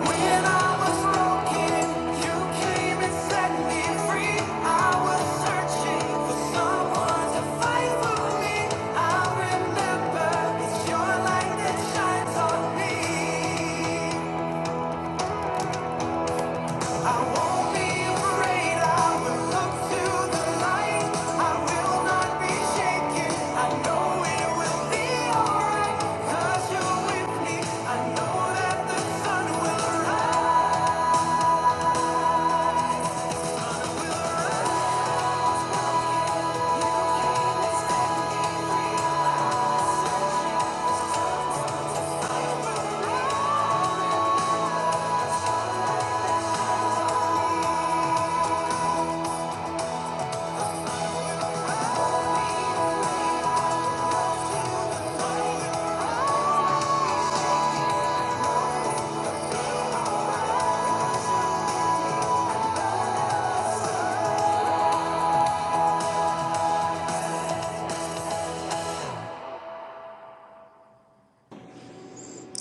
When I was broken, you came and set me free. I was searching for someone to fight for me. I remember it's your light that shines on me. I won't be afraid. I will look to the light. I will not be shaken. I know it will be alright. you you're with me. I know that the sun will rise.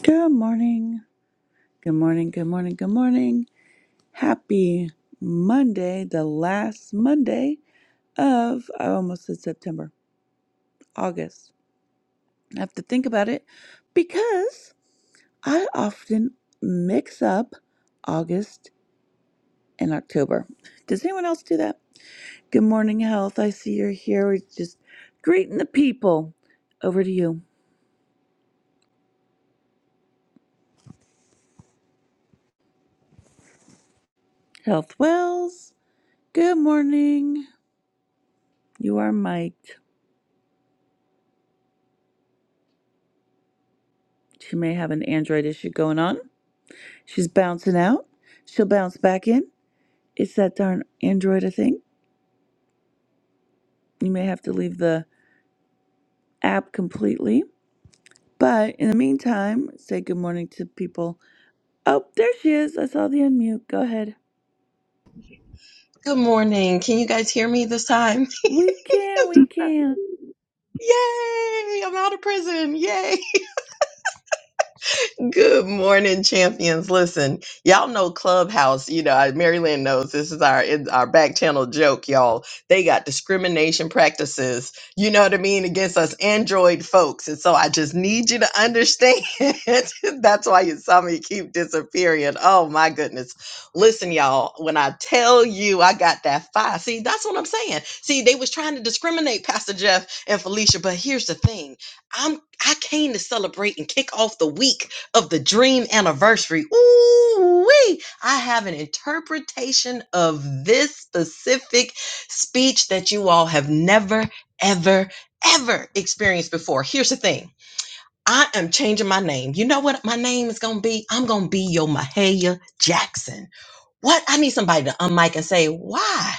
Good morning. Good morning. Good morning. Good morning. Happy Monday, the last Monday of, I almost said September, August. I have to think about it because I often mix up August and October. Does anyone else do that? Good morning, Health. I see you're here. We're just greeting the people. Over to you, Health Wells. Good morning. You are mic'd. She may have an Android issue going on. She's bouncing out. She'll bounce back in. It's that darn Android, I think. You may have to leave the app completely. But in the meantime, say good morning to people. Oh, there she is. I saw the unmute. Go ahead. Good morning. Can you guys hear me this time? We can, we can. Yay! I'm out of prison. Yay! Good morning, champions. Listen, y'all know Clubhouse. You know, I- Maryland knows this is our it's our back channel joke, y'all. They got discrimination practices. You know what I mean against us Android folks, and so I just need you to understand. That's why you saw me keep disappearing. Oh my goodness! Listen, y'all. When I tell you, I got that fire. See, that's what I'm saying. See, they was trying to discriminate, Pastor Jeff and Felicia. But here's the thing: I'm I came to celebrate and kick off the week of the dream anniversary. Ooh, wee! I have an interpretation of this specific speech that you all have never, ever, ever experienced before. Here's the thing. I am changing my name. You know what my name is gonna be? I'm gonna be your Mahalia Jackson. What? I need somebody to unmic and say, why?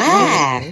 What?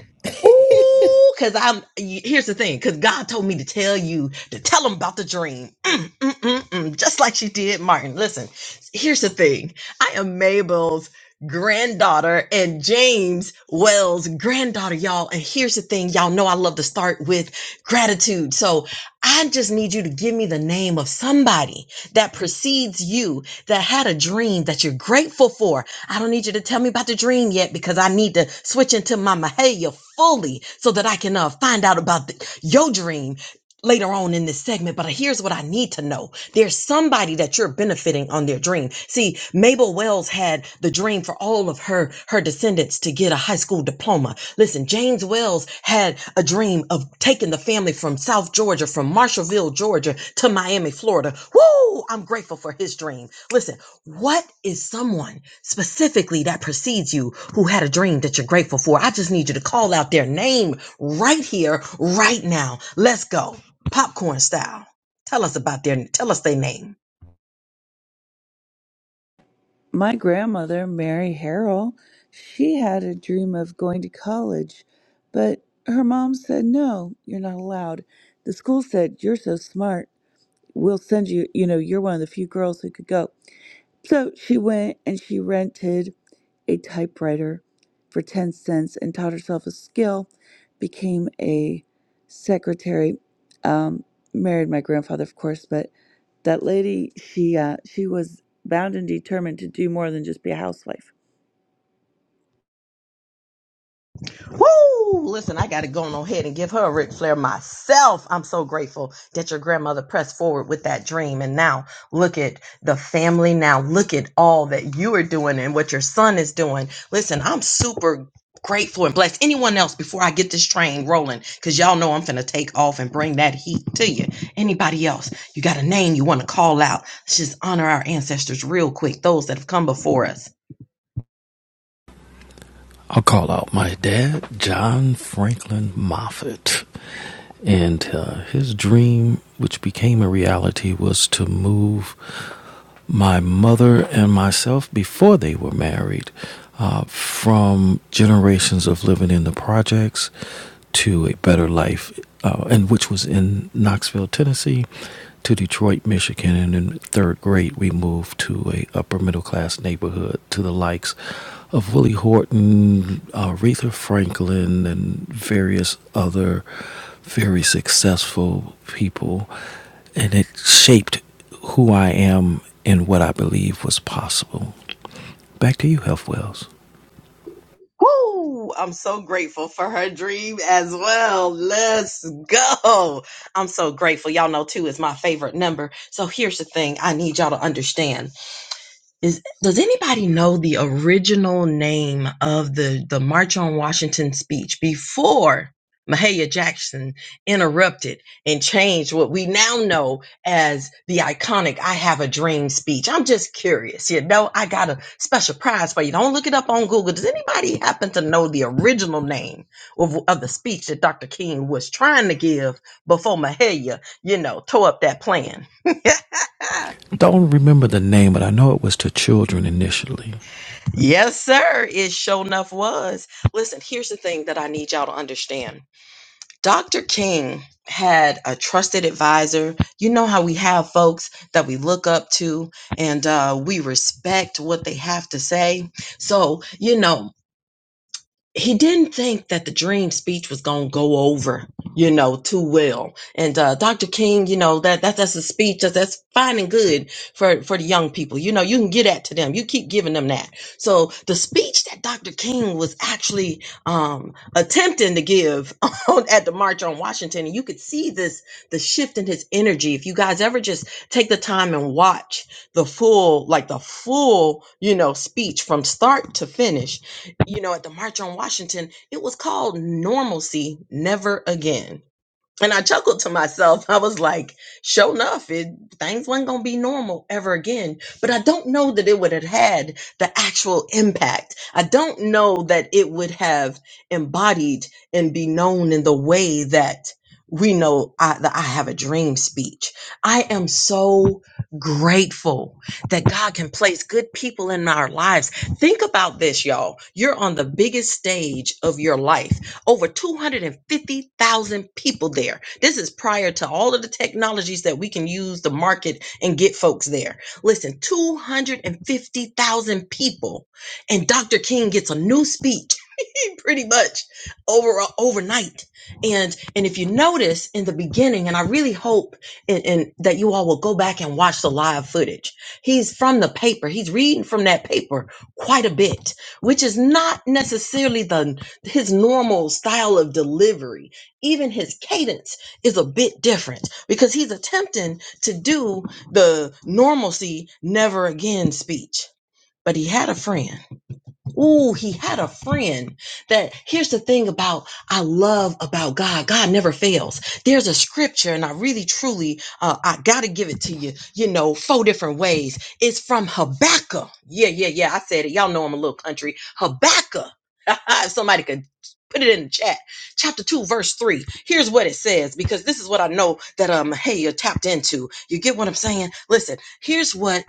Ooh, cause I'm. y- Here's the thing, cause God told me to tell you to tell him about the dream, Mm, mm, mm, mm, just like she did Martin. Listen, here's the thing. I am Mabel's granddaughter and James Wells' granddaughter, y'all. And here's the thing, y'all know I love to start with gratitude. So I just need you to give me the name of somebody that precedes you that had a dream that you're grateful for I don't need you to tell me about the dream yet because I need to switch into my Mahalia fully so that I can uh, find out about the, your dream later on in this segment. But here's what I need to know there's somebody that you're benefiting on their dream. See, Mabel Wells had the dream for all of her, her descendants to get a high school diploma. Listen, James Wells had a dream of taking the family from South Georgia, from Marshallville, Georgia to Miami, Florida. Woo! I'm grateful for his dream. Listen, what is someone specifically that precedes you who had a dream that you're grateful for? I just need you to call out their name right here, right now. Let's go. Popcorn style. Tell us about their tell us their name. My grandmother, Mary Harrell, she had a dream of going to college, but her mom said, No, you're not allowed. The school said, You're so smart. We'll send you, you know, you're one of the few girls who could go. So she went and she rented a typewriter for 10 cents and taught herself a skill, became a secretary, um, married my grandfather, of course, but that lady, she, uh, she was bound and determined to do more than just be a housewife. Woo! Listen, I got to go on ahead and give her a Ric Flair myself. I'm so grateful that your grandmother pressed forward with that dream. And now look at the family. Now look at all that you are doing and what your son is doing. Listen, I'm super grateful and blessed. Anyone else before I get this train rolling? Because y'all know I'm finna take off and bring that heat to you. Anybody else? You got a name you want to call out? Let's just honor our ancestors real quick, those that have come before us. I'll call out my dad, John Franklin Moffat. And uh, his dream, which became a reality, was to move my mother and myself before they were married uh, from generations of living in the projects to a better life, uh, and which was in Knoxville, Tennessee, to Detroit, Michigan. And in third grade, we moved to a upper middle class neighborhood to the likes of Willie Horton, uh, Aretha Franklin, and various other very successful people and it shaped who I am and what I believe was possible. Back to you, Health Wells. Woo! I'm so grateful for her dream as well. Let's go. I'm so grateful. Y'all know two is my favorite number. So here's the thing I need y'all to understand. Is does anybody know the original name of the the March on Washington speech before Mahalia Jackson interrupted and changed what we now know as the iconic I Have a Dream speech? I'm just curious. You know, I got a special prize for you. Don't look it up on Google. Does anybody happen to know the original name of, of the speech that Dr. King was trying to give before Mahalia, you know, tore up that plan? Don't remember the name, but I know it was to children initially. Yes, sir. It sure enough was. Listen, here's the thing that I need y'all to understand. Dr. King had a trusted advisor. You know how we have folks that we look up to and uh, we respect what they have to say. So, you know, he didn't think that the dream speech was going to go over, you know, too well. And uh, Dr. King, you know, that, that that's a speech that, that's fine and good for, for the young people. You know, you can get that to them. You keep giving them that. So the speech that Dr. King was actually um, attempting to give on, at the March on Washington, and you could see this, the shift in his energy. If you guys ever just take the time and watch the full, like the full, you know, speech from start to finish, you know, at the March on Washington, it was called Normalcy Never Again and I chuckled to myself. I was like, sure enough, it, things weren't going to be normal ever again. But I don't know that it would have had the actual impact. I don't know that it would have embodied and be known in the way that we know I, the I have a dream speech. I am so grateful that God can place good people in our lives. Think about this, y'all. You're on the biggest stage of your life over 250,000 people there. This is prior to all of the technologies that we can use to market and get folks there. Listen, 250,000 people. And Dr. King gets a new speech pretty much over overnight. And and if you notice in the beginning, and I really hope and, and that you all will go back and watch the live footage. He's from the paper. He's reading from that paper quite a bit, which is not necessarily the his normal style of delivery, even his cadence is a bit different because he's attempting to do the normalcy never again speech. But he had a friend Ooh, he had a friend that here's the thing about I love about God. God never fails. There's a scripture, and I really truly uh, I gotta give it to you, you know, four different ways. It's from Habakkuk. Yeah, yeah, yeah. I said it. Y'all know I'm a little country. Habakkuk. if somebody could put it in the chat. Chapter 2, verse 3. Here's what it says, because this is what I know that um hey you're tapped into. You get what I'm saying? Listen, here's what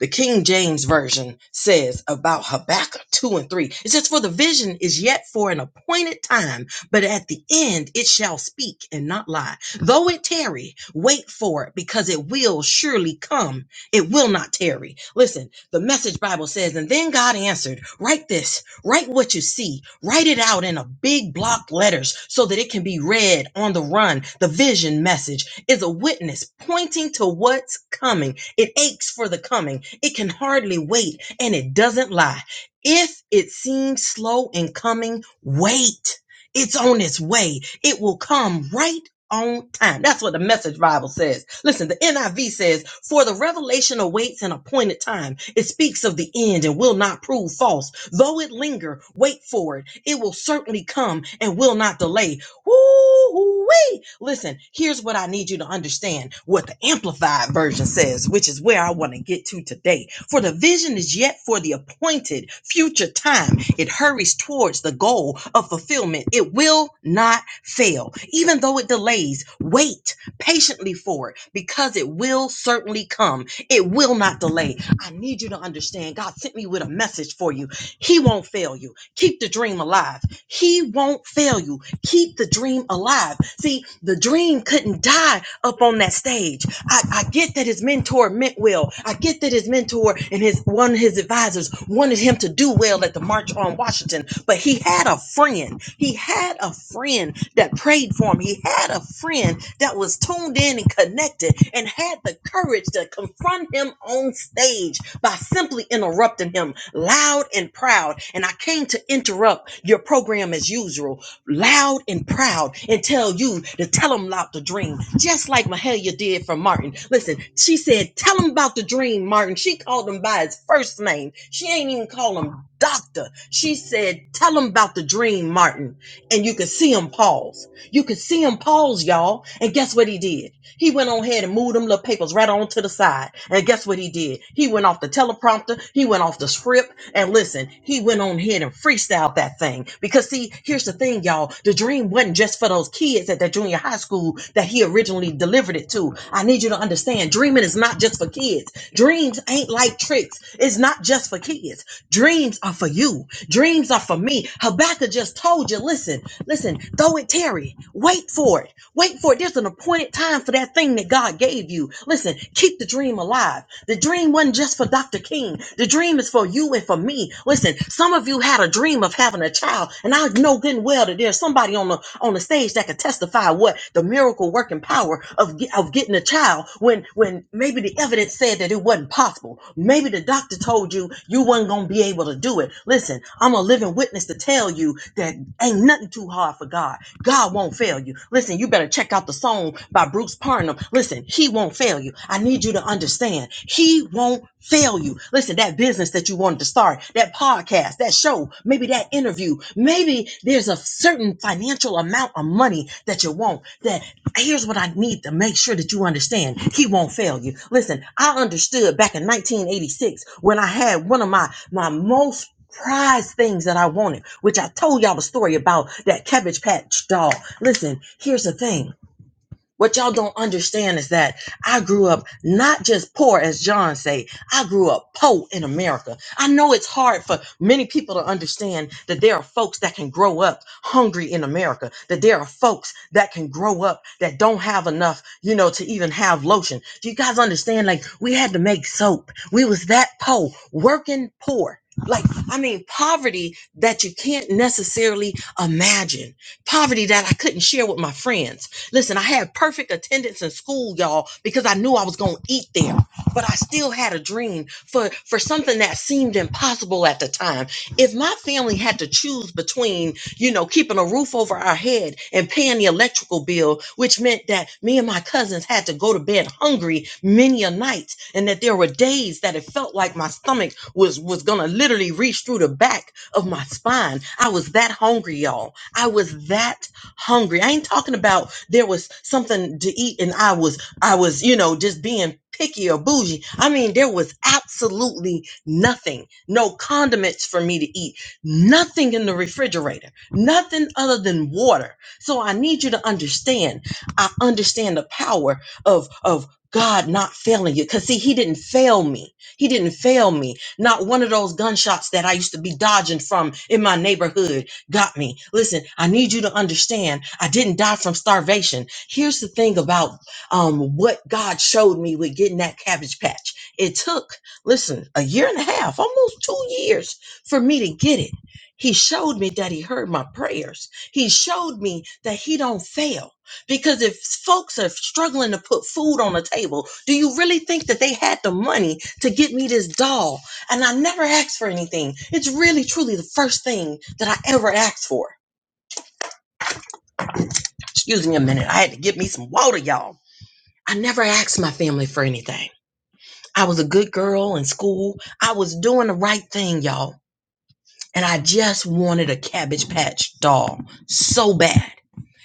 the King James Version says about Habakkuk 2 and 3. It says, For the vision is yet for an appointed time, but at the end it shall speak and not lie. Though it tarry, wait for it, because it will surely come. It will not tarry. Listen, the message Bible says, And then God answered, Write this, write what you see, write it out in a big block letters so that it can be read on the run. The vision message is a witness pointing to what's coming it aches for the coming. It can hardly wait, and it doesn't lie. If it seems slow in coming, wait. It's on its way. It will come right on time. That's what the message Bible says. Listen, the NIV says, For the revelation awaits an appointed time. It speaks of the end and will not prove false. Though it linger, wait for it. It will certainly come and will not delay. Woo-wee. Listen, here's what I need you to understand what the amplified version says, which is where I want to get to today. For the vision is yet for the appointed future time. It hurries towards the goal of fulfillment. It will not fail. Even though it delays, wait patiently for it because it will certainly come. It will not delay. I need you to understand. God sent me with a message for you he won't fail you. Keep the dream alive. He won't fail you. Keep the dream alive. See, the dream couldn't die up on that stage. I, I get that his mentor meant well. I get that his mentor and his one of his advisors wanted him to do well at the March on Washington, but but he had a friend. He had a friend that prayed for him. He had a friend that was tuned in and connected and had the courage to confront him on stage by simply interrupting him loud and proud. And I came to interrupt your program as usual loud and proud and tell you to tell them about the dream, just like Mahalia did for Martin. Listen, she said, Tell him about the dream, Martin. She called him by his first name. She ain't even call him doctor. She said, Tell him about the dream, Martin. And you could see him pause. You could see him pause, y'all. And guess what he did? He went on ahead and moved them little papers right on to the side. And guess what he did? He went off the teleprompter, he went off the script, and listen, he went on ahead and freestyled that thing. Because see, here's the thing, y'all. The dream wasn't just for those kids at that junior high school that he originally delivered it to. I need you to understand, dreaming is not just for kids. Dreams ain't like tricks. It's not just for kids. Dreams are for you. Dreams are for me. Habakkuk just told you, listen, listen, throw it, Terry. Wait for it. Wait for it. There's an appointed time for that thing that God gave you. Listen, keep the dream alive. The dream wasn't just for Dr. King. The dream is for you and for me. Listen, some of you had a dream of having a child, and I know good and well that there's somebody on the on the stage that could testify what the miracle working power of ge- of getting a child when when maybe the evidence said that it wasn't possible. Maybe the doctor told you you weren't you wasn't gonna be able to do it. Listen, I'm a living witness to tell you that ain't nothing too hard for God. God won't fail you. Listen, you better check out the song by Bruce Parnham. Listen, he won't fail you. I need you to understand. He won't fail you. Listen, that business that you wanted to start, that podcast, that show, maybe that interview, maybe there's a certain financial amount of money that you want that here's what I need to make sure that you understand. He won't fail you. Listen, I understood back in 1986 when I had one of my my most prized things that I wanted, which I told y'all the story about that cabbage patch doll. Listen, here's the thing. What y'all don't understand is that I grew up not just poor, as John say. I grew up poor in America. I know it's hard for many people to understand that there are folks that can grow up hungry in America. That there are folks that can grow up that don't have enough, you know, to even have lotion. Do you guys understand? Like we had to make soap. We was that poor, working poor. Like I mean, poverty that you can't necessarily imagine. Poverty that I couldn't share with my friends Listen, I had perfect attendance in school, y'all, because I knew I was going to eat there. But I still had a dream for, for something that seemed impossible at the time. If my family had to choose between, you know, keeping a roof over our head and paying the electrical bill, which meant that me and my cousins had to go to bed hungry many a night, and that there were days that it felt like my stomach was, was going to literally reach through the back of my spine. I was that hungry, y'all. I was that hungry. I ain't talking about there was something to eat and I was I was, you know, just being picky or bougie. I mean, there was absolutely nothing. No condiments for me to eat. Nothing in the refrigerator. Nothing other than water. So I need you to understand. I understand the power of of God not failing you. Cause see, he didn't fail me. He didn't fail me. Not one of those gunshots that I used to be dodging from in my neighborhood got me. Listen, I need you to understand. I didn't die from starvation. Here's the thing about um, what God showed me with getting that cabbage patch. It took, listen, a year and a half, almost two years for me to get it. He showed me that he heard my prayers. He showed me that he don't fail. Because if folks are struggling to put food on the table, do you really think that they had the money to get me this doll and I never asked for anything. It's really, truly the first thing that I ever asked for. Excuse me a minute. I had to get me some water, y'all. I never asked my family for anything. I was a good girl in school. I was doing the right thing, y'all. And I just wanted a Cabbage Patch doll so bad.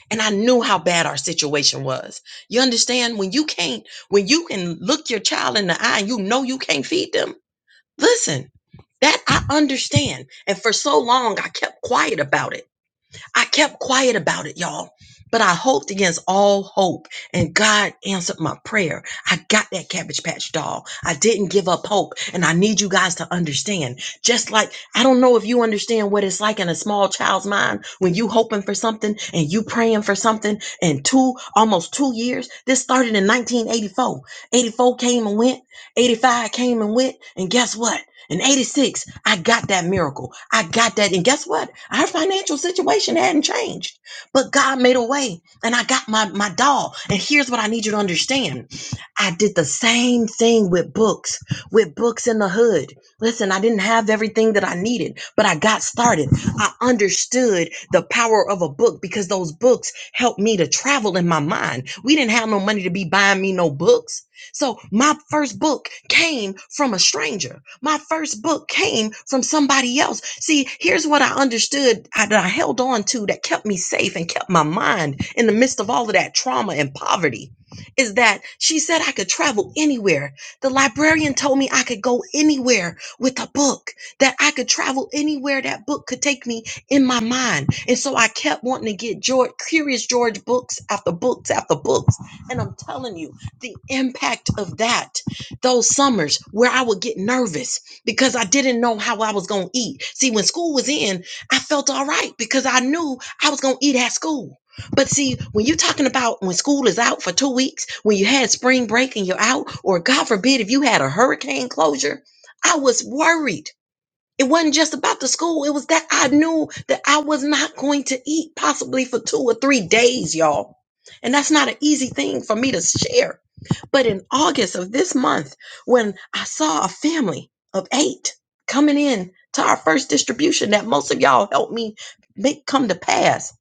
And I knew how bad our situation was. You understand? When you can't, when you can look your child in the eye and you know you can't feed them, listen, that I understand. And for so long, I kept quiet about it. I kept quiet about it, y'all, but I hoped against all hope, and God answered my prayer. I got that Cabbage Patch doll. I didn't give up hope, and I need you guys to understand. Just like I don't know if you understand what it's like in a small child's mind when you hoping for something and you praying for something, and two almost two years. This started in 1984. 84 eighty-four came and went. 85 came and went, and guess what? In 86, I got that miracle. I got that. And guess what? Our financial situation hadn't changed, but God made a way and I got my, my doll. And here's what I need you to understand. I did the same thing with books, with books in the hood. Listen, I didn't have everything that I needed, but I got started. I understood the power of a book because those books helped me to travel in my mind. We didn't have no money to be buying me no books. So my first book came from a stranger. My first book came from somebody else. See, here's what I understood I- that I held on to that kept me safe and kept my mind in the midst of all of that trauma and poverty is that she said I could travel anywhere. The librarian told me I could go anywhere with a book, that I could travel anywhere that book could take me in my mind. And so I kept wanting to get George, Curious George books after books after books. And I'm telling you, the impact of that those summers where I would get nervous because I didn't know how I was going to eat. See, when school was in, I felt all right because I knew I was going to eat at school. But see, when you're talking about when school is out for two weeks, when you had spring break and you're out, or God forbid, if you had a hurricane closure, I was worried it wasn't just about the school. It was that I knew that I was not going to eat possibly for two or three days, y'all. And that's not an easy thing for me to share. But in August of this month, when I saw a family of eight coming in to our first distribution that most of y'all helped me make come to pass,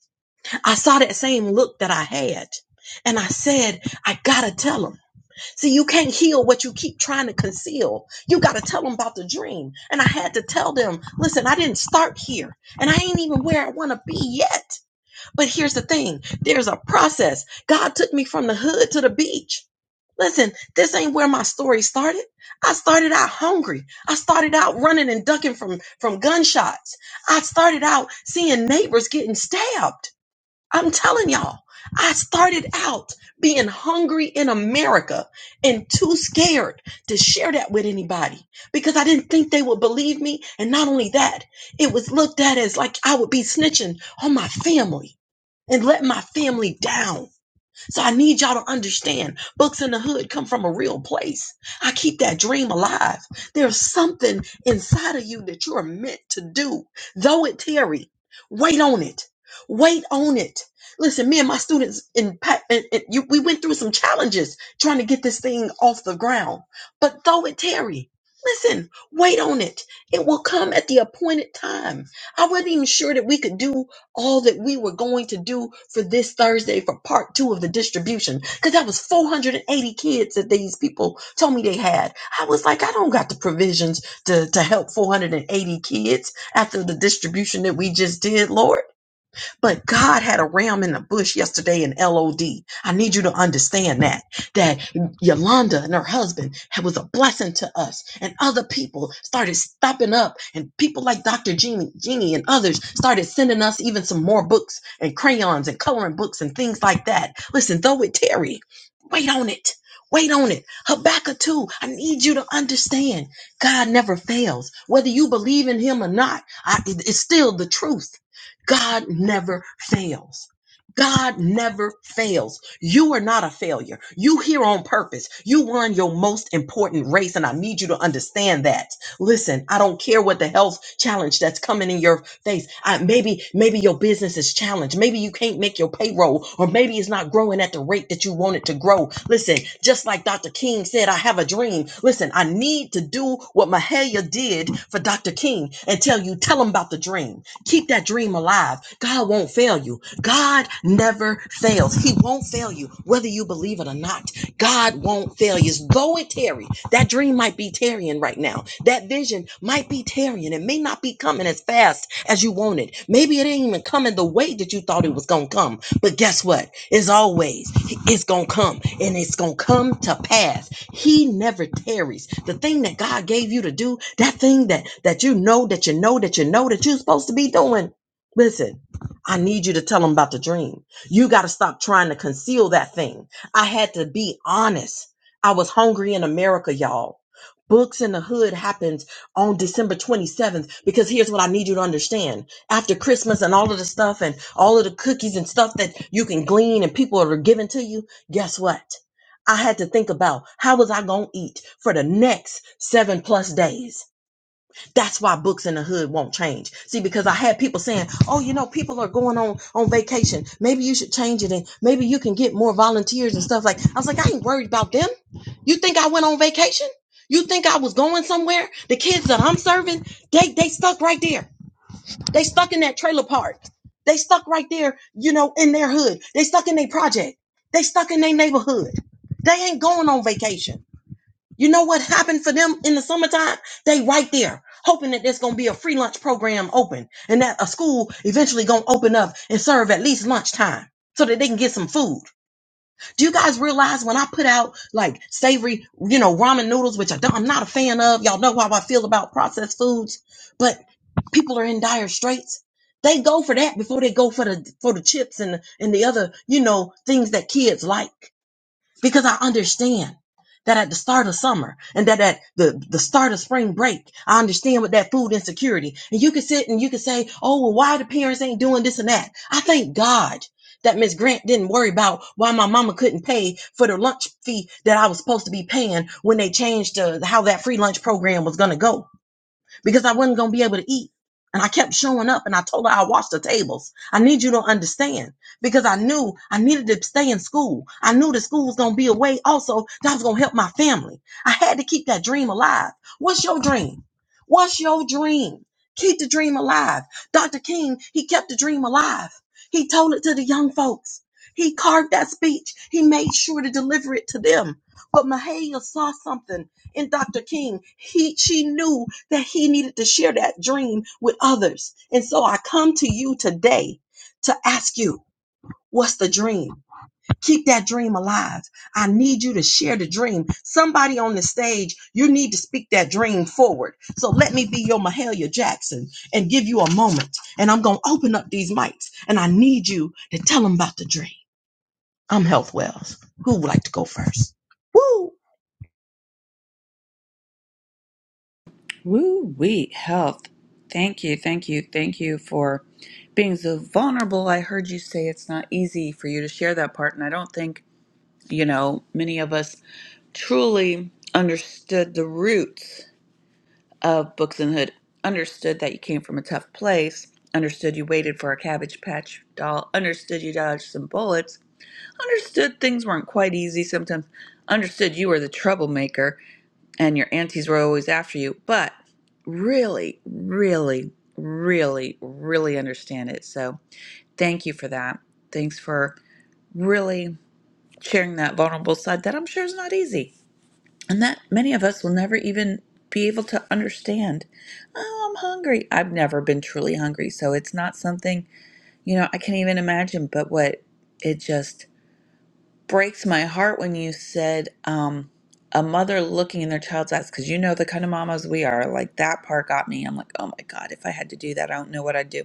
I saw that same look that I had. And I said, I gotta tell tell them." See, you can't heal what you keep trying to conceal. You got to tell them about the dream. And I had to tell them, listen, I didn't start here and I ain't even where I want to be yet. But here's the thing there's a process. God took me from the hood to the beach. Listen, this ain't where my story started. I started out hungry. I started out running and ducking from, from gunshots. I started out seeing neighbors getting stabbed. I'm telling y'all, I started out being hungry in America and too scared to share that with anybody because I didn't think they would believe me. And not only that, it was looked at as like I would be snitching on my family and letting my family down. So I need y'all to understand books in the hood come from a real place. I keep that dream alive. There's something inside of you that you are meant to do. Though it tarry, wait on it. Wait on it. Listen, me and my students in, pa- in, in you, we went through some challenges trying to get this thing off the ground. But though it tarry, listen, wait on it. It will come at the appointed time. I wasn't even sure that we could do all that we were going to do for this Thursday for part two of the distribution. Because that was 480 kids that these people told me they had. I was like, I don't got the provisions to, to help 480 kids after the distribution that we just did, Lord. But God had a ram in the bush yesterday in LOD. I need you to understand that. That Yolanda and her husband was a blessing to us. And other people started stopping up. And people like Dr. Jeannie, Jeannie and others started sending us even some more books and crayons and coloring books and things like that. Listen, though it Terry, wait on it. Wait on it. Habakkuk 2, I need you to understand God never fails. Whether you believe in him or not, I, it- it's still the truth. God never fails. God never fails. You are not a failure. You here on purpose. You won your most important race, and I need you to understand that. Listen, I don't care what the health challenge that's coming in your face. I, maybe, maybe your business is challenged. Maybe you can't make your payroll, or maybe it's not growing at the rate that you want it to grow. Listen, just like Dr. King said, I have a dream. Listen, I need to do what Mahalia did for Dr. King and tell you, tell him about the dream. Keep that dream alive. God won't fail you. God never fails. He won't fail you, whether you believe it or not. God won't fail you. Though it tarry, that dream might be tarrying right now. That vision might be tarrying. It may not be coming as fast as you want it. Maybe it ain't even coming the way that you thought it was going to come. But guess what? It's always, it's going to come and it's going to come to pass he never tarries. The thing that God gave you to do, that thing that that you know that you know that you know that you're supposed to be doing. Listen, I need you to tell him about the dream. You got to stop trying to conceal that thing. I had to be honest. I was hungry in America, y'all. Books in the Hood happens on December 27th because here's what I need you to understand. After Christmas and all of the stuff and all of the cookies and stuff that you can glean and people are giving to you, guess what? I had to think about how was I going to eat for the next seven plus days. That's why books in the hood won't change. See, because I had people saying, oh, you know, people are going on, on vacation. Maybe you should change it and maybe you can get more volunteers and stuff like, I was like, I ain't worried about them. You think I went on vacation? You think I was going somewhere? The kids that I'm serving, they, they stuck right there. They stuck in that trailer park. They stuck right there, you know, in their hood. They stuck in their project. They stuck in their neighborhood. They ain't going on vacation. You know what happened for them in the summertime? They right there, hoping that there's gonna be a free lunch program open and that a school eventually gonna open up and serve at least lunchtime so that they can get some food. Do you guys realize when I put out like savory, you know, ramen noodles, which I don't, I'm not a fan of. Y'all know how I feel about processed foods, but people are in dire straits. They go for that before they go for the for the chips and and the other, you know, things that kids like. Because I understand that at the start of summer and that at the, the start of spring break, I understand with that food insecurity. And you can sit and you can say, oh, well, why the parents ain't doing this and that. I thank God that Miss Grant didn't worry about why my mama couldn't pay for the lunch fee that I was supposed to be paying when they changed uh, how that free lunch program was going to go because I wasn't going to be able to eat. And I kept showing up and I told her I washed the tables. I need you to understand because I knew I needed to stay in school. I knew the school was going to be away also that I was going to help my family. I had to keep that dream alive. What's your dream? What's your dream? Keep the dream alive. Dr. King, he kept the dream alive. He told it to the young folks. He carved that speech. He made sure to deliver it to them. But Mahalia saw something in Dr. King. He she knew that he needed to share that dream with others. And so I come to you today to ask you, what's the dream? Keep that dream alive. I need you to share the dream. Somebody on the stage, you need to speak that dream forward. So let me be your Mahalia Jackson and give you a moment. And I'm going to open up these mics and I need you to tell them about the dream. I'm Health Wells. Who would like to go first? Woo! Woo wee, health. Thank you, thank you, thank you for being so vulnerable. I heard you say it's not easy for you to share that part, and I don't think You know, many of us truly understood the roots of Books and Hood, understood that you came from a tough place, understood you waited for a cabbage patch doll, understood you dodged some bullets, understood things weren't quite easy sometimes, understood you were the troublemaker and your aunties were always after you, but really, really, really, really understand it. So thank you for that. Thanks for really sharing that vulnerable side that I'm sure is not easy and that many of us will never even be able to understand. Oh, I'm hungry. I've never been truly hungry, so it's not something, you know, I can't even imagine. But what it just breaks my heart when you said um, a mother looking in their child's eyes, because you know the kind of mamas we are. Like that part got me. I'm like, oh my God, if I had to do that, I don't know what I'd do.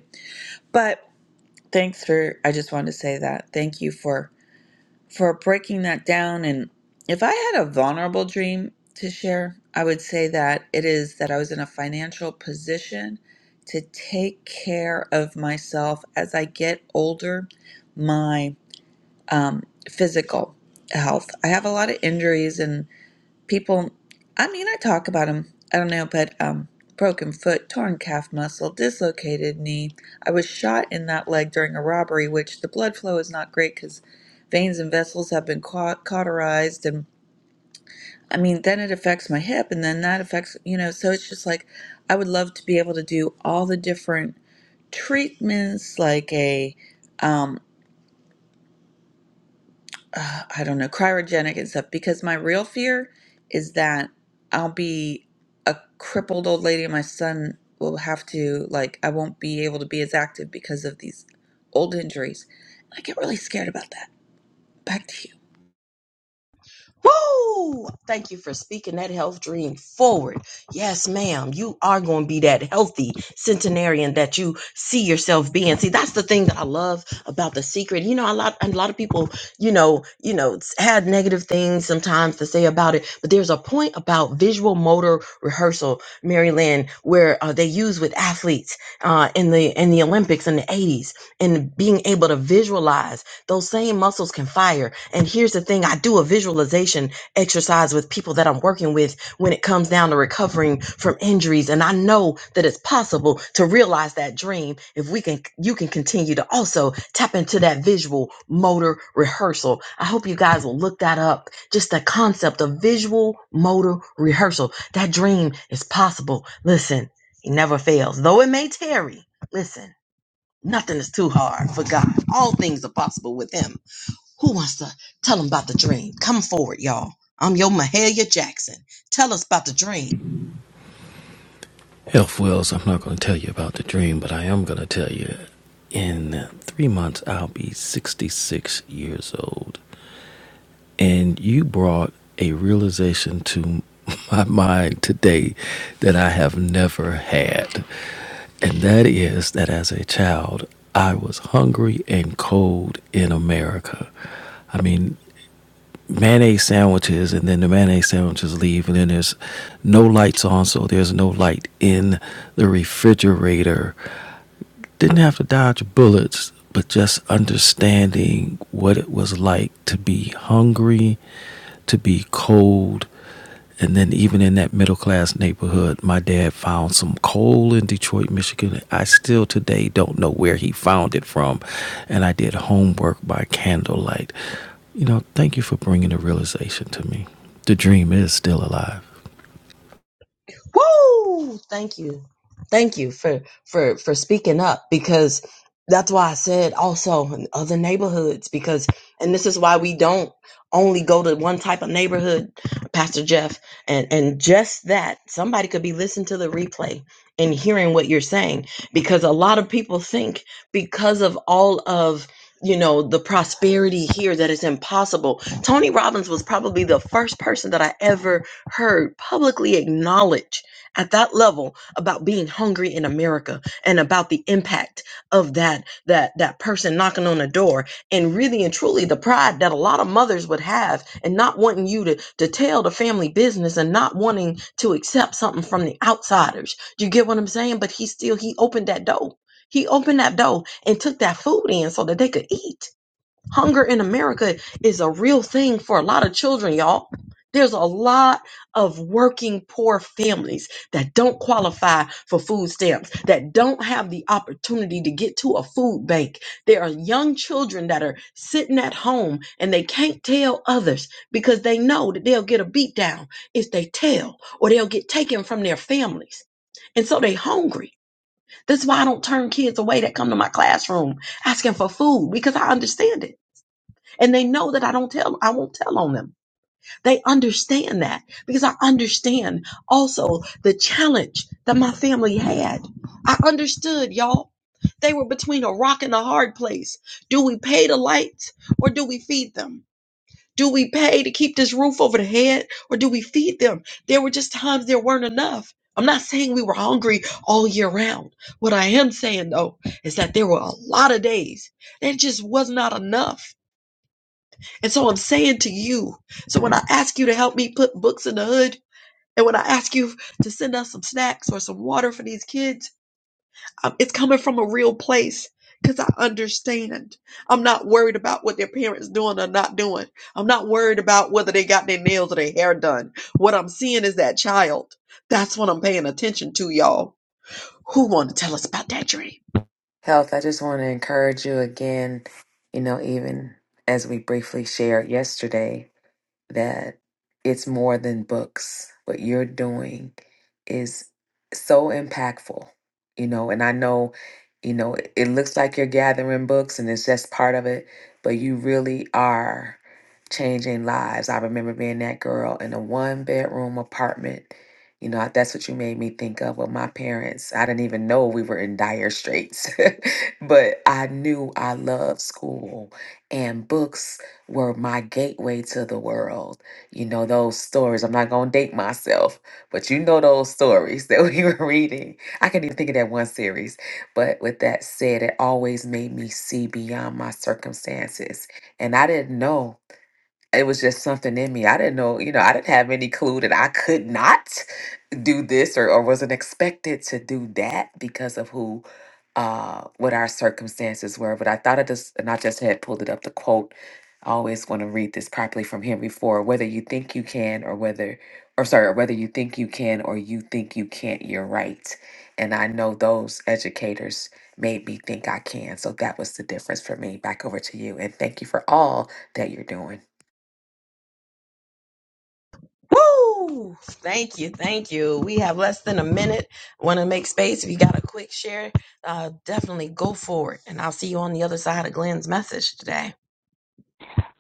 But thanks for, I just wanted to say that. Thank you for for breaking that down. And if I had a vulnerable dream to share, I would say that it is that I was in a financial position to take care of myself as I get older, my um, physical health. I have a lot of injuries and people i mean i talk about them i don't know but um broken foot torn calf muscle dislocated knee i was shot in that leg during a robbery which the blood flow is not great because veins and vessels have been cau- cauterized and i mean then it affects my hip and then that affects you know so it's just like i would love to be able to do all the different treatments like a um. uh, I don't know, cryogenic and stuff because my real fear is that I'll be a crippled old lady and my son will have to, like, I won't be able to be as active because of these old injuries. I get really scared about that. Back to you. Woo! Thank you for speaking that health dream forward. Yes, ma'am. You are going to be that healthy centenarian that you see yourself being. See, that's the thing that I love about the secret. You know, a lot a lot of people, you know, you know, s- had negative things sometimes to say about it, but there's a point about visual motor rehearsal, Mary Lynn, where uh, they use with athletes uh, in the in the Olympics in the 80s and being able to visualize those same muscles can fire. And here's the thing I do a visualization exercise with people that I'm working with when it comes down to recovering from injuries. And I know that it's possible to realize that dream if we can, you can continue to also tap into that visual motor rehearsal. I hope you guys will look that up. Just the concept of visual motor rehearsal. That dream is possible. Listen, it never fails, though it may tarry. Listen. Nothing is too hard for God. All things are possible with Him. Who wants to tell them about the dream? Come forward, y'all. I'm your Mahalia Jackson. Tell us about the dream. Health Wells, I'm not going to tell you about the dream, but I am going to tell you in three months I'll be 66 years old. and you brought a realization to my mind today that I have never had. And that is that as a child, I was hungry and cold in America. I mean, mayonnaise sandwiches, and then the mayonnaise sandwiches leave, and then there's no lights on, so there's no light in the refrigerator didn't have to dodge bullets, but just understanding what it was like to be hungry, to be cold. And then, even in that middle class neighborhood, my dad found some coal in Detroit, Michigan. I still today don't know where he found it from. And I did homework by candlelight. You know, thank you for bringing the realization to me. The dream is still alive. Woo! Thank you. Thank you for for for speaking up because that's why I said also in other neighborhoods because and this is why we don't only go to one type of neighborhood, Pastor Jeff, and and just that somebody could be listening to the replay and hearing what you're saying because a lot of people think because of all of you know the prosperity here that it's impossible. Tony Robbins was probably the first person that I ever heard publicly acknowledge at that level about being hungry in America and about the impact of that that that person knocking on the door and really and truly the pride that a lot of mothers would have and not wanting you to to tell the family business and not wanting to accept something from the outsiders. Do you get what I'm saying? But he still he opened that door. He opened that door and took that food in so that they could eat. Hunger in America is a real thing for a lot of children, y'all. There's a lot of working poor families that don't qualify for food stamps, that don't have the opportunity to get to a food bank. There are young children that are sitting at home and they can't tell others because they know that they'll get a beat down if they tell or they'll get taken from their families. And so they hungry. That's why I don't turn kids away that come to my classroom asking for food because I understand it and they know that I don't tell I won't tell on them. They understand that because I understand also the challenge that my family had. I understood, y'all. They were between a rock and a hard place. Do we pay the lights or do we feed them? Do we pay to keep this roof over the head or do we feed them? There were just times there weren't enough. I'm not saying we were hungry all year round. What I am saying though is that there were a lot of days. There just was not enough and so I'm saying to you, so when I ask you to help me put books in the hood, and when I ask you to send us some snacks or some water for these kids, um, it's coming from a real place because I understand. I'm not worried about what their parents doing or not doing. I'm not worried about whether they got their nails or their hair done. What I'm seeing is that child. That's what I'm paying attention to, y'all. Who want to tell us about that dream? Health, I just want to encourage you again, you know, even as we briefly shared yesterday, that it's more than books. What you're doing is so impactful, you know. And I know, you know, it, it looks like you're gathering books and it's just part of it, but you really are changing lives. I remember being that girl in a one bedroom apartment. You know, that's what you made me think of with my parents. I didn't even know we were in dire straits, but I knew I loved school and books were my gateway to the world. You know, those stories. I'm not going to date myself, but you know those stories that we were reading. I can not even think of that one series. But with that said, it always made me see beyond my circumstances. And I didn't know it was just something in me. I didn't know, you know, I didn't have any clue that I could not do this or, or wasn't expected to do that because of who uh what our circumstances were. But I thought I just and I just had pulled it up the quote. I always want to read this properly from Henry Ford, whether you think you can or whether or sorry, or whether you think you can or you think you can't, you're right. And I know those educators made me think I can. So that was the difference for me. Back over to you. And thank you for all that you're doing. Woo! Thank you, thank you. We have less than a minute. Want to make space? If you got a quick share, uh, definitely go for it. And I'll see you on the other side of Glenn's message today.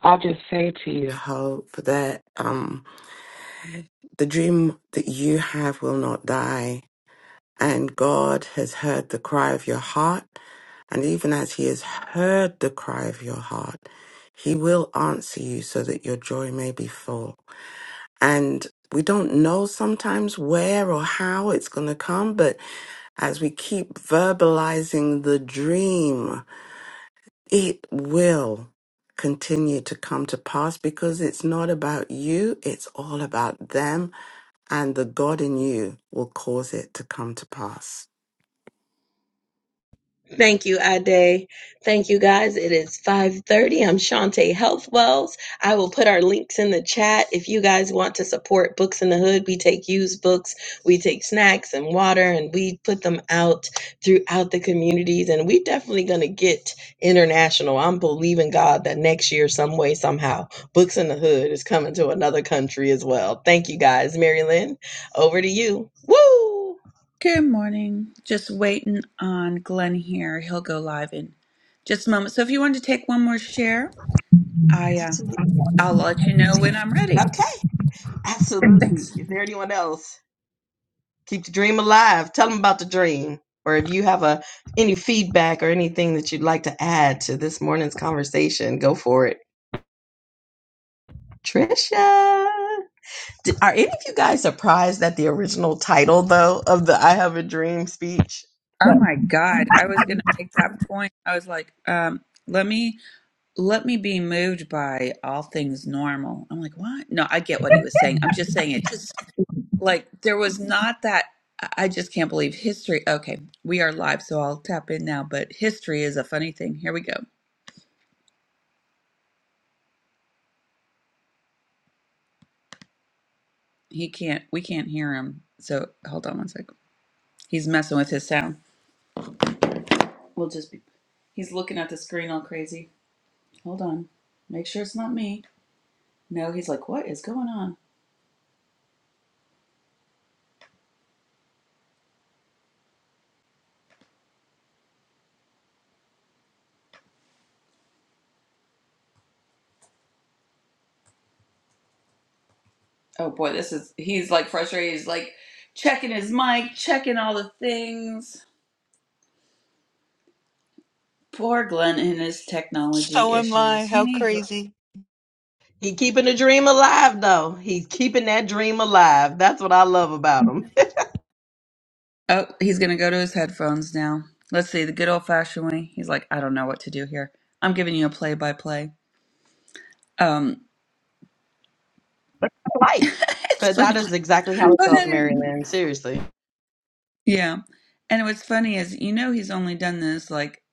I'll just say to you, Hope, that um, the dream that you have will not die. And God has heard the cry of your heart. And even as He has heard the cry of your heart, He will answer you so that your joy may be full. And we don't know sometimes where or how it's going to come, but as we keep verbalizing the dream, it will continue to come to pass because it's not about you, it's all about them, and the God in you will cause it to come to pass. Thank you, Ade. Thank you, guys. It is 5.30. I'm Shantae Healthwells. I will put our links in the chat. If you guys want to support Books in the Hood, we take used books, we take snacks and water, and we put them out throughout the communities. And we're definitely going to get international. I'm believing God that next year, some way, somehow, Books in the Hood is coming to another country as well. Thank you, guys. Mary Lynn, over to you. Woo! Good morning. Just waiting on Glenn here. He'll go live in just a moment. So if you wanted to take one more share, I uh, Absolutely. I'll let you know when I'm ready. Okay. Absolutely. Thanks. Is there anyone else? Keep the dream alive. Tell them about the dream. Or if you have a any feedback or anything that you'd like to add to this morning's conversation, go for it. Trisha. Did, are any of you guys surprised at the original title though of the I have a dream speech? Oh my God, I was gonna make that point. I was like, um, let me. let me be moved by all things normal. I'm like, what? No, I get what he was saying. I'm just saying it just like there was not that I just can't believe history. Okay, we are live, so I'll tap in now, but history is a funny thing. Here we go. He can't we can't hear him. So hold on one second. He's messing with his sound. We'll just be he's looking at the screen all crazy. Hold on. Make sure it's not me. No, he's like, what is going on? Oh boy, this is he's like frustrated. He's like checking his mic, checking all the things. Poor Glenn and his technology So am I. issues. He How needs crazy. He keeping the dream alive though. He's keeping that dream alive. That's what I love about him. Oh, he's gonna go to his headphones now. Let's see, the good old fashioned way. He's like, I don't know what to do here. I'm giving you a play by play. Um life. it's But that funny. is exactly how it Go goes, ahead and Mary Lynn. Seriously. Yeah. And what's funny is you know he's only done this like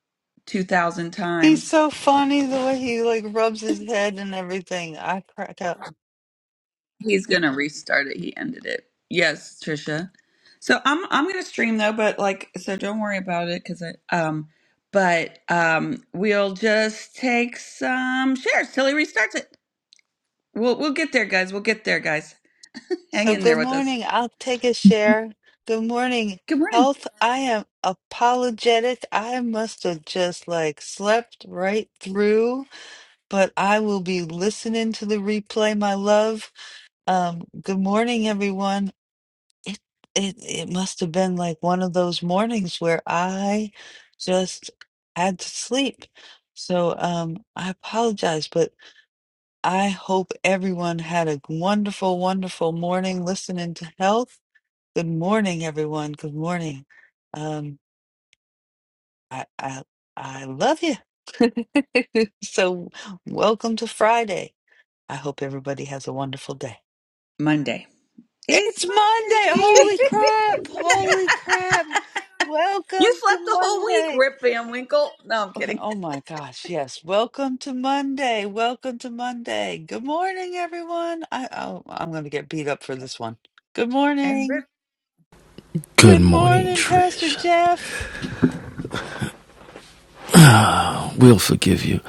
two thousand He's times. so funny the way he like rubs his head and everything. I crack up. He's gonna restart it. He ended it. Yes, Trisha. So I'm I'm gonna stream though, but like so don't worry about it because I um but um we'll just take some shares till he restarts it. We'll we'll get there, guys. We'll get there, guys. Hang So in there good with us. morning. I'll take a share. Good morning. Good morning. Health, I am apologetic. I must have just like slept right through, but I will be listening to the replay, my love. Um, good morning, everyone. It it it must have been like one of those mornings where I just had to sleep. So um I apologize, but I hope everyone had a wonderful, wonderful morning listening to health. Good morning, everyone. Good morning. Um I I I love you. So welcome to Friday. I hope everybody has a wonderful day. Monday. is It's Monday. Monday. Holy crap. Holy crap. You Welcome to slept the whole week, Monday. Rip Van Winkle. No, I'm kidding. Oh my gosh. Yes. Welcome to Monday. Welcome to Monday. Good morning, everyone. I, oh, I'm going to get beat up for this one. Good And morning. Rip. Good Good morning, morning, Pastor Trish. Jeff. We'll forgive you.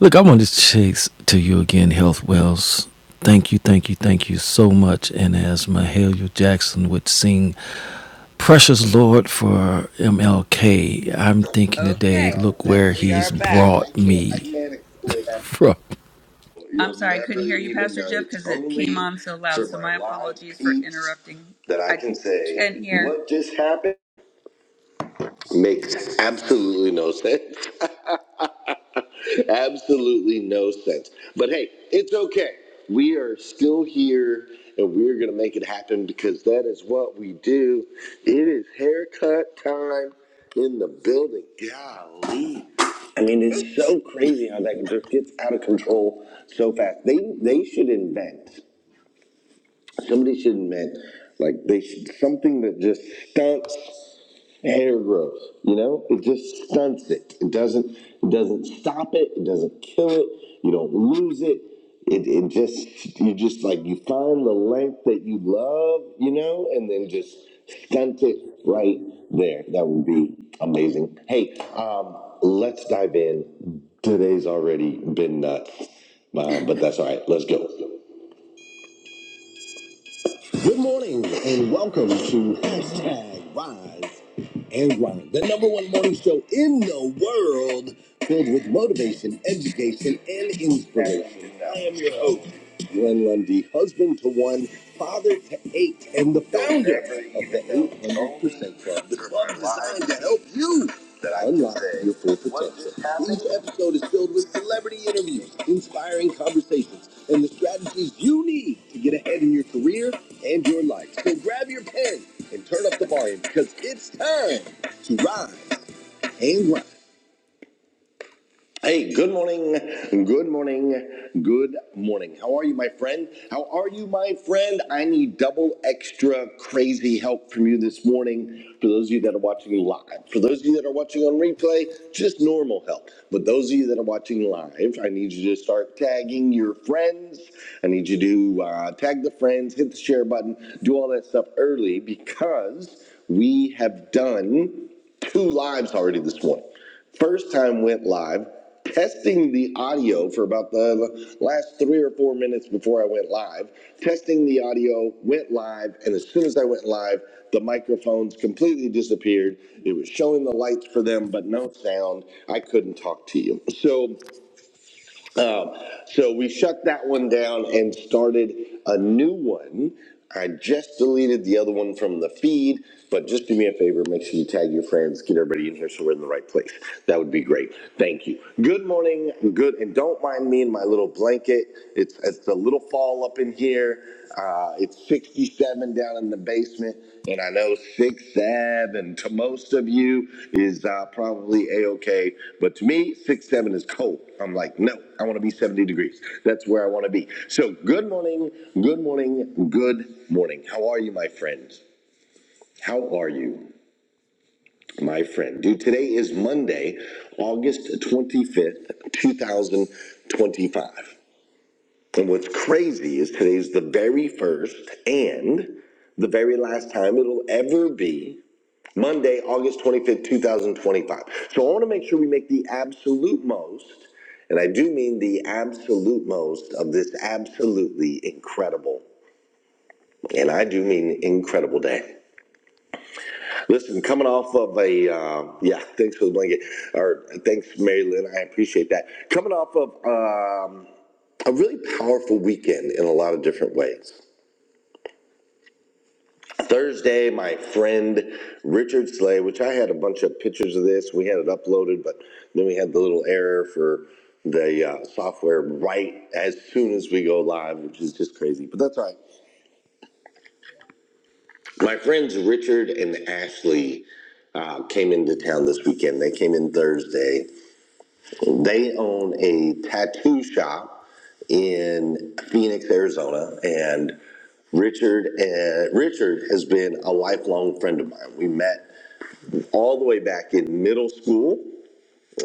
Look, I want to say to you again, Health Wells. Thank you, thank you, thank you so much. And as Mahalia Jackson would sing, Precious Lord for MLK, I'm thinking today, Okay. look where We are he's back. brought me from. I'm sorry, I couldn't hear you, Pastor Jeff, because it came totally on so loud. So my apologies for interrupting. that I can say what just happened. Makes absolutely no sense. absolutely no sense. But hey, it's okay. We are still here and we're going to make it happen because that is what we do. It is haircut time in the building. Golly. I mean, it's so crazy how that just gets out of control so fast. They they should invent. Somebody should admit, like they should, something that just stunts hair growth. You know, it just stunts it. It doesn't. It doesn't stop it. It doesn't kill it. You don't lose it. It, it just you just like you find the length that you love, you know, and then just stunt it right there. That would be amazing. Hey, um, let's dive in. Today's already been nuts, uh, but that's all right. Let's go. Good morning and welcome to hashtag Rise and Grind, the number one morning show in the world filled with motivation, education, and inspiration. I am your host, Glenn Lundy, husband to one, father to eight, and the founder of the 800% Club, the club designed to help you that I unlock your full potential. Each episode is filled with celebrity interviews, inspiring conversations, and the strategies you need to get ahead in your career and your life. So grab your pen and turn up the volume because it's time to rise and grind. Hey, good morning, good morning, good morning. How are you, my friend? How are you, my friend? I need double extra crazy help from you this morning. For those of you that are watching live, for those of you that are watching on replay, just normal help. But those of you that are watching live, I need you to start tagging your friends. I need you to uh, tag the friends, hit the share button, do all that stuff early because we have done two lives already this morning. First time went live testing the audio for about the last three or four minutes before I went live. Testing the audio, went live, and as soon as I went live, the microphones completely disappeared. It was showing the lights for them, but no sound. I couldn't talk to you. So so we shut that one down and started a new one. I just deleted the other one from the feed, but just do me a favor, make sure you tag your friends, get everybody in here so we're in the right place. That would be great. Thank you. Good morning. Good and don't mind me in my little blanket. It's it's a little fall up in here uh, it's 67 down in the basement, and I know 6th Ave, and to most of you, is uh, probably A-OK. But to me, 6 Seven is cold. I'm like, no, I want to be 70 degrees. That's where I want to be. So good morning, good morning, good morning. How are you, my friends? How are you, my friend? Dude, today is Monday, August 25th, 2025. And what's crazy is today's the very first and the very last time it'll ever be Monday, August 25th, 2025. So I want to make sure we make the absolute most, and I do mean the absolute most of this absolutely incredible, and I do mean incredible day. Listen, coming off of a, uh, yeah, thanks for the blanket, or thanks, Mary Lynn, I appreciate that. Coming off of um, a really powerful weekend in a lot of different ways. Thursday, my friend Richard Slay, which I had a bunch of pictures of this. We had it uploaded, but then we had the little error for the uh, software right as soon as we go live, which is just crazy. But that's all right. My friends Richard and Ashley uh, came into town this weekend. They came in Thursday. They own a tattoo shop in Phoenix, Arizona, and Richard uh, Richard has been a lifelong friend of mine. We met all the way back in middle school,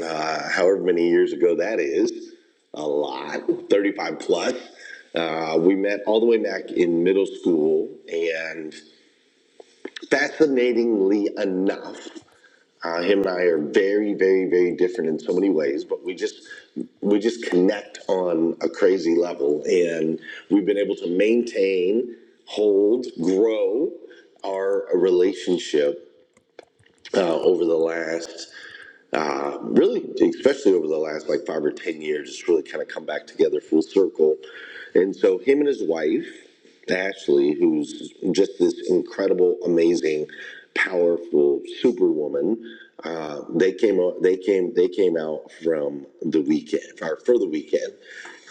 uh, however many years ago that is, a lot, 35 plus. Uh, we met all the way back in middle school, and fascinatingly enough, uh, him and I are very, very, very different in so many ways, but we just we just connect on a crazy level, and we've been able to maintain, hold, grow our relationship uh, over the last uh, really, especially over the last like five or ten years, it's really kind of come back together full circle. And so, him and his wife, Ashley, who's just this incredible, amazing, powerful superwoman, uh, they came out. They came. They came out from the weekend, or for the weekend,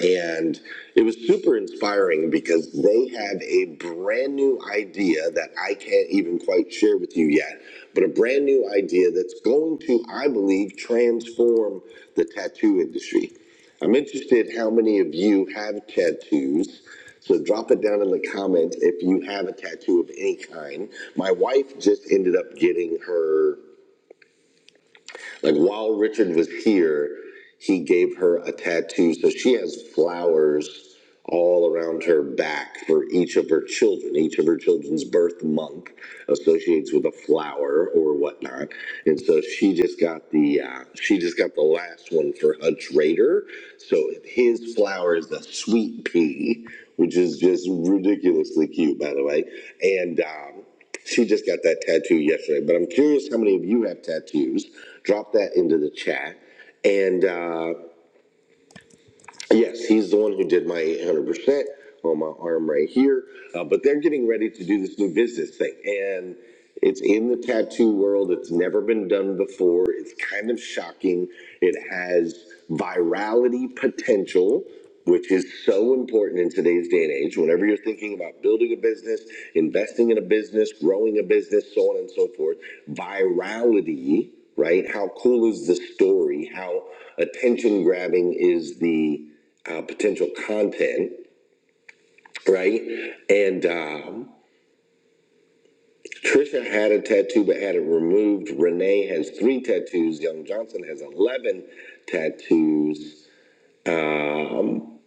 and it was super inspiring because they have a brand new idea that I can't even quite share with you yet, but a brand new idea that's going to, I believe, transform the tattoo industry. I'm interested how many of you have tattoos. So drop it down in the comments if you have a tattoo of any kind. My wife just ended up getting her like while Richard was here, he gave her a tattoo. So she has flowers all around her back for each of her children. Each of her children's birth month associates with a flower or whatnot. And so she just got the uh, she just got the last one for Hutch Raider. So his flower is a sweet pea, which is just ridiculously cute, by the way. And um, she just got that tattoo yesterday, but I'm curious how many of you have tattoos. Drop that into the chat. And uh, Yes, he's the one who did my 800% on my arm right here. Uh, but they're getting ready to do this new business thing. And it's in the tattoo world. It's never been done before. It's kind of shocking. It has virality potential, which is so important in today's day and age. Whenever you're thinking about building a business, investing in a business, growing a business, so on and so forth, virality, right? How cool is the story? How attention grabbing is the uh, potential content, right? And um, Trisha had a tattoo but had it removed. Renee has three tattoos. Young Johnson has 11 tattoos. Um,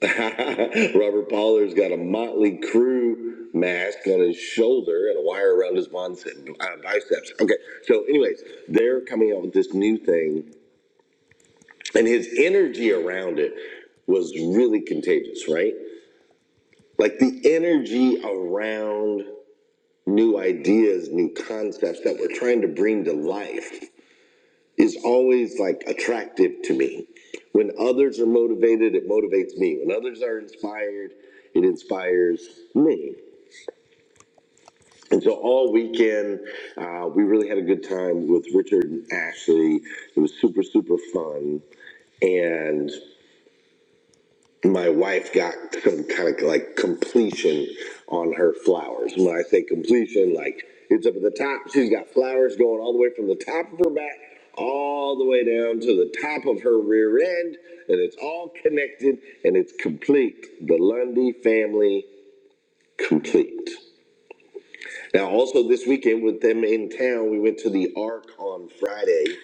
Robert Pollard's got a Motley Crew mask on his shoulder and a wire around his bon-, Uh, biceps. Okay, so, anyways, they're coming out with this new thing, and his energy around it was really contagious, right? Like the energy around new ideas, new concepts that we're trying to bring to life is always like attractive to me. When others are motivated, it motivates me. When others are inspired, it inspires me. And so all weekend, uh, we really had a good time with Richard and Ashley. It was super, super fun. And my wife got some kind of like completion on her flowers. When I say completion, like it's up at the top. She's got flowers going all the way from the top of her back all the way down to the top of her rear end, and it's all connected and it's complete. The Lundy family complete. Now, also this weekend with them in town, we went to the Ark on Friday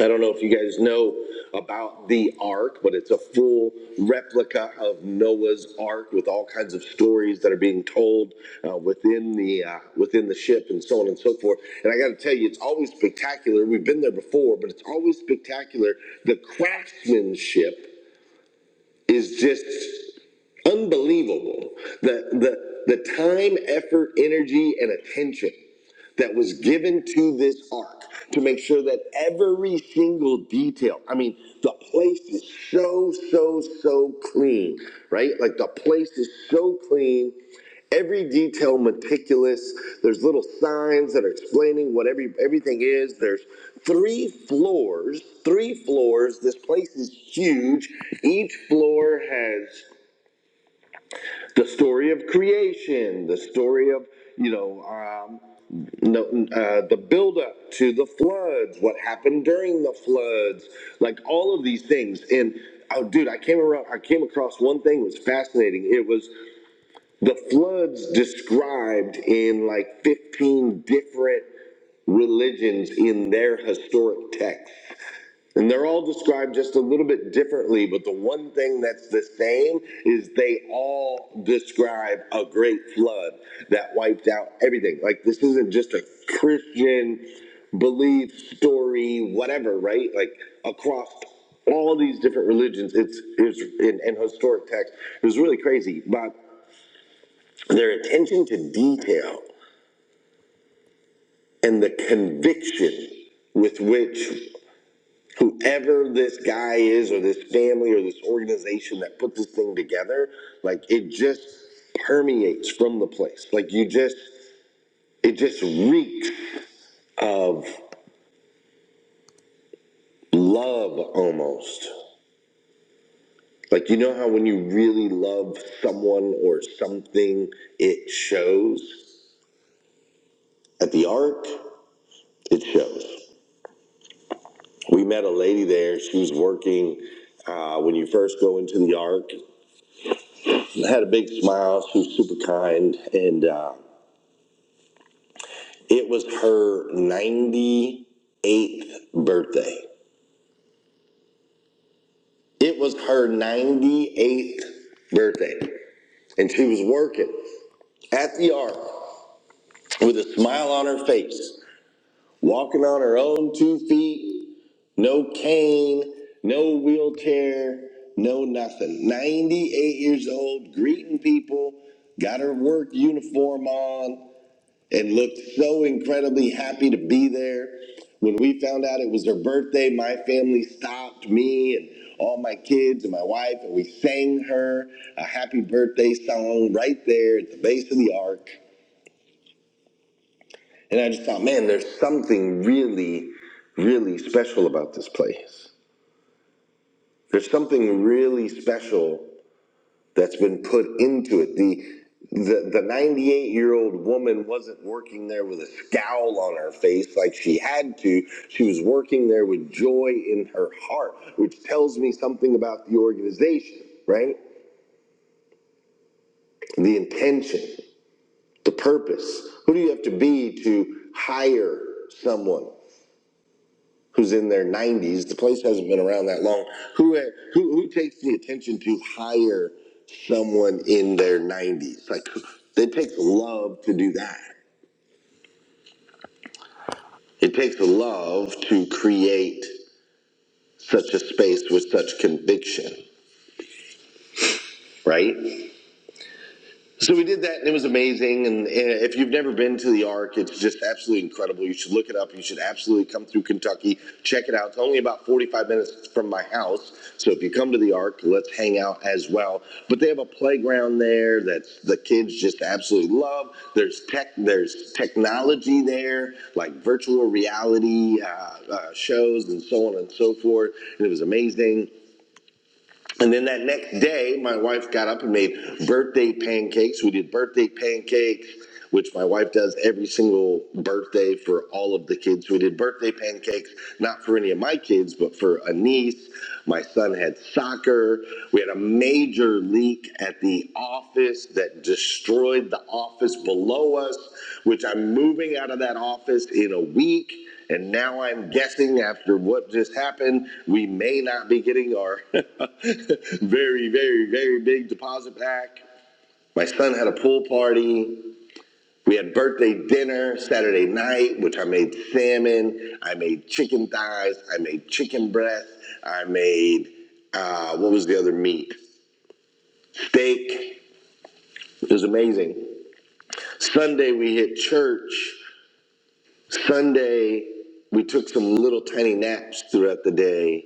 I don't know if you guys know about the Ark, but it's a full replica of Noah's Ark with all kinds of stories that are being told uh, within the uh, within the ship and so on and so forth. And I got to tell you, it's always spectacular. We've been there before, but it's always spectacular. The craftsmanship is just unbelievable. The the the time, effort, energy, and attention that was given to this ark to make sure that every single detail, I mean, the place is so, so, so clean, right? Like the place is so clean. Every detail meticulous. There's little signs that are explaining what every everything is. There's three floors, three floors. This place is huge. Each floor has the story of creation, the story of you know um, no, uh, the buildup to the floods, what happened during the floods, like all of these things. And oh, dude, I came around, I came across one thing that was fascinating. It was the floods described in like fifteen different religions in their historic texts. And they're all described just a little bit differently, but the one thing that's the same is they all describe a great flood that wiped out everything. Like, this isn't just a Christian belief story, whatever, right? Like, across all these different religions, it's, it's in, in historic text. It was really crazy, but their attention to detail and the conviction with which whoever this guy is or this family or this organization that put this thing together like it just permeates from the place like you just it just reeks of love almost like you know how when you really love someone or something it shows at the Ark, it shows we met a lady there she was working uh, when you first go into the Ark. had a big smile she was super kind and uh, It was her 98th birthday. It was her 98th birthday. And she was working at the Ark with a smile on her face, walking on her own two feet, no cane, no wheelchair, no nothing. 98 years old, greeting people, got her work uniform on, and looked so incredibly happy to be there. When we found out it was her birthday, my family stopped me and all my kids and my wife, and we sang her a happy birthday song right there at the base of the ark. And I just thought, man, there's something really, really special about this place. There's something really special that's been put into it. The the the 98 year old woman wasn't working there with a scowl on her face like she had to. She was working there with joy in her heart, which tells me something about the organization, right? The intention, the purpose. Who do you have to be to hire someone? who's in their 90s. The place hasn't been around that long. Who who who takes the attention to hire someone in their 90s? Like it takes love to do that. It takes love to create such a space with such conviction, right? So we did that, and it was amazing. And, uh if you've never been to the Ark, it's just absolutely incredible. You should look it up. You should absolutely come through Kentucky, check it out. It's only about 45 minutes from my house, so if you come to the Ark, let's hang out as well. But they have a playground there that the kids just absolutely love. There's tech, there's technology there, like virtual reality uh, uh, shows and so on and so forth. And it was amazing. And then that next day, my wife got up and made birthday pancakes. We did birthday pancakes, which my wife does every single birthday for all of the kids. We did birthday pancakes, not for any of my kids, but for a niece. My son had soccer. We had a major leak at the office that destroyed the office below us, which I'm moving out of that office in a week. And now I'm guessing after what just happened, we may not be getting our very, very, very big deposit back. My son had a pool party. We had birthday dinner Saturday night, which I made salmon. I made chicken thighs. I made chicken breast. I made, uh, what was the other meat? Steak. It was amazing. Sunday, we hit church. Sunday, we took some little tiny naps throughout the day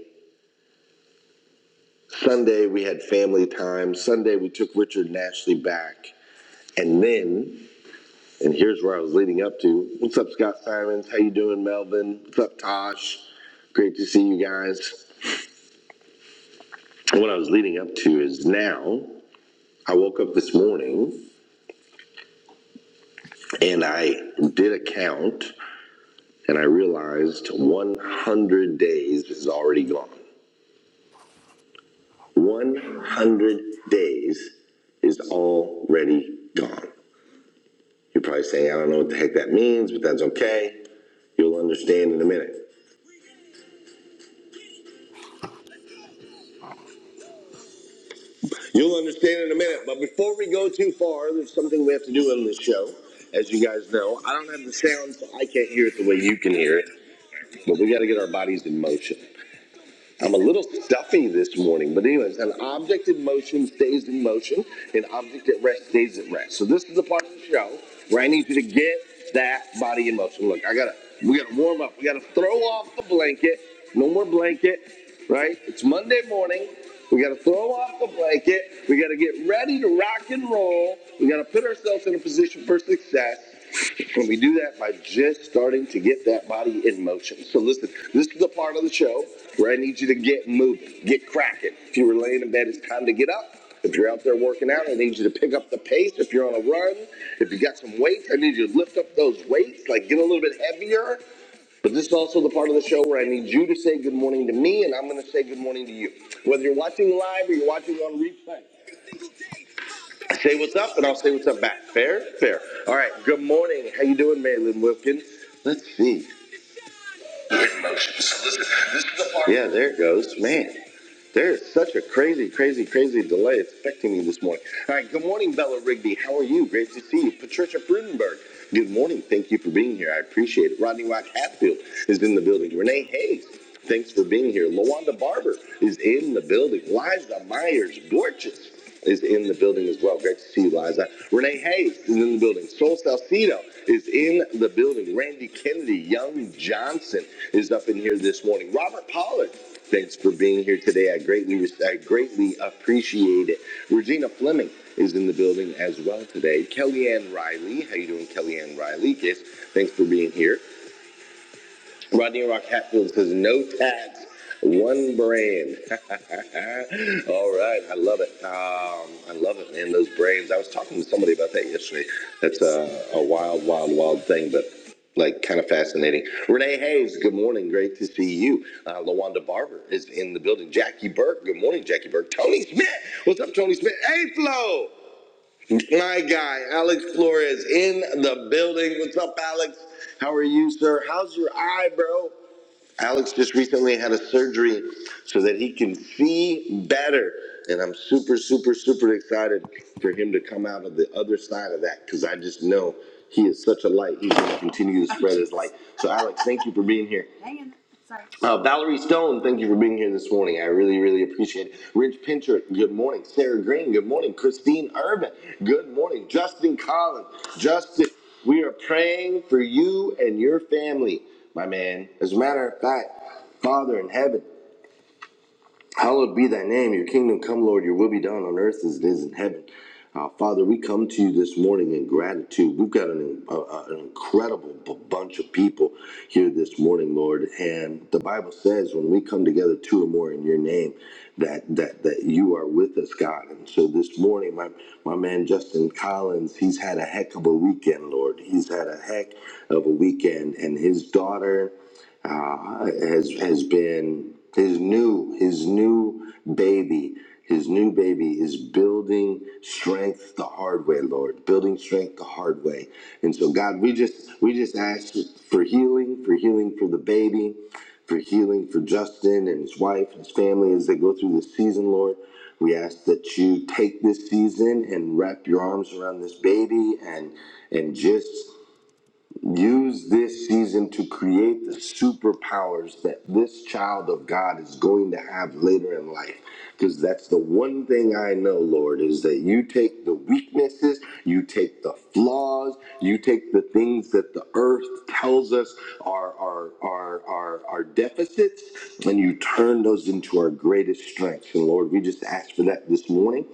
Sunday, we had family time. Sunday, we took Richard and Ashley back. And then, and here's where I was leading up to. What's up, Scott Simons? How you doing, Melvin? What's up, Tosh? Great to see you guys. And what I was leading up to is now I woke up this morning and I did a count and I realized 100 days is already gone. 100 days is already gone. you are probably saying, I don't know what the heck that means, but that's okay. You'll understand in a minute. You'll understand in a minute. But before we go too far, there's something we have to do on this show. As you guys know, I don't have the sound, so I can't hear it the way you can hear it. But we got to get our bodies in motion. I'm a little stuffy this morning, but anyways, an object in motion stays in motion, an object at rest stays at rest. So this is the part of the show where I need you to get that body in motion. Look, I gotta, we gotta warm up. We gotta throw off the blanket. No more blanket, right? It's Monday morning. We gotta throw off the blanket. We gotta get ready to rock and roll. We gotta put ourselves in a position for success. And we do that by just starting to get that body in motion. So listen, this is the part of the show where I need you to get moving, get cracking. If you were laying in bed, it's time to get up. If you're out there working out, I need you to pick up the pace. If you're on a run, if you got some weights, I need you to lift up those weights, like get a little bit heavier. But this is also the part of the show where I need you to say good morning to me, and I'm going to say good morning to you. Whether you're watching live or you're watching on replay, Say what's up, and I'll say what's up back. Fair, fair. All right. Good morning. How you doing, Maylin Wilkins? Let's see. So listen, this is the part. Yeah, there it goes, man. There is such a crazy, crazy, crazy delay It's affecting me this morning. All right. Good morning, Bella Rigby. How are you? Great to see you, Patricia Prudenberg. Good morning. Thank you for being here. I appreciate it. Rodney Rock Hatfield is in the building. Renee Hayes. Thanks for being here. Lawanda Barber is in the building. Liza Myers Gorgeous is in the building as well. Great to see you, Liza. Renee Hayes is in the building. Sol Salcido is in the building. Randy Kennedy, Young Johnson is up in here this morning. Robert Pollard, thanks for being here today. I greatly, I greatly appreciate it. Regina Fleming is in the building as well today. Kellyanne Riley, how you doing, Kellyanne Riley? Yes, thanks for being here. Rodney Rock Hatfield says, no tax, one brand. All right, I love it. Um, I love it, man. Those brands. I was talking to somebody about that yesterday. That's a, a wild, wild, wild thing, but like kind of fascinating. Renee Hayes, good morning. Great to see you. Uh, Lawanda Barber is in the building. Jackie Burke, good morning, Jackie Burke. Tony Smith, what's up, Tony Smith? Hey, Flo, my guy, Alex Flores in the building. What's up, Alex? How are you, sir? How's your eye, bro? Alex just recently had a surgery so that he can see better. And I'm super, super, super excited for him to come out of the other side of that because I just know he is such a light. He's going to continue to spread his light. So, Alex, thank you for being here. Uh, Valerie Stone, thank you for being here this morning. I really, really appreciate it. Rich Pinchard, good morning. Sarah Green, good morning. Christine Urban, good morning. Justin Collins, Justin, we are praying for you and your family, my man. As a matter of fact, Father in heaven, Hallowed be thy name, your kingdom come, Lord, your will be done on earth as it is in heaven. Uh, Father, we come to you this morning in gratitude. We've got an, uh, uh, an incredible b- bunch of people here this morning, Lord. And the Bible says when we come together, two or more in your name, that that that you are with us, God. And so this morning, my my man Justin Collins, he's had a heck of a weekend, Lord. He's had a heck of a weekend, and his daughter uh, has has been his new his new baby his new baby is building strength the hard way lord building strength the hard way and so god we just we just ask for healing for healing for the baby for healing for justin and his wife and his family as they go through this season lord we ask that you take this season and wrap your arms around this baby and and just Use this season to create the superpowers that this child of God is going to have later in life. Because that's the one thing I know, Lord, is that you take the weaknesses, you take the flaws, you take the things that the earth tells us are, are, are, are, are deficits, and you turn those into our greatest strengths. And Lord, we just ask for that this morning.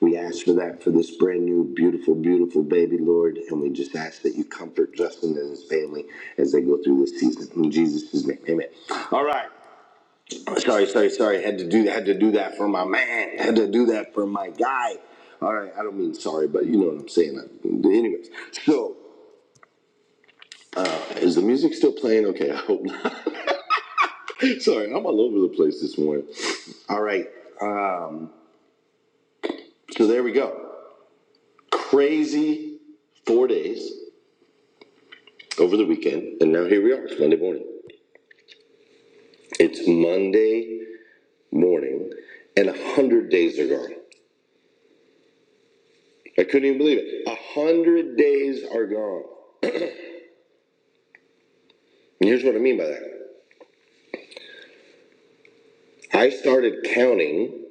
We ask for that for this brand new, beautiful, beautiful baby, Lord. And we just ask that you comfort Justin and his family as they go through this season. In Jesus' name, amen. All right. Sorry, sorry, sorry. Had to do had to do that for my man. Had to do that for my guy. All right. I don't mean sorry, but you know what I'm saying. Anyways, so is the music still playing? Okay, I hope not. sorry, I'm all over the place this morning. All right. Um, so there we go. Crazy four days over the weekend, and now here we are. It's Monday morning. It's Monday morning, and a hundred days are gone. I couldn't even believe it. A hundred days are gone. And here's what I mean by that. I started counting.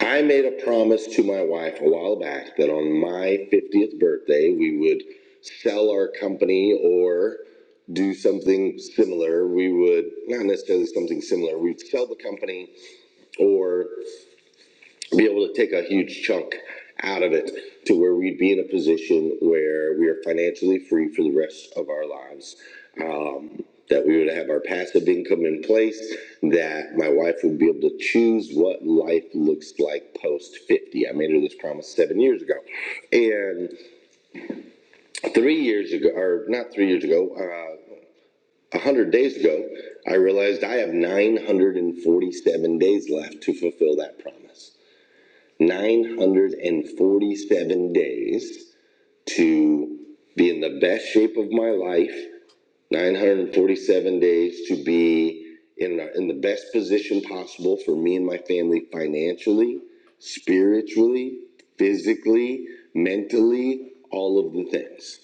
I made a promise to my wife a while back that on my 50th birthday, we would sell our company or do something similar. We would, not necessarily something similar, we'd sell the company or be able to take a huge chunk out of it to where we'd be in a position where we are financially free for the rest of our lives. Um, that we would have our passive income in place, that my wife would be able to choose what life looks like post 50. I made her this promise seven years ago. And three years ago, or not three years ago, uh, 100 days ago, I realized I have 947 days left to fulfill that promise. 947 days to be in the best shape of my life, 947 days to be in, uh, in the best position possible for me and my family financially, spiritually, physically, mentally, all of the things.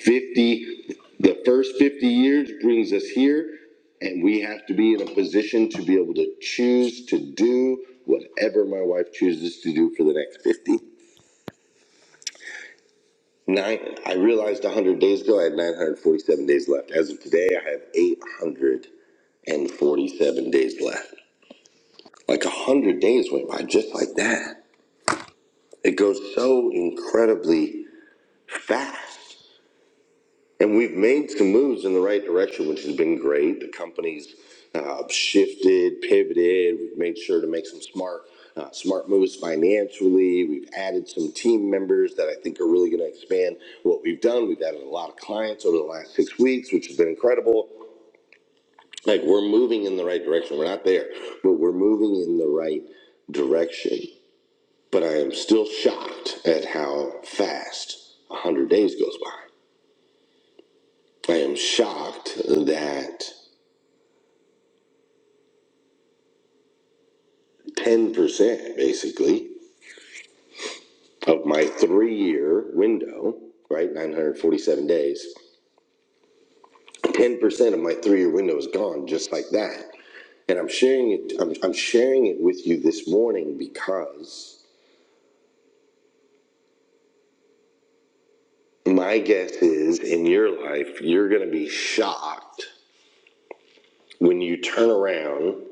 50, the first 50 years brings us here, and we have to be in a position to be able to choose to do whatever my wife chooses to do for the next 50. Nine, I realized 100 days ago I had 947 days left. As of today, I have 847 days left. Like 100 days went by just like that. It goes so incredibly fast. And we've made some moves in the right direction, which has been great. The company's uh, shifted, pivoted. We've made sure to make some smart, uh, smart moves financially. We've added some team members that I think are really going to expand what we've done. We've added a lot of clients over the last six weeks, which has been incredible. Like we're moving in the right direction. We're not there, but we're moving in the right direction. But I am still shocked at how fast 100 days goes by. I am shocked that 10% basically of my three year window, right? 947 days, 10% of my three year window is gone just like that. And I'm sharing it, I'm, I'm sharing it with you this morning because my guess is in your life, you're going to be shocked when you turn around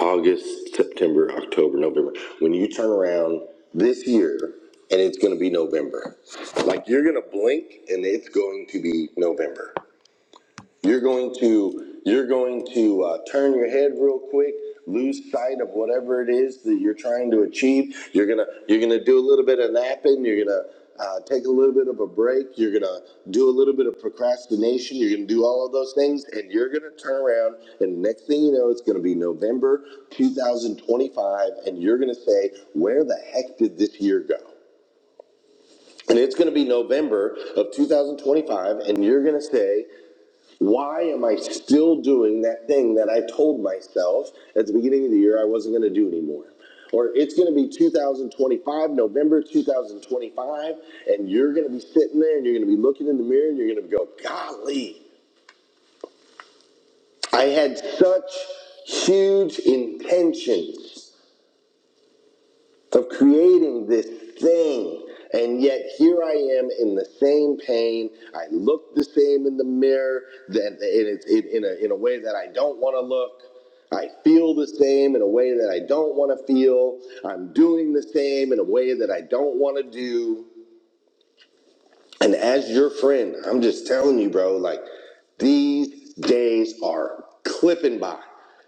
August, September, October, November. When you turn around this year, and it's going to be November. Like you're going to blink, and it's going to be November. You're going to you're going to uh, turn your head real quick, lose sight of whatever it is that you're trying to achieve. You're gonna you're gonna do a little bit of napping. You're gonna uh, take a little bit of a break. You're gonna do a little bit of procrastination. You're gonna do all of those things, and you're gonna turn around. And next thing you know, it's gonna be November 2025, and you're gonna say, "Where the heck did this year go?" and it's going to be November of 2025, and you're going to say, why am I still doing that thing that I told myself at the beginning of the year I wasn't going to do anymore? Or it's going to be 2025, November 2025, and you're going to be sitting there and you're going to be looking in the mirror and you're going to go, golly, I had such huge intentions of creating this thing. And yet here I am in the same pain. I look the same in the mirror that and it's it, in, a, in a way that I don't want to look. I feel the same in a way that I don't want to feel. I'm doing the same in a way that I don't want to do. And as your friend, I'm just telling you, bro, like these days are clipping by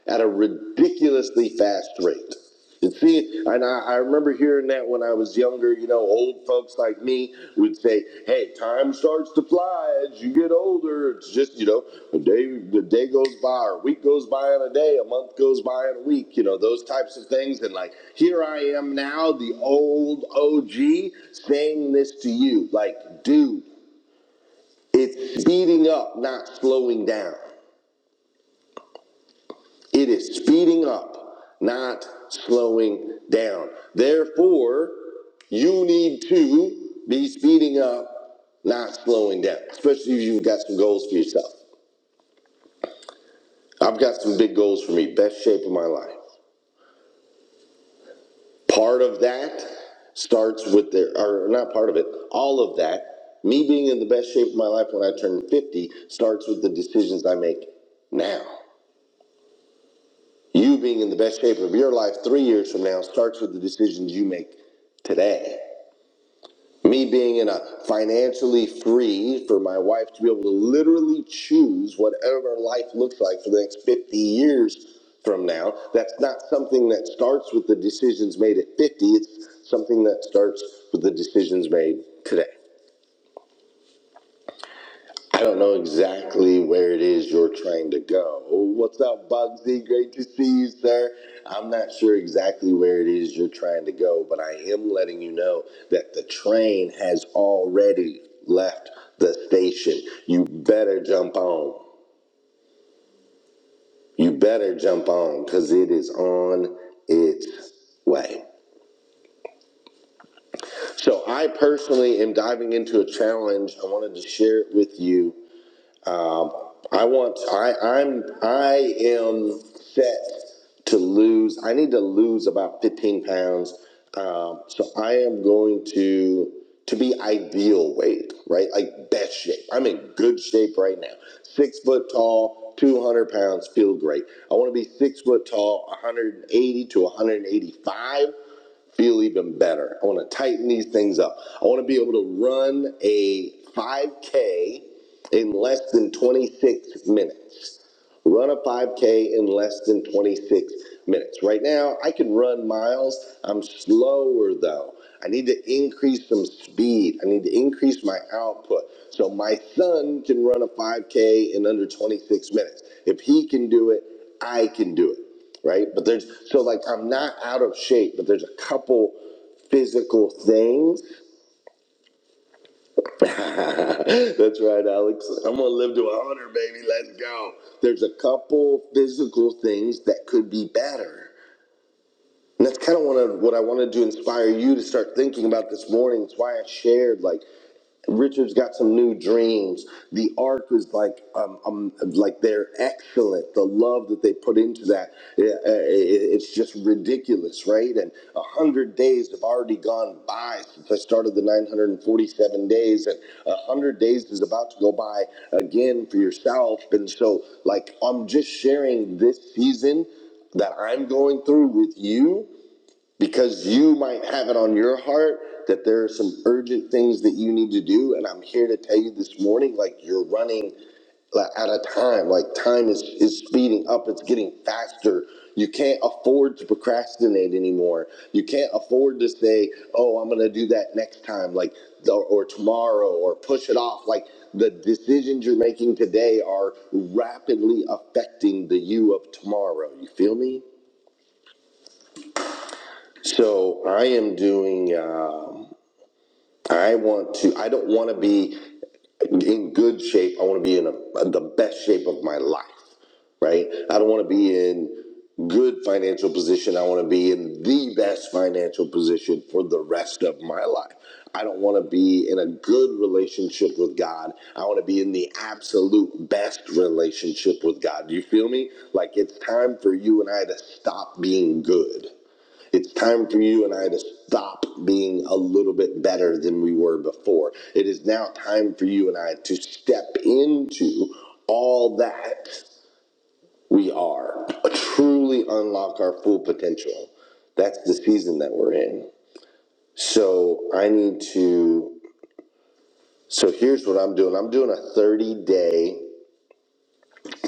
at a ridiculously fast rate. And see, and I, I remember hearing that when I was younger, you know, old folks like me would say, hey, Time starts to fly as you get older. It's just you know the day the day goes by, or a week goes by in a day, a month goes by in a week. You know those types of things. And like here I am now, the old OG, saying this to you, like dude, it's speeding up, not slowing down. It is speeding up, not slowing down. Therefore, you need to be speeding up, not slowing down, especially if you've got some goals for yourself. I've got some big goals for me. Best shape of my life. Part of that starts with the, or not part of it, all of that, me being in the best shape of my life when I turn 50 starts with the decisions I make now. You being in the best shape of your life three years from now starts with the decisions you make today. me being in a financially free for my wife to be able to literally choose whatever life looks like for the next 50 years from now that's not something that starts with the decisions made at 50 it's something that starts with the decisions made today I don't know exactly where it is you're trying to go. Oh, What's up, Bugsy? Great to see you, sir. I'm not sure exactly where it is you're trying to go, but I am letting you know that the train has already left the station. You better jump on. You better jump on because it is on its way. So, I personally am diving into a challenge. I wanted to share it with you Um, I want. I, I'm. I am set to lose. I need to lose about 15 pounds. Um, so I am going to to be ideal weight, right? Like best shape. I'm in good shape right now. Six foot tall, 200 pounds, feel great. I want to be six foot tall, 180 to 185 feel even better. I want to tighten these things up. I want to be able to run a 5K in less than 26 minutes run a 5K in less than 26 minutes. Right now, I can run miles. I'm slower though. I need to increase some speed. I need to increase my output. So my son can run a 5K in under 26 minutes. If he can do it, I can do it. Right? But there's so like I'm not out of shape, but there's a couple physical things That's right, Alex. I'm gonna live to 100, baby. Let's go. There's a couple physical things that could be better. And that's kind of what I, what I wanted to inspire you to start thinking about this morning. It's why I shared, like, Richard's got some new dreams. The arc is like, um, um, like they're excellent. The love that they put into that, yeah, uh, it- it's just ridiculous, right? And a hundred days have already gone by since I started the 947 days, and a hundred days is about to go by again for yourself. And so, like, I'm just sharing this season that I'm going through with you because you might have it on your heart that there are some urgent things that you need to do and i'm here to tell you this morning like you're running like out of time like time is is speeding up it's getting faster you can't afford to procrastinate anymore you can't afford to say oh i'm gonna do that next time like or, or tomorrow or push it off like the decisions you're making today are rapidly affecting the you of tomorrow you feel me so I am doing. Um, I want to. I don't want to be in good shape. I want to be in a, the best shape of my life. Right. I don't want to be in good financial position. I want to be in the best financial position for the rest of my life. I don't want to be in a good relationship with God. I want to be in the absolute best relationship with God. Do you feel me? Like it's time for you and I to stop being good it's time for you and I to stop being a little bit better than we were before. It is now time for you and I to step into all that we are, truly unlock our full potential. That's the season that we're in. So I need to. So here's what I'm doing I'm doing a 30 day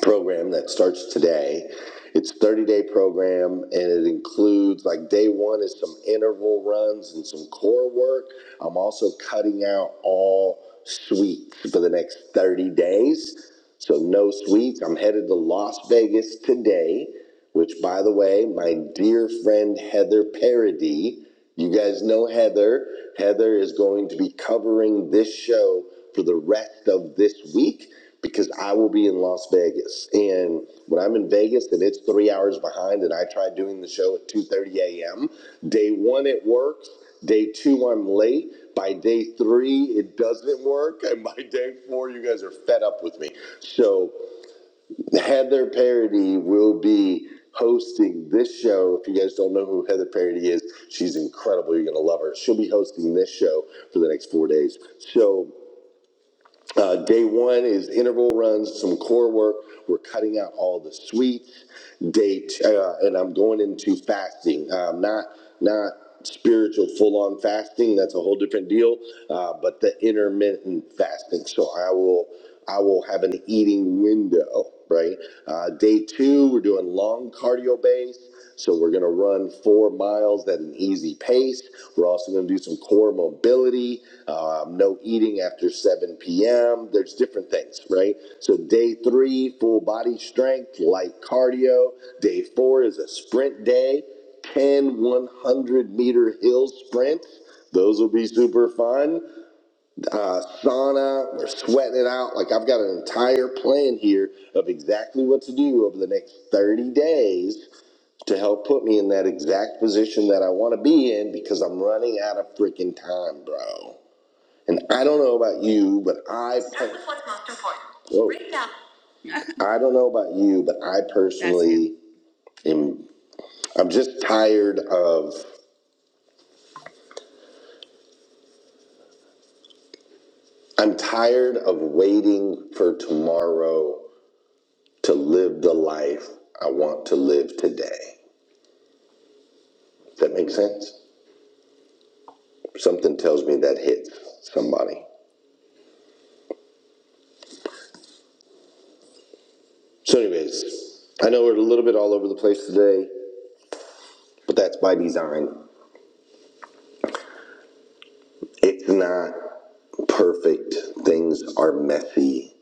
program that starts today. It's a 30 day program and it includes like day one is some interval runs and some core work. I'm also cutting out all sweets for the next 30 days. So no sweets. I'm headed to Las Vegas today which by the way, my dear friend Heather Parody, you guys know Heather. Heather is going to be covering this show for the rest of this week because I will be in Las Vegas. And when I'm in Vegas and it's three hours behind and I try doing the show at 2.30 a.m., day one it works, day two I'm late, by day three it doesn't work, and by day four you guys are fed up with me. So Heather Parody will be hosting this show. If you guys don't know who Heather Parody is, she's incredible. You're going to love her. She'll be hosting this show for the next four days. So, uh, day one is interval runs, some core work. We're cutting out all the sweets. Day two, uh, and I'm going into fasting. Um, not not spiritual full on fasting. That's a whole different deal. Uh, but the intermittent fasting. So I will. I will have an eating window, right? Uh, day two, we're doing long cardio base. So we're going to run four miles at an easy pace. We're also going to do some core mobility, um, no eating after 7 p.m. There's different things, right? So day three, full body strength, light cardio. Day four is a sprint day, 10 100 meter hill sprints. Those will be super fun uh, sauna. We're sweating it out. Like I've got an entire plan here of exactly what to do over the next 30 days to help put me in that exact position that I want to be in because I'm running out of freaking time, bro. And I don't know about you, but I Start with what's most important. Whoa. Break down. I don't know about you, but I personally am I'm just tired of I'm tired of waiting for tomorrow to live the life I want to live today. Does that make sense? Something tells me that hits somebody. So, anyways, I know we're a little bit all over the place today, but that's by design. It's not perfect. Things are messy,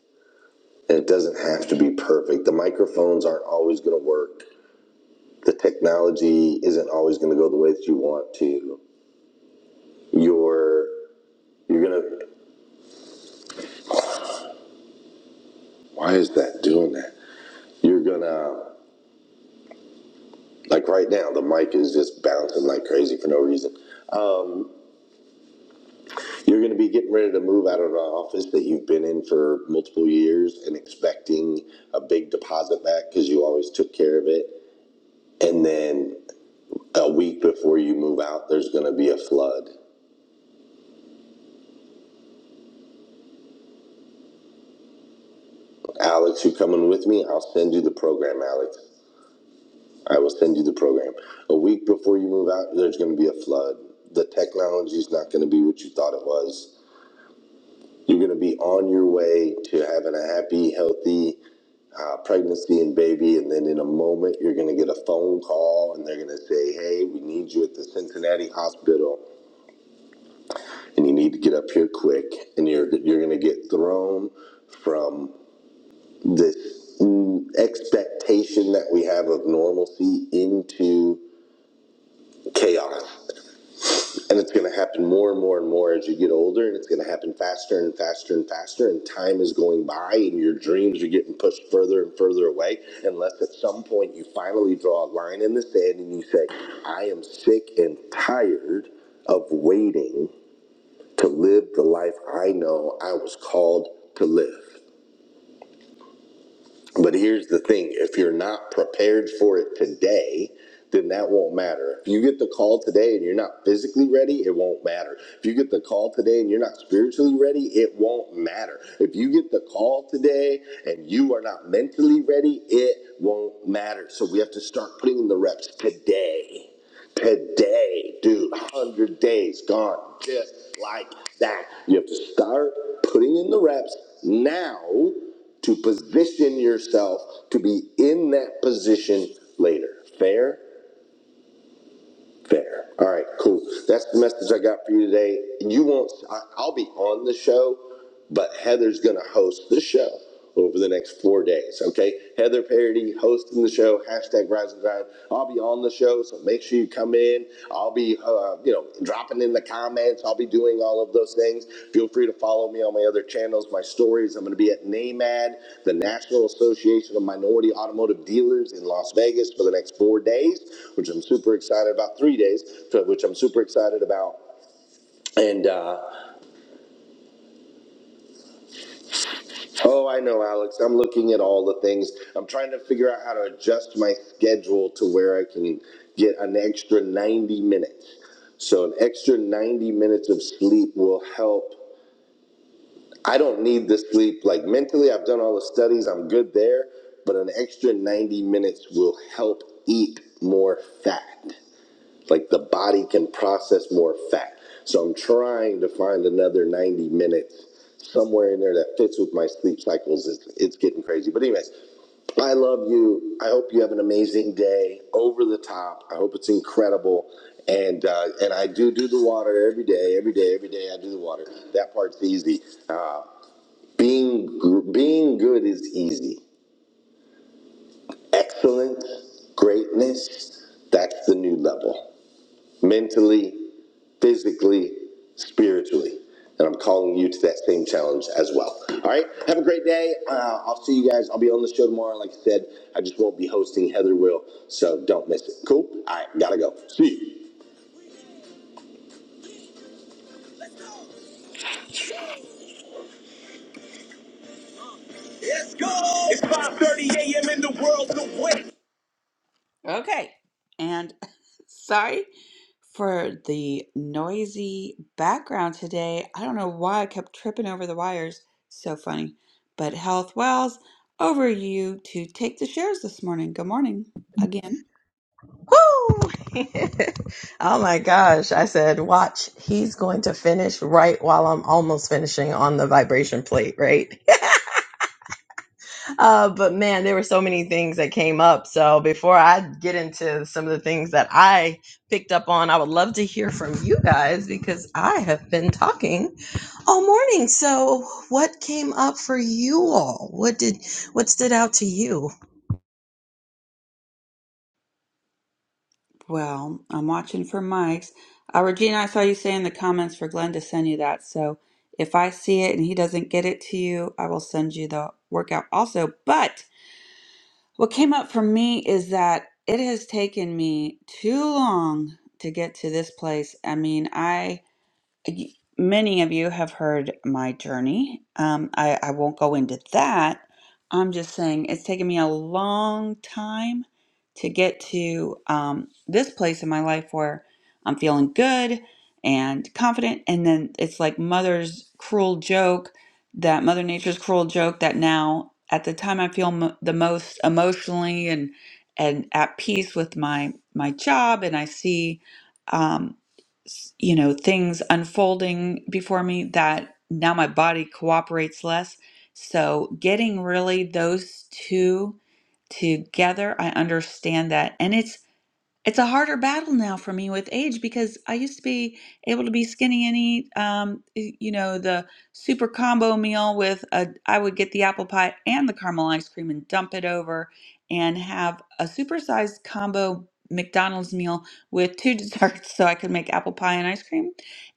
and it doesn't have to be perfect. The microphones aren't always going to work. The technology isn't always going to go the way that you want to. You're you're gonna. Why is that doing that? You're gonna Like right now, the mic is just bouncing like crazy for no reason. You're going to be getting ready to move out of an office that you've been in for multiple years and expecting a big deposit back because you always took care of it. And then a week before you move out, there's going to be a flood. Alex, you coming with me? I'll send you the program, Alex. I will send you the program. A week before you move out, there's going to be a flood. The technology is not going to be what you thought it was. You're going to be on your way to having a happy, healthy, uh, pregnancy and baby, and then in a moment you're going to get a phone call, and they're going to say, "Hey, we need you at the Cincinnati hospital, and you need to get up here quick." And you're you're going to get thrown from this mm, expectation that we have of normalcy into chaos. And it's going to happen more and more and more as you get older, and it's going to happen faster and faster and faster. And time is going by, and your dreams are getting pushed further and further away. Unless at some point you finally draw a line in the sand and you say, I am sick and tired of waiting to live the life I know I was called to live. But here's the thing if you're not prepared for it today, then that won't matter. If you get the call today and you're not physically ready, it won't matter. If you get the call today and you're not spiritually ready, it won't matter. If you get the call today and you are not mentally ready, it won't matter. So we have to start putting in the reps today today, dude. 100 days gone just like that. You have to start putting in the reps now to position yourself to be in that position later. Fair? Fair. All right, cool. That's the message I got for you today. You won't, I- I'll be on the show, but Heather's going to host the show over the next four days. Okay, Heather Parody hosting the show, hashtag Rise and Grind. I'll be on the show, so make sure you come in. I'll be uh, uh, you know, dropping in the comments. I'll be doing all of those things. Feel free to follow me on my other channels, my stories. I'm going to be at NAMAD, the National Association of Minority Automotive Dealers in Las Vegas for the next four days, which I'm super excited about, three days, so, which I'm super excited about. Oh, I know, Alex. I'm looking at all the things. I'm trying to figure out how to adjust my schedule to where I can get an extra 90 minutes. So an extra 90 minutes of sleep will help I don't need the sleep. Like mentally, I've done all the studies, I'm good there, but an extra 90 minutes will help eat more fat. Like the body can process more fat. So I'm trying to find another 90 minutes somewhere in there that fits with my sleep cycles. It's, it's getting crazy. But, anyways, I love you. I hope you have an amazing day. Over the top. I hope it's incredible. And uh, and I do do the water every day, every day, every day. I do the water. That part's easy. Uh, being being good is easy. Excellence, greatness, that's the new level. Mentally, physically, spiritually. And I'm calling you to that same challenge as well. All right. Have a great day. Uh, I'll see you guys. I'll be on the show tomorrow. Like I said, I just won't be hosting. Heather will. So don't miss it. Cool. All right. Gotta go. See you. Okay. And sorry for the noisy background today. I don't know why I kept tripping over the wires. So funny. But Health Wells, over you to take the shares this morning. Good morning again. Woo! oh my gosh. I said, watch, he's going to finish right while I'm almost finishing on the vibration plate, right? Uh, but man, there were so many things that came up. So before I get into some of the things that I picked up on, I would love to hear from you guys because I have been talking all morning. So what came up for you all? What did what stood out to you? Well, I'm watching for Mike's. Uh, Regina, I saw you say in the comments for Glenn to send you that. So if I see it and he doesn't get it to you, I will send you the workout also. But What came up for me is that it has taken me too long to get to this place. I mean, I y- many of you have heard my journey. Um, I, I won't go into that. I'm just saying it's taken me a long time to get to um, this place in my life where I'm feeling good and confident. And then it's like Mother's cruel joke, that Mother Nature's cruel joke that now, at the time I feel m- the most emotionally and and at peace with my my job, and I see. Um, you know things unfolding before me that now my body cooperates less so getting really those two together i understand that and it's it's a harder battle now for me with age because I used to be able to be skinny and eat, um, y- you know, the super combo meal with a, I would get the apple pie and the caramel ice cream and dump it over and have a supersized combo McDonald's meal with two desserts so I could make apple pie and ice cream.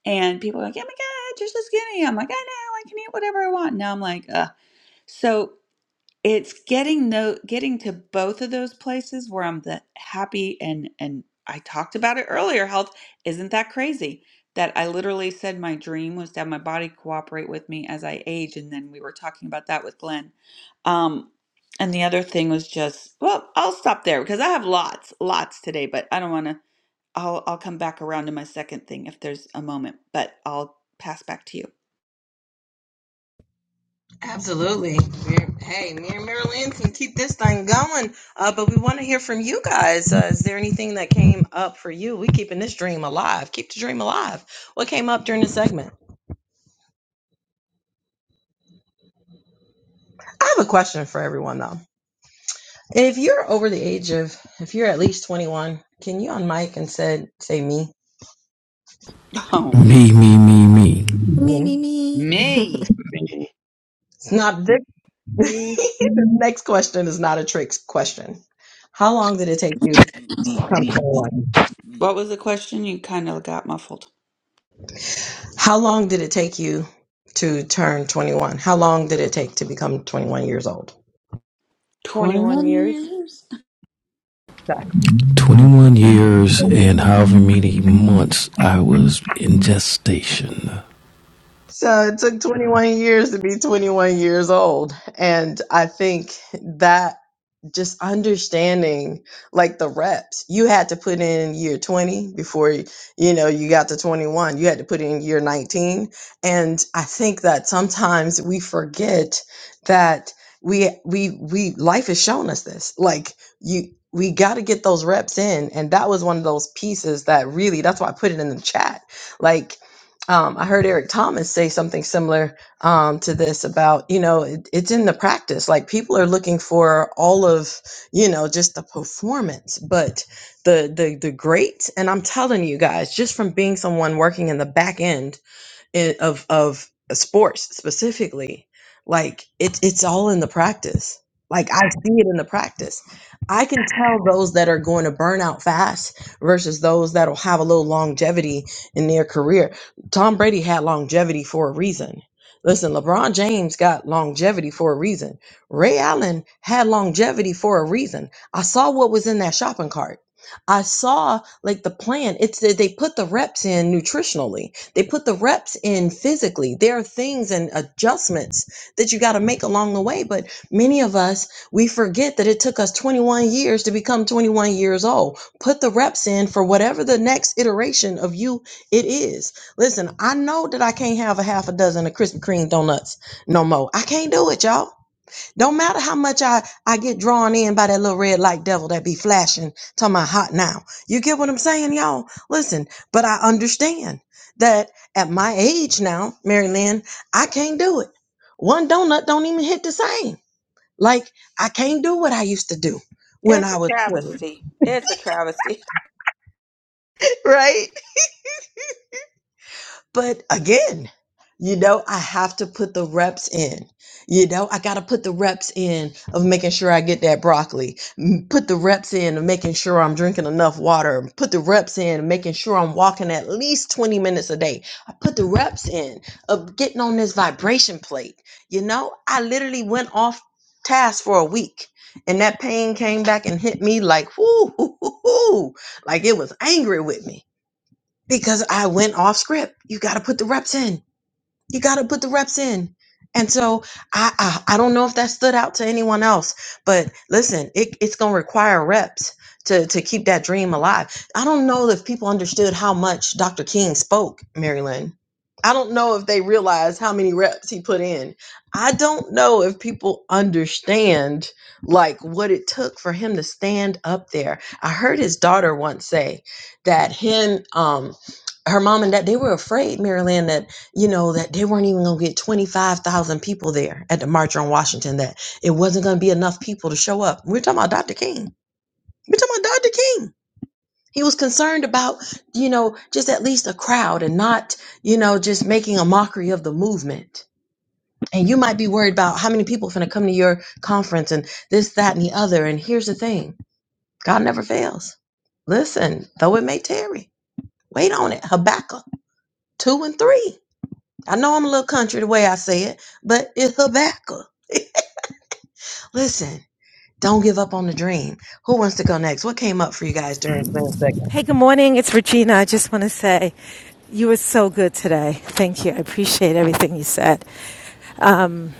And people are like, oh my God, you're so skinny. I'm like, I know, I can eat whatever I want. Now I'm like, ugh. So it's getting no getting to both of those places where I'm the happy and and I talked about it earlier. Health isn't that crazy that I literally said my dream was to have my body cooperate with me as I age, and then we were talking about that with Glenn. Um, and the other thing was just well, I'll stop there because I have lots, lots today, but I don't want to. I'll I'll come back around to my second thing if there's a moment, but I'll pass back to you. Absolutely. Mir- Hey, me and Marilyn can keep this thing going. Uh, but we want to hear from you guys. Uh, is there anything that came up for you? We keeping this dream alive. Keep the dream alive. What came up during the segment? I have a question for everyone though. If you're over the age of, if you're at least 21, can you on and said, say me? Oh me, Me, me, me, me. Me, me, Me. me. Me. It's not this. Me, the next question is not a trick question. How long did it take you to Me, come me, 21? me. what was the question? You kind of got muffled. How long did it take you to turn 21? How long did it take to become 21 years old? 21 21 years. years? Exactly. 21 years and however many months I was in gestation. So it took 21 years to be 21 years old. And I think that. just understanding like the reps you had to put in year 20 before y- you know you got to 21 you had to put in year 19 and i think that sometimes we forget that we we we life has shown us this like you we got to get those reps in and that was one of those pieces that really that's why i put it in the chat like um, i heard eric thomas say something similar um, to this about you know it, it's in the practice like people are looking for all of you know just the performance but the the the great and i'm telling you guys just from being someone working in the back end in, of of sports specifically like it's it's all in the practice like i see it in the practice i can tell those that are going to burn out fast versus those that'll have a little longevity in their career tom brady had longevity for a reason listen lebron james got longevity for a reason ray allen had longevity for a reason i saw what was in that shopping cart i saw like the plan it's that they put the reps in nutritionally they put the reps in physically. There are things and adjustments that you got to make along the way. But many of us, we forget that it took us 21 years to become 21 years old. Put the reps in for whatever the next iteration of you it is. Listen, I know that I can't have a half a dozen of Krispy Kreme donuts no more. I can't do it, y'all. Don't matter how much I, I get drawn in by that little red light devil that be flashing to my hot now. You get what I'm saying, y'all? Listen, but I understand that at my age now, Mary Lynn, I can't do it. One donut don't even hit the same. Like I can't do what I used to do when It's I a was 20, travesty. It's a travesty. right? But again, you know, I have to put the reps in. You know, I got to put the reps in of making sure I get that broccoli. M- Put the reps in of making sure I'm drinking enough water. Put the reps in of making sure I'm walking at least 20 minutes a day. I put the reps in of getting on this vibration plate. You know, I literally went off task for a week and that pain came back and hit me like, whoo, hoo, hoo, hoo, like it was angry with me because I went off script. You got to put the reps in you got to put the reps in. And so I, I I don't know if that stood out to anyone else, but listen, it, it's gonna require reps to to keep that dream alive. I don't know if people understood how much Dr. King spoke, Marilyn. I don't know if they realized how many reps he put in. I don't know if people understand like what it took for him to stand up there. I heard his daughter once say that him um her mom and dad they were afraid, Marilyn, that you know, that they weren't even going to get 25,000 people there at the March on Washington, that it wasn't going to be enough people to show up. We're talking about Dr. King. We're talking about Dr. King. He was concerned about, you know, just at least a crowd and not, you know, just making a mockery of the movement. And you might be worried about how many people are going to come to your conference and this, that, and the other. And here's the thing God never fails. Listen, though it may tarry, wait on it. Habakkuk 2 and 3. I know I'm a little country the way I say it, but it's Habakkuk. Listen, don't give up on the dream. Who wants to go next? What came up for you guys during the Hey, good morning. It's Regina. I just want to say you were so good today. Thank you. I appreciate everything you said. Um,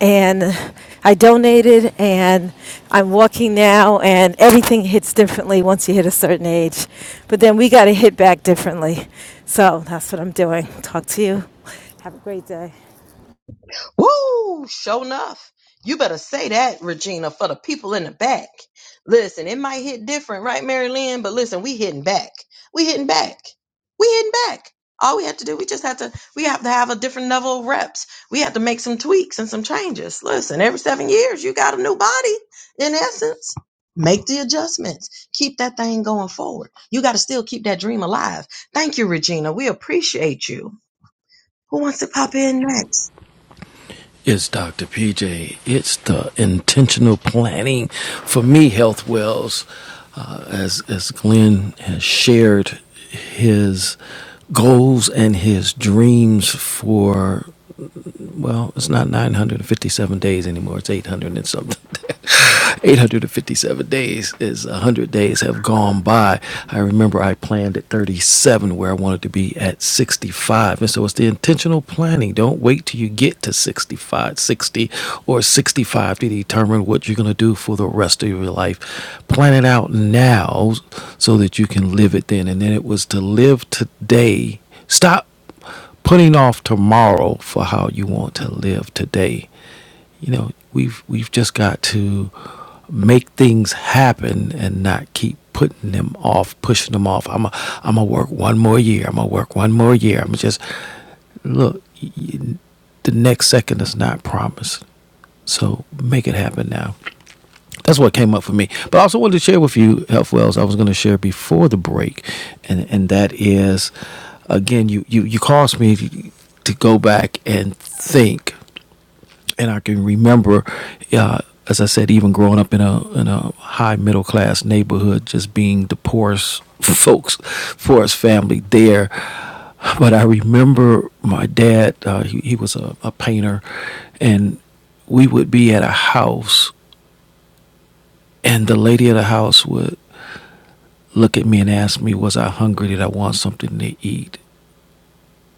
and I donated, and I'm walking now, and everything hits differently once you hit a certain age. But then we got to hit back differently. So that's what I'm doing. Talk to you. Have a great day. Woo! Sure enough. You better say that, Regina, for the people in the back. Listen, it might hit different, right, Mary Lynn? But listen, we hitting back. We hitting back. We hitting back. All we have to do, we just have to, we have to have a different level of reps. We have to make some tweaks and some changes. Listen, every seven years, you got a new body, in essence. Make the adjustments. Keep that thing going forward. You got to still keep that dream alive. Thank you, Regina. We appreciate you. Who wants to pop in next? It's Dr. PJ. It's the intentional planning for me, Health Wells. Uh, as, as Glenn has shared his goals and his dreams for well, it's not 957 days anymore. It's 800 and something. 857 days is 100 days have gone by. I remember I planned at 37 where I wanted to be at 65. And so it's the intentional planning. Don't wait till you get to 65, 60 or 65 to determine what you're going to do for the rest of your life. Plan it out now so that you can live it then. And then it was to live today. Stop putting off tomorrow for how you want to live today. You know, we've we've just got to make things happen and not keep putting them off, pushing them off. I'm a, I'm gonna work one more year. I'm gonna work one more year. I'm just look. y- The next second is not promised, so make it happen now that's what came up for me. But I also wanted to share with you health wells. I was going to share before the break, and and that is, again, you you you caused me to go back and think, and I can remember, uh, as I said, even growing up in a in a high middle class neighborhood, just being the poorest folks, poorest family there. But I remember my dad. Uh, he, he was a, a painter, and we would be at a house and the lady of the house would look at me and ask me, Was I hungry? Did I want something to eat?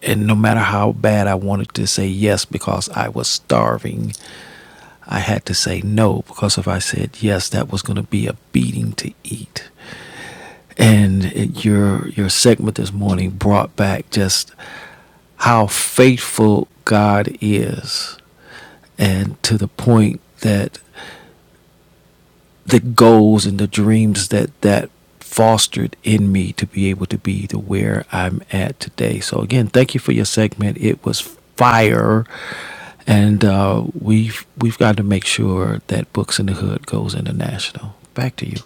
And no matter how bad I wanted to say yes because I was starving, I had to say no because if I said yes, that was going to be a beating to eat. And it, your your segment this morning brought back just how faithful God is, and to the point that the goals and the dreams that that fostered in me to be able to be to where I'm at today. So again, thank you for your segment. It was fire, and uh, we've we've got to make sure that Books in the Hood goes international. Back to you.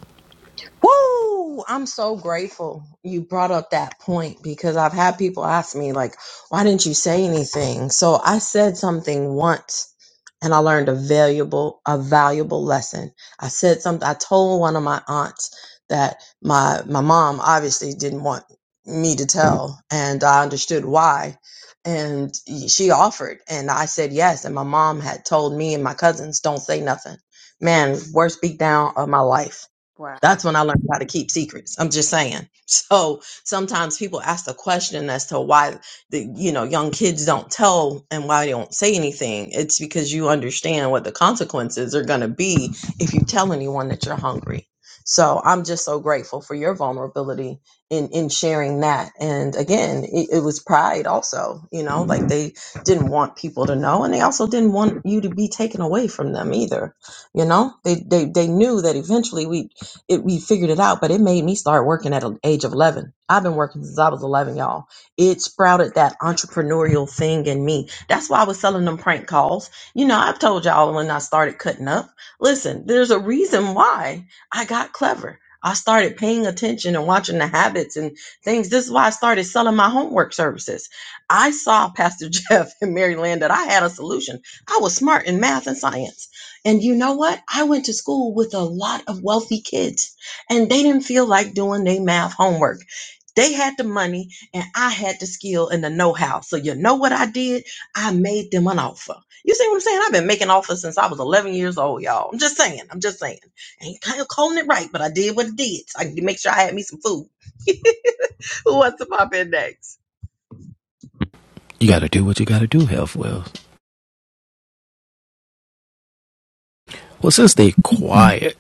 Woo! I'm so grateful you brought up that point because I've had people ask me, like, why didn't you say anything? So I said something once and I learned a valuable, a valuable lesson. I said something, I told one of my aunts that my my mom obviously didn't want me to tell, and I understood why. And she offered, and I said yes. And my mom had told me and my cousins, don't say nothing. Man, worst beat down of my life Wow. that's when I learned how to keep secrets. I'm just saying. So sometimes people ask the question as to why the you know young kids don't tell and why they don't say anything. It's because you understand what the consequences are going to be if you tell anyone that you're hungry. So I'm just so grateful for your vulnerability in in sharing that. And again, it, it was pride also. You know, like they didn't want people to know, and they also didn't want you to be taken away from them either you know they they, they knew that eventually we it, we figured it out, but it made me start working at an age of 11. I've been working since I was 11, y'all. It sprouted that entrepreneurial thing in me. That's why I was selling them prank calls. You know, I've told y'all when I started cutting up. Listen, there's a reason why I got clever. I started paying attention and watching the habits and things. This is why I started selling my homework services. I saw Pastor Jeff and Mary Lynn that I had a solution. I was smart in math and science. And you know what? I went to school with a lot of wealthy kids, and they didn't feel like doing their math homework. They had the money, and I had the skill and the know how. So, you know what I did? I made them an offer. You see what I'm saying? I've been making offers since I was 11 years old, y'all. I'm just saying. I'm just saying. I Ain't kind of calling it right, but I did what I did. So, I can make sure I had me some food. Who wants to pop in next? You got to do what you got to do, Health Wells. Well, since they quiet,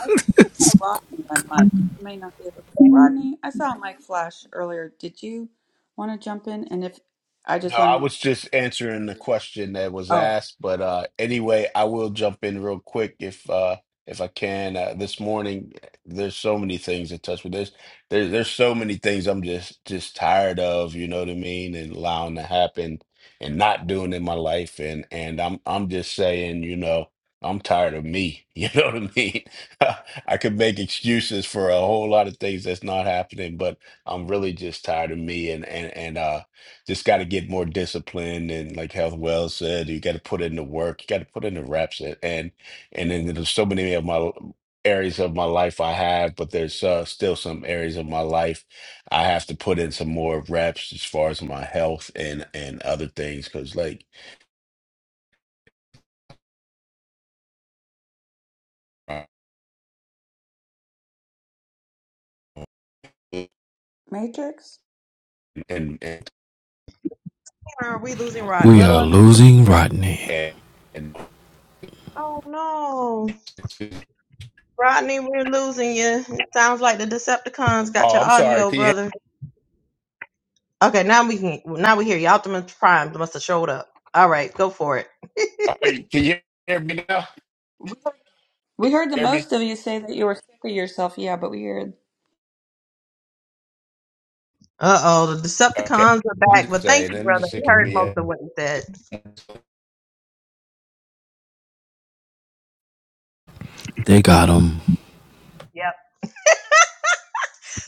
I think I saw Rodney on mic. You may not be able to. Rodney, I saw a mic flash earlier. Did you want to jump in? And if I No, just want I to make was sure. just answering the question that was Oh, asked, but uh, anyway, I will jump in real quick if uh, if I can. Uh, this morning, there's so many things that touch with this. There's there's so many things I'm just just tired of. You know what I mean? And allowing to happen and not doing in my life, and and I'm I'm just saying, you know, I'm tired of me. You know what I mean? I could make excuses for a whole lot of things that's not happening, but I'm really just tired of me, and and and uh. Just got to get more discipline, and like Health Wells said, you got to put in the work. You got to put in the reps, and and and then there's so many of my areas of my life I have, but there's uh, still some areas of my life I have to put in some more reps as far as my health and and other things, because like uh, Matrix? and and Are we losing we Rodney? Little. are and- losing Rodney. and, and Oh, no. Rodney, we're losing you. It sounds like the Decepticons got oh, your I'm sorry. audio, Can you hear, brother. Okay, now we can. Now we hear you. Optimus Prime must have showed up. All right, go for it. all right, can you hear me now? We heard the Hear me? most of you say that you were sick of yourself. Yeah, but we heard. Uh oh, the Okay. Decepticons are I'm back. just But thank saying. you, I'm brother. just We thinking heard me. most of what you said. They got him. Yep.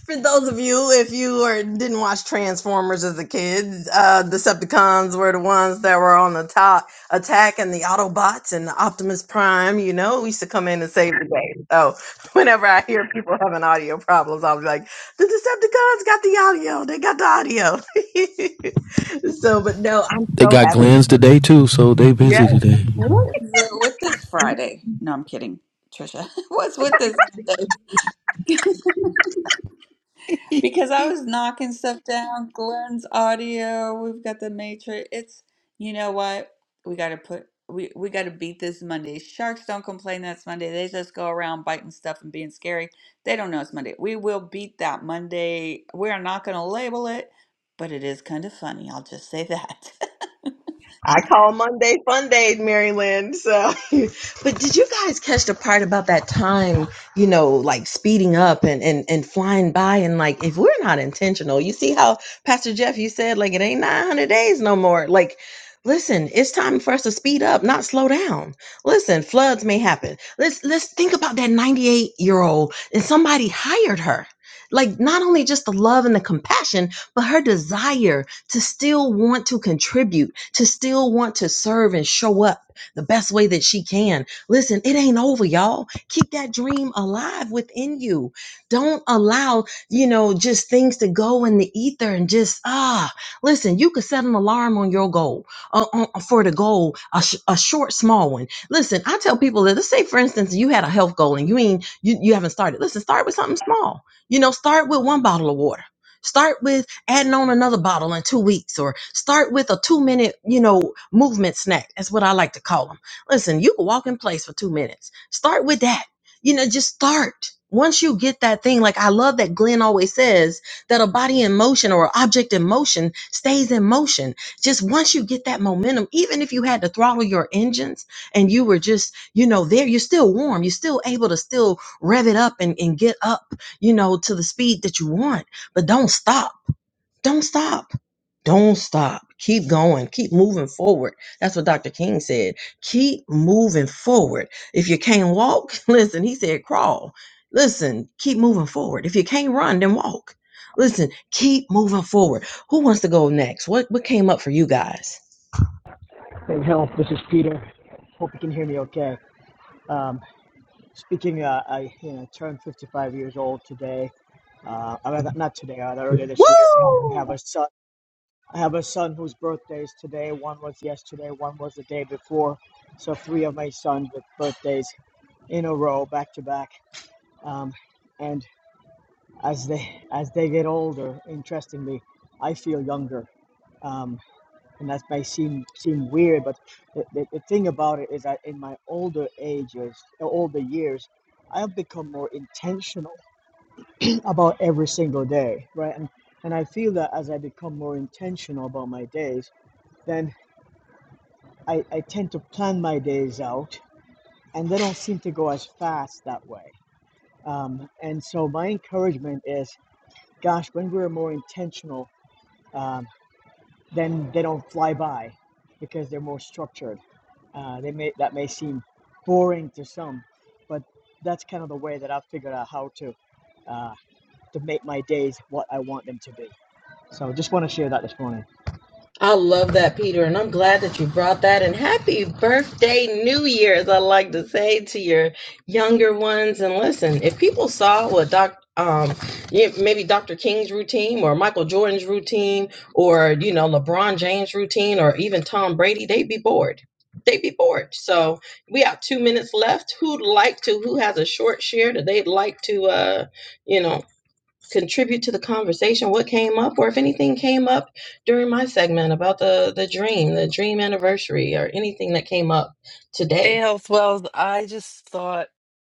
For those of you, if you were, didn't watch Transformers as a kid, uh, Decepticons were the ones that were on the top attack, and the Autobots and the Optimus Prime, you know, we used to come in and save the day. So whenever I hear people having audio problems, I'll be like, the Decepticons got the audio. They got the audio. so, but no, I'm They so got happy. Glenn's today too, so they Yeah. busy today. What is it with this Friday? No, I'm kidding, Trisha. What's with this Monday? Because I was knocking stuff down, Glenn's audio, we've got the matrix. It's, you know what? We got to put, we, we got to beat this Monday. Sharks don't complain that's Monday. They just go around biting stuff and being scary. They don't know it's Monday. We will beat that Monday. We're not going to label it, but it is kind of funny. I'll just say that. I call Monday Fun Day, Maryland. So, but did you guys catch the part about that time? You know, like speeding up and and and flying by, and like if we're not intentional, you see how Pastor Jeff you said like it ain't nine hundred days no more. Like, listen, it's time for us to speed up, not slow down. Listen, floods may happen. Let's let's think about that ninety eight year old and somebody hired her. Like not only just the love and the compassion, but her desire to still want to contribute to still want to serve and show up the best way that she can. Listen, it ain't over, y'all. Keep that dream alive within you. Don't allow, you know, just things to go in the ether and just, ah, listen, you could set an alarm on your goal uh, on- for the goal, a, sh- a short, small one. Listen, I tell people that, let's say, for instance, you had a health goal and you ain't, you, you haven't started. Listen, start with something small. You know, start with one bottle of water. Start with adding on another bottle in two weeks or start with a two minute, you know, movement snack. That's what I like to call them. Listen, you can walk in place for two minutes. Start with that. You know, just start. Once you get that thing, like I love that Glenn always says that a body in motion or object in motion stays in motion. Just once you get that momentum, even if you had to throttle your engines and you were just, you know, there, you're still warm. You're still able to still rev it up and, and get up, you know, to the speed that you want, but don't stop don't stop. Don't stop. Keep going. Keep moving forward. That's what Dr. King said. Keep moving forward. If you can't walk, listen, he said crawl. Listen, keep moving forward. If you can't run, then walk. Listen, keep moving forward. Who wants to go next? What what came up for you guys? Hey, Hill, this is Peter. Hope you can hear me okay. Um, speaking, uh, I you know, turned 55 years old today. Uh, not today, rather earlier this year. Oh, Woo! I have a son. I have a son whose birthday is today. One was yesterday. One was the day before. So three of my sons with birthdays in a row, back to back. Um, and as they as they get older, interestingly, I feel younger. Um, and that may seem seem weird, but the, the, the thing about it is that in my older ages, uh, older years, I've become more intentional about every single day, right? And and I feel that as I become more intentional about my days, then I, I tend to plan my days out, and they don't seem to go as fast that way. Um, and so my encouragement is, gosh, when we're more intentional. um, then they don't fly by because they're more structured. Uh, they may that may seem boring to some, but that's kind of the way that I've figured out how to uh, to make my days what I want them to be. So just want to share that this morning. I love that, Peter, and I'm glad that you brought that. And happy birthday, New Year's, I like to say to your younger ones. And listen, if people saw what Doc, um, yeah, maybe Dr. King's routine or Michael Jordan's routine or, you know, LeBron James' routine or even Tom Brady, they'd be bored. They'd be bored. So we have two minutes left. Who'd like to, who has a short share that they'd like to, uh, you know, contribute to the conversation what came up or if anything came up during my segment about the the dream the dream anniversary or anything that came up Hey, today Health Wells, I just thought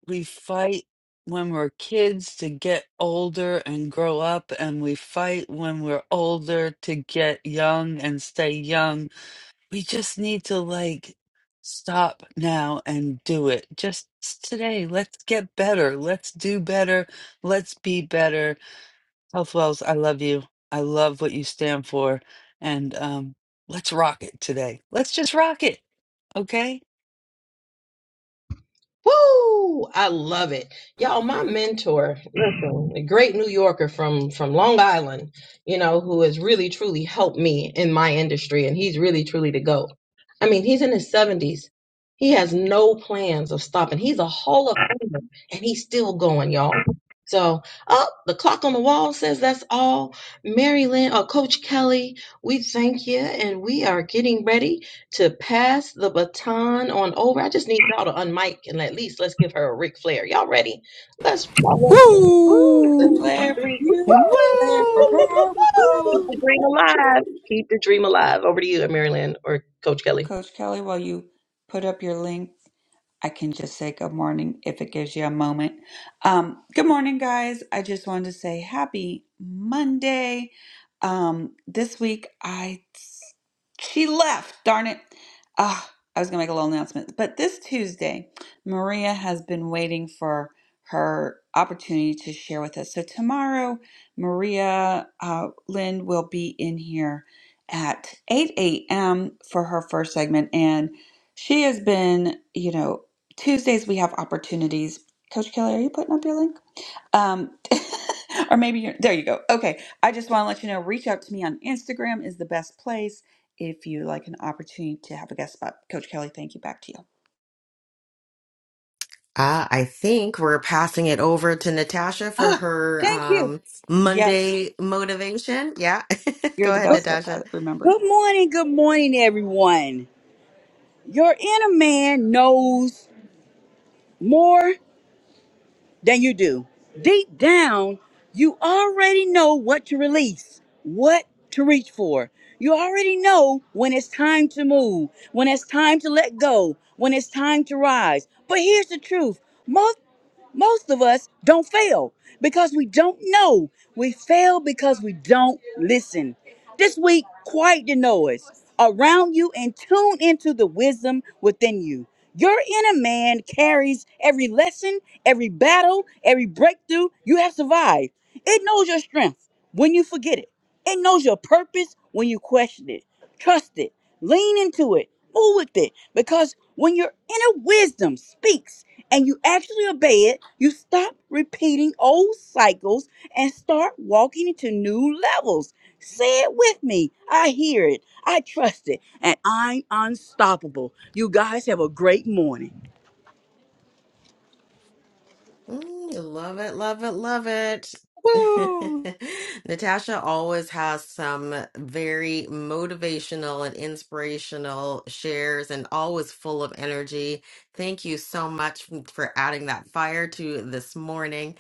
we fight when we're kids to get older and grow up, and we fight when we're older to get young and stay young. We just need to like stop now and do it. Just today, let's get better. Let's do better. Let's be better. Health Wells, I love you. I love what you stand for. And um, let's rock it today. Let's just rock it, okay? Woo! I love it. Y'all, my mentor, listen, a great New Yorker from from Long Island, you know, who has really truly helped me in my industry and he's really truly the GOAT. I mean, he's in his 70s. He has no plans of stopping. He's a Hall of Famer and he's still going, y'all. So, oh, the clock on the wall says that's all. Mary Lynn, uh, Coach Kelly, we thank you and we are getting ready to pass the baton on over. I just need y'all to unmic and at least let's give her a Ric Flair. Y'all ready? Let's one, Woo! Ric Woo! two, Flair for three. you, Ric Woo! Flair for Whoa! her. Keep Woo. Woo! the dream alive. Keep the dream alive. Over to you, Maryland or Coach Well, Kelly. Coach Kelly, while you put up your link, I can just say good morning if it gives you a moment. Um, good morning, guys. I just wanted to say happy Monday. Um, this week, I she left. Darn it. Ah, I was gonna make a little announcement, but this Tuesday, Maria has been waiting for her opportunity to share with us. So tomorrow, Maria uh, Lynn will be in here at 8 a.m. for her first segment, and she has been, you know Tuesdays we have opportunities. Coach Kelly, are you putting up your link? Um, or maybe you're there. You go. Okay. I just want to let you know. Reach out to me on Instagram is the best place if you like an opportunity to have a guest spot. Coach Kelly, thank you. Back to you. Uh, I think we're passing it over to Natasha for Ah, her thank you. um, Yes, Monday motivation. Yeah. you're Go the ahead, Good best at Natasha. that. Remember. good morning, good morning, everyone. Your inner man knows more. than you do. Deep down, you already know what to release, what to reach for. You already know when it's time to move, when it's time to let go, when it's time to rise. But here's the truth most most of us don't fail because we don't know. We fail because we don't listen. This week, quiet the noise around you and tune into the wisdom within you. Your inner man carries every lesson Every battle, every breakthrough you have survived. It knows your strength when you forget it. It knows your purpose when you question it. Trust it. Lean into it. Move with it. Because when your inner wisdom speaks and you actually obey it, you stop repeating old cycles and start walking into new levels. Say it with me. I hear it. I trust it. And I'm unstoppable. You guys have a great morning. Mm, love it, love it, love it. Woo. Natasha always has some very motivational and inspirational shares and always full of energy. Thank you so much for adding that fire to this morning.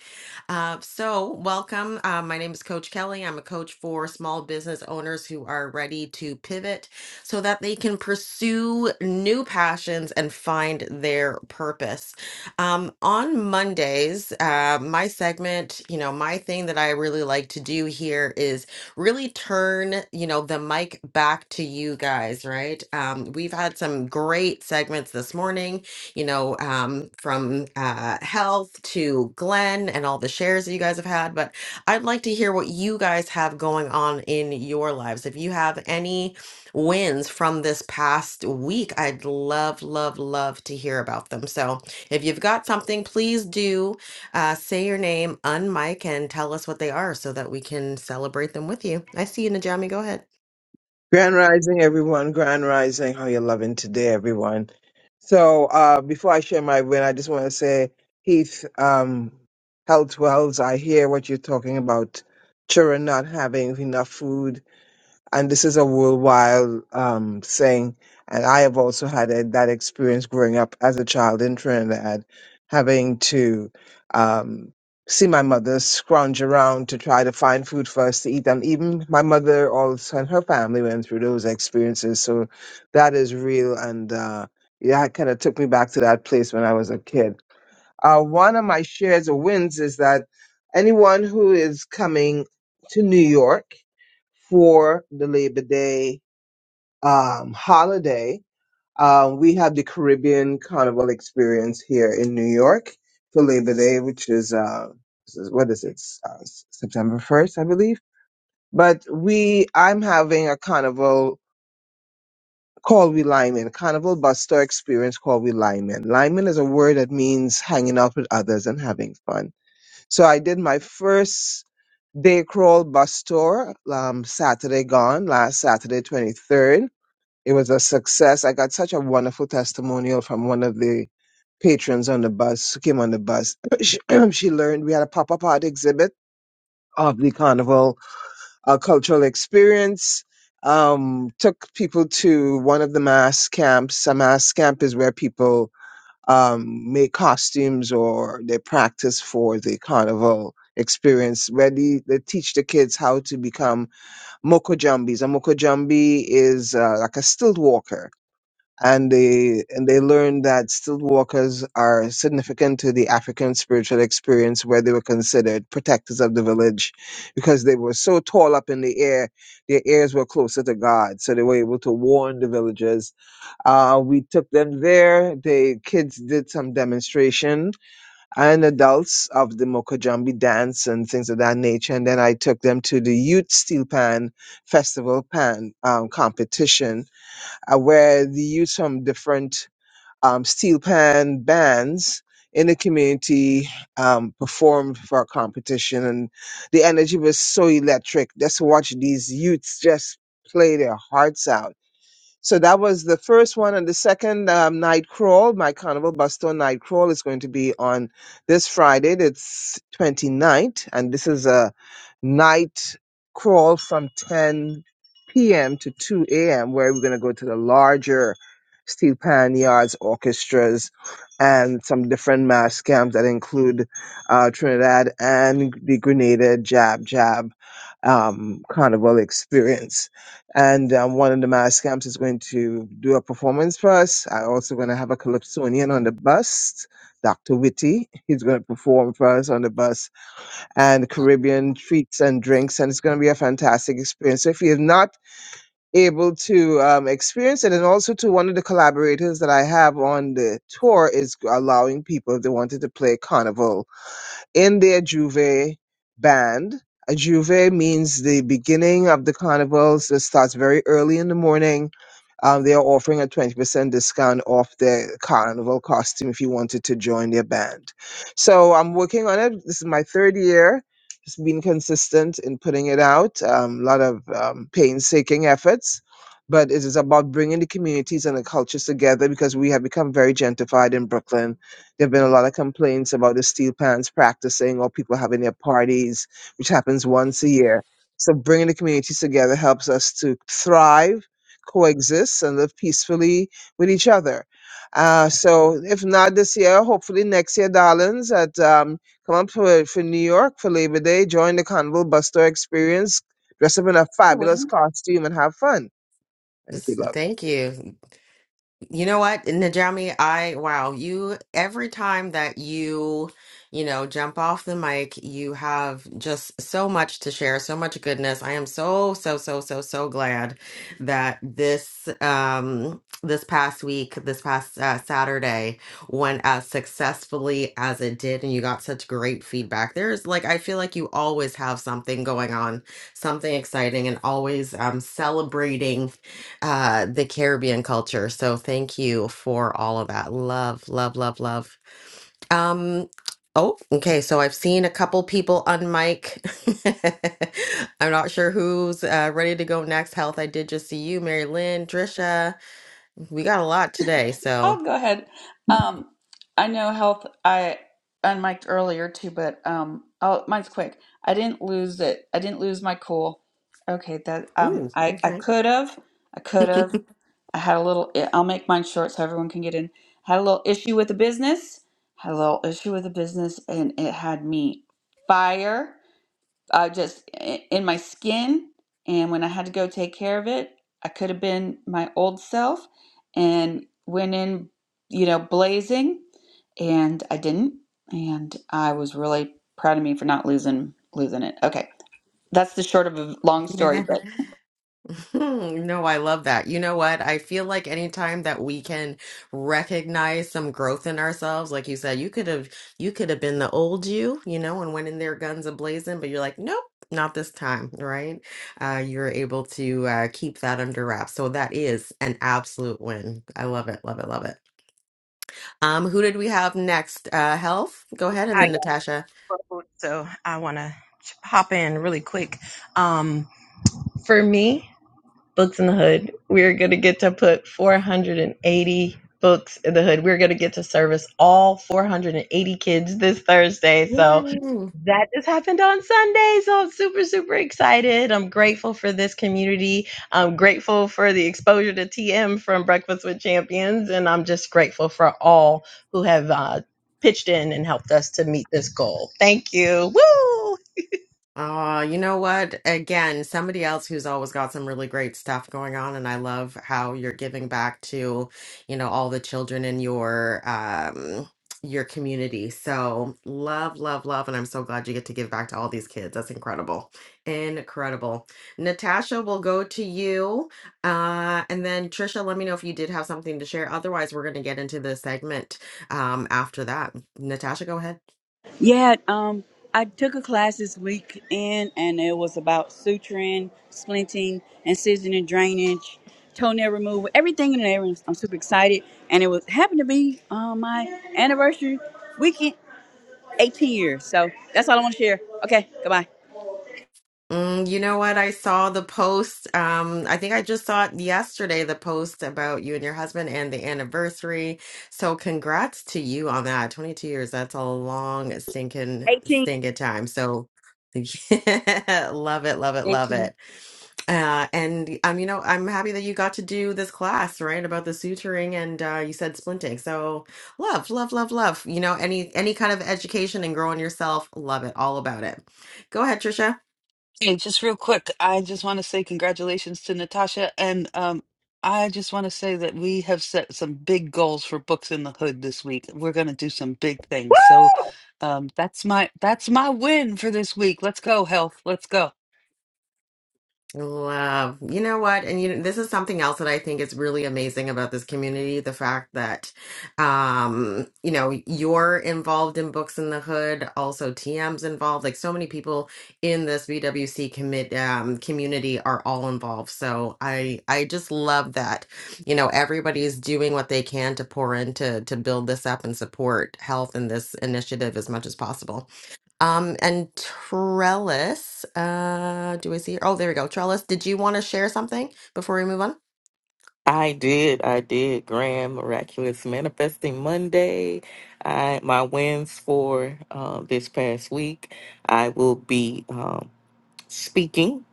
Uh, so, welcome. Uh, my name is Coach Kelly. I'm a coach for small business owners who are ready to pivot so that they can pursue new passions and find their purpose. Um, on Mondays, uh, my segment, you know, my thing that I really like to do here is really turn, you know, the mic back to you guys, right? Um, we've had some great segments this morning, you know, um, from uh, health to Glenn and all the shares that you guys have had. But I'd like to hear what you guys have going on in your lives. If you have any wins from this past week, I'd love, love, love to hear about them. So, if you've got something, please do uh, say your name, unmic, and tell us what they are so that we can celebrate them with you. I see you, Najami. Go ahead. Grand Rising, everyone. Grand Rising. How you loving today, everyone? So, uh, before I share my win, I just want to say, Heath, um, health wells, I hear what you're talking about. Children not having enough food and this is a worldwide um, thing. And I have also had a, that experience growing up as a child in Trinidad, having to um, see my mother scrounge around to try to find food for us to eat. And even my mother also and her family went through those experiences. So that is real. And uh, yeah, it kind of took me back to that place when I was a kid. Uh, one of my shares or wins is that anyone who is coming to New York, for the Labor Day um, holiday. Um, we have the Caribbean Carnival experience here in New York for Labor Day, which is, uh, this is- what is it, S- uh, S- September 1st, I believe. But we, I'm having a carnival called we Lyman, carnival buster experience called we Lyman. Lyman is a word that means hanging out with others and having fun. So I did my first day crawl bus tour um, Saturday gone, last Saturday, 23rd It was a success. I got such a wonderful testimonial from one of the patrons on the bus who came on the bus. She, she learned we had a pop-up art exhibit of the carnival uh, cultural experience. Um, took people to one of the mass camps. A mass camp is where people um, make costumes or they practice for the carnival experience where they they teach the kids how to become mokojambis. A mokojambi is uh, like a stilt walker and they and they learned that still walkers are significant to the African spiritual experience where they were considered protectors of the village because they were so tall up in the air their ears were closer to God so they were able to warn the villagers uh, we took them there the kids did some demonstration and adults of the Mokajambi dance and things of that nature and then I took them to the youth steel pan festival pan um, competition uh, where the youth from different um, steel pan bands in the community um, performed for our competition, and the energy was so electric. Just watch these youths just play their hearts out so that was the first one. And the second um, night crawl, my Carnival Busto night crawl, is going to be on this Friday, it's 29th. And this is a night crawl from 10 p.m. to 2 a.m., where we're going to go to the larger steel pan yards, orchestras, and some different mass camps that include uh, Trinidad and the Grenada Jab Jab um, Carnival experience and um, one of the Mascamps is going to do a performance for us. I also going to have a Calypsonian on the bus, Dr. Witty. He's going to perform for us on the bus, and Caribbean treats and drinks, and it's going to be a fantastic experience. So if you're not able to um, experience it, and also to one of the collaborators that I have on the tour is allowing people if they wanted to play carnival in their Juve band. A Juve means the beginning of the carnivals. It starts very early in the morning. Um, they are offering a 20% discount off their carnival costume if you wanted to join their band. So I'm working on it. This is my third year. It's been consistent in putting it out. Um, a lot of um, painstaking efforts. But it is about bringing the communities and the cultures together because we have become very gentrified in Brooklyn there have been a lot of complaints about the steel pans practicing or people having their parties, which happens once a year. So bringing the communities together helps us to thrive, coexist, and live peacefully with each other. Uh, so if not this year, hopefully next year, darlings, at um, come up for, for New York for Labor Day, join the Carnival Buster experience, dress up in a fabulous costume, and have fun. Thank This you, is- love. thank you. You know what, Najami, I wow, you every time that you, you know, jump off the mic, you have just so much to share, so much goodness. I am so so so so so glad that this um this past week, this past uh, Saturday went as successfully as it did and you got such great feedback. There's like I feel like you always have something going on, something exciting and always um celebrating uh, the Caribbean culture. So thank you for all of that. Love, love, love, love. Um, oh, okay. So I've seen a couple people on mic. I'm not sure who's uh, ready to go next. Health, I did just see you, Mary Lynn, Trisha. We got a lot today. So, I'll go ahead. Um, I know health. I unmiked earlier too, but um, oh, mine's quick. I didn't lose it. I didn't lose my cool. Okay, that um, ooh, I I okay. could have. I could have. I had a little. I'll make mine short so everyone can get in. Had a little issue with the business. Had a little issue with the business, and it had me fire. I just i- in my skin, and when I had to go take care of it, I could have been my old self and went in, you know, blazing, and I didn't, and I was really proud of me for not losing losing it. Okay, that's the short of a long story, but Hmm, No, I love that. You know what? I feel like anytime that we can recognize some growth in ourselves, like you said, you could have you could have been the old you, you know, and went in there guns a blazing, but you're like, nope, not this time, right? Uh, you're able to uh, keep that under wraps. So that is an absolute win. I love it, love it, love it. Um, who did we have next? Uh, health. Go ahead, and I then Natasha. got purple, so I want to hop in really quick. Um, for me. books in the hood. We're going to get to put 480 books in the hood. We're going to get to service all 480 kids this Thursday. So Yeah. that just happened on Sunday. So I'm super, super excited. I'm grateful for this community. I'm grateful for the exposure to TM from Breakfast with Champions. And I'm just grateful for all who have uh, pitched in and helped us to meet this goal. Thank you. Woo! Uh, you know what? Again, somebody else who's always got some really great stuff going on, and I love how you're giving back to, you know, all the children in your um your community. So love, love, love, and I'm so glad you get to give back to all these kids. That's incredible. Incredible. Natasha, we'll go to you. Uh, and then Trisha, let me know if you did have something to share. Otherwise, we're gonna get into the segment um after that. Natasha, go ahead. Yeah, um, I took a class this weekend, and it was about suturing, splinting, incision and drainage, toenail removal, everything in there. I'm super excited, and it was happened to be uh, my anniversary weekend, 18 years. So that's all I want to share. Okay, goodbye. Mm, you know what? I saw the post. Um, I think I just saw it yesterday, the post about you and your husband and the anniversary. So congrats to you on that. 22 years, that's a long stinking 18. stinking time. So yeah, love it, love it, love 18. it. Uh, and um, you know, I'm happy that you got to do this class, right? About the suturing and uh, you said splinting. So love, love, love, love. You know, any any kind of education and growing yourself, love it, all about it. Go ahead, Trisha. Hey, just real quick, I just want to say congratulations to Natasha, and um, I just want to say that we have set some big goals for Books in the Hood this week. We're going to do some big things, so um, that's my that's my win for this week. Let's go, health. Let's go. Love. You know what? And you know, this is something else that I think is really amazing about this community, the fact that um, you know, you're involved in Books in the Hood, also TM's involved. Like so many people in this BWC commit um community are all involved. So I I just love that, you know, everybody's doing what they can to pour into to build this up and support health in this initiative as much as possible. Um, and Trellis, uh, do I see? Oh, there we go. Trellis, did you want to share something before we move on? I did. I did. Grand Miraculous Manifesting Monday. I my wins for uh, this past week. I will be um, speaking.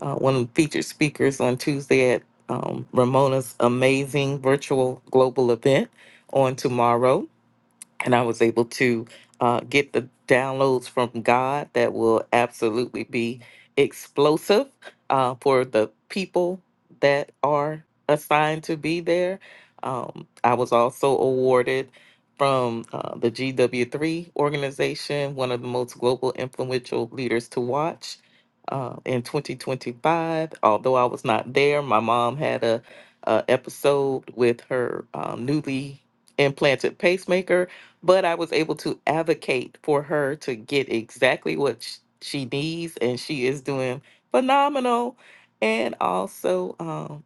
Uh, one of the featured speakers on Tuesday at um, Ramona's amazing virtual global event on tomorrow and I was able to uh, get the downloads from God that will absolutely be explosive uh, for the people that are assigned to be there. Um, I was also awarded from uh, the GW3 organization, one of the most global influential leaders to watch. Uh, in 2025, although I was not there, my mom had a, a episode with her um, newly implanted pacemaker but I was able to advocate for her to get exactly what sh- she needs, and she is doing phenomenal. And also, um,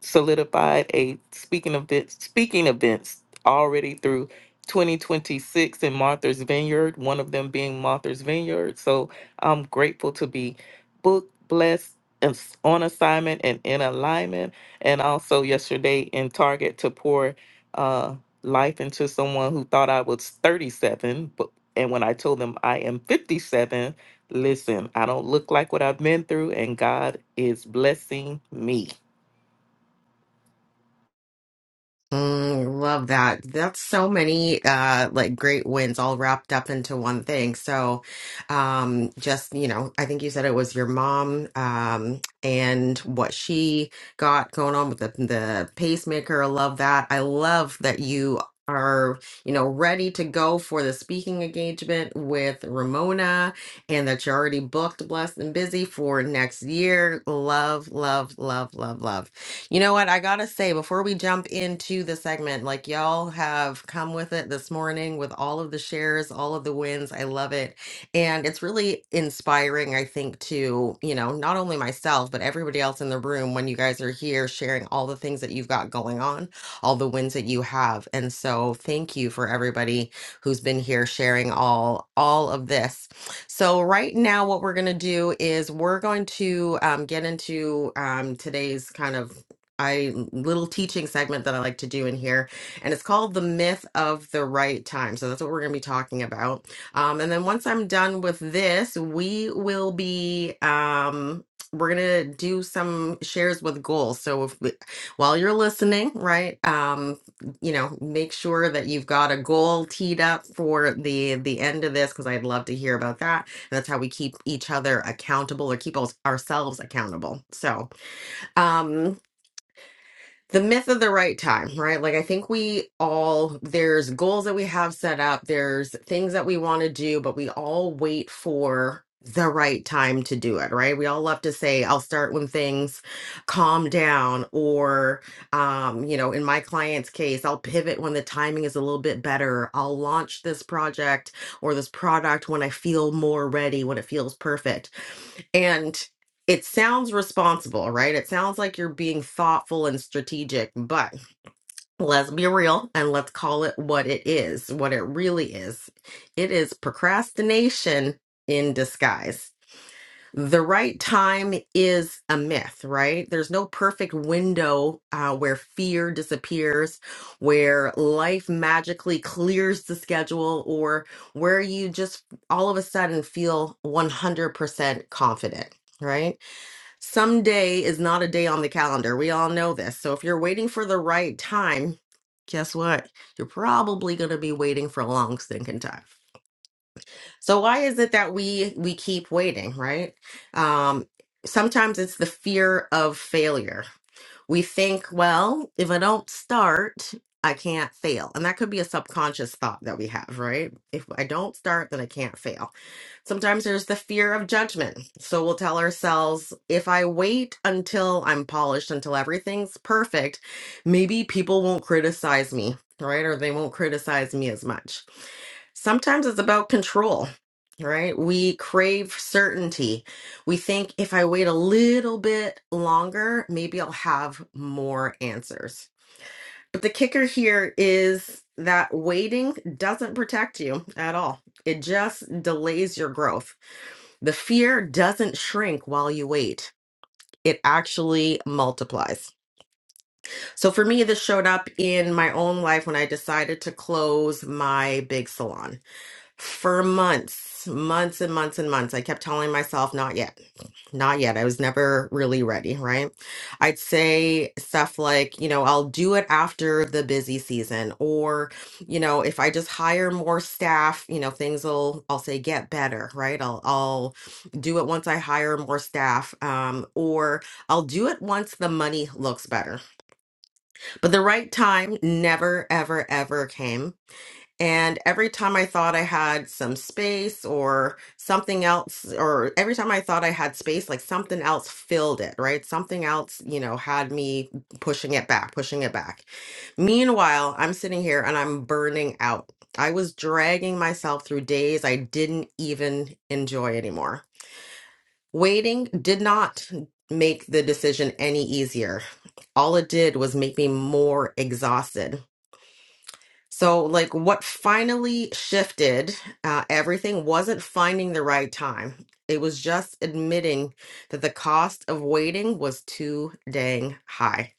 solidified a speaking event speaking events already through 2026 in Martha's Vineyard, one of them being Martha's Vineyard. So I'm grateful to be booked, blessed, and s- on assignment and in alignment. And also yesterday in Target to pour uh, life into someone who thought I was 37, but and when I told them I am 57, listen, I don't look like what I've been through, and God is blessing me. Mm, love that. That's so many uh like great wins all wrapped up into one thing. So um just, you know, I think you said it was your mom um and what she got going on with the the pacemaker. I love that. I love that you are, you know, ready to go for the speaking engagement with Ramona and that you're already booked, blessed and busy for next year. Love, love, love, love, love. You know what? I gotta say, before we jump into the segment, like y'all have come with it this morning with all of the shares, all of the wins. I love it. And it's really inspiring, I think, to, you know, not only myself, but everybody else in the room when you guys are here sharing all the things that you've got going on, all the wins that you have. And so thank you for everybody who's been here sharing all all of this. So right now, what we're going to do is we're going to um, get into um, today's kind of I little teaching segment that I like to do in here, and it's called the myth of the right time. So that's what we're going to be talking about. Um, and then once I'm done with this, we will be um, we're gonna do some shares with goals. So if we, while you're listening, right, um, you know, make sure that you've got a goal teed up for the the end of this because I'd love to hear about that. And that's how we keep each other accountable or keep us- ourselves accountable. So. Um, the myth of the right time, right? Like I think we all there's goals that we have set up, there's things that we want to do, but we all wait for the right time to do it, right? We all love to say I'll start when things calm down or um you know, in my client's case, I'll pivot when the timing is a little bit better. I'll launch this project or this product when I feel more ready, when it feels perfect it sounds responsible, right? It sounds like you're being thoughtful and strategic, but let's be real and let's call it what it is, what it really is. It is procrastination in disguise. The right time is a myth, right? There's no perfect window uh, where fear disappears, where life magically clears the schedule, or where you just all of a sudden feel 100% confident, right? Someday is not a day on the calendar. We all know this. So if you're waiting for the right time, guess what? You're probably going to be waiting for a long stinking time. So why is it that we we keep waiting, right? Um sometimes it's the fear of failure. We think, well, if I don't start, I can't fail. And that could be a subconscious thought that we have, right? If I don't start, then I can't fail Sometimes there's the fear of judgment. So we'll tell ourselves if I wait until I'm polished, until everything's perfect, maybe people won't criticize me, right? Or they won't criticize me as much. Sometimes it's about control, right? We crave certainty. We think if I wait a little bit longer, maybe I'll have more answers. But the kicker here is that waiting doesn't protect you at all, it just delays your growth. The fear doesn't shrink while you wait. It actually multiplies. So for me, this showed up in my own life when I decided to close my big salon for months, months and months and months. I kept telling myself, not yet, not yet. I was never really ready, right? I'd say stuff like, you know, I'll do it after the busy season, or, you know, if I just hire more staff, you know, things will, I'll say, get better, right? I'll, I'll do it once I hire more staff, um, or I'll do it once the money looks better. But the right time never, ever, ever came and every time I thought I had some space or something else, or every time I thought I had space, like something else filled it, right? Something else, you know, had me pushing it back, pushing it back. Meanwhile, I'm sitting here and I'm burning out. I was dragging myself through days I didn't even enjoy anymore. Waiting did not make the decision any easier. All it did was make me more exhausted. So, like, what finally shifted uh, everything wasn't finding the right time. It was just admitting that the cost of waiting was too dang high.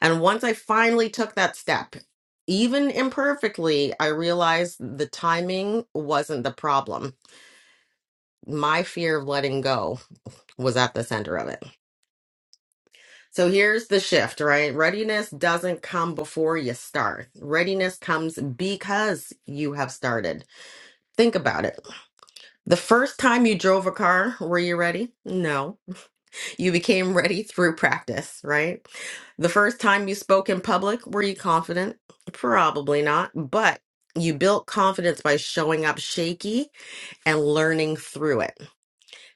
And once I finally took that step, even imperfectly, I realized the timing wasn't the problem. My fear of letting go was at the center of it. So here's the shift, right? Readiness doesn't come before you start. Readiness comes because you have started. Think about it. The first time you drove a car, were you ready? No. You became ready through practice, right? The first time you spoke in public, were you confident? Probably not, but you built confidence by showing up shaky and learning through it.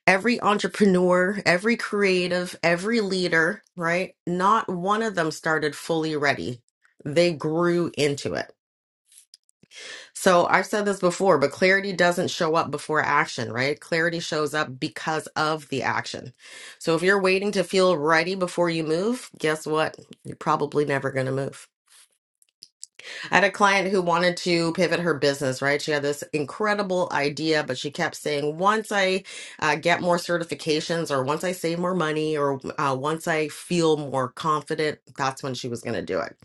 Every entrepreneur, every creative, every leader, right? Not one of them started fully ready. They grew into it. So I've said this before, but clarity doesn't show up before action, right? Clarity shows up because of the action. So if you're waiting to feel ready before you move, guess what? You're probably never going to move. I had a client who wanted to pivot her business, right? She had this incredible idea, but she kept saying, once I uh, get more certifications, or once I save more money, or uh, once I feel more confident, that's when she was going to do it.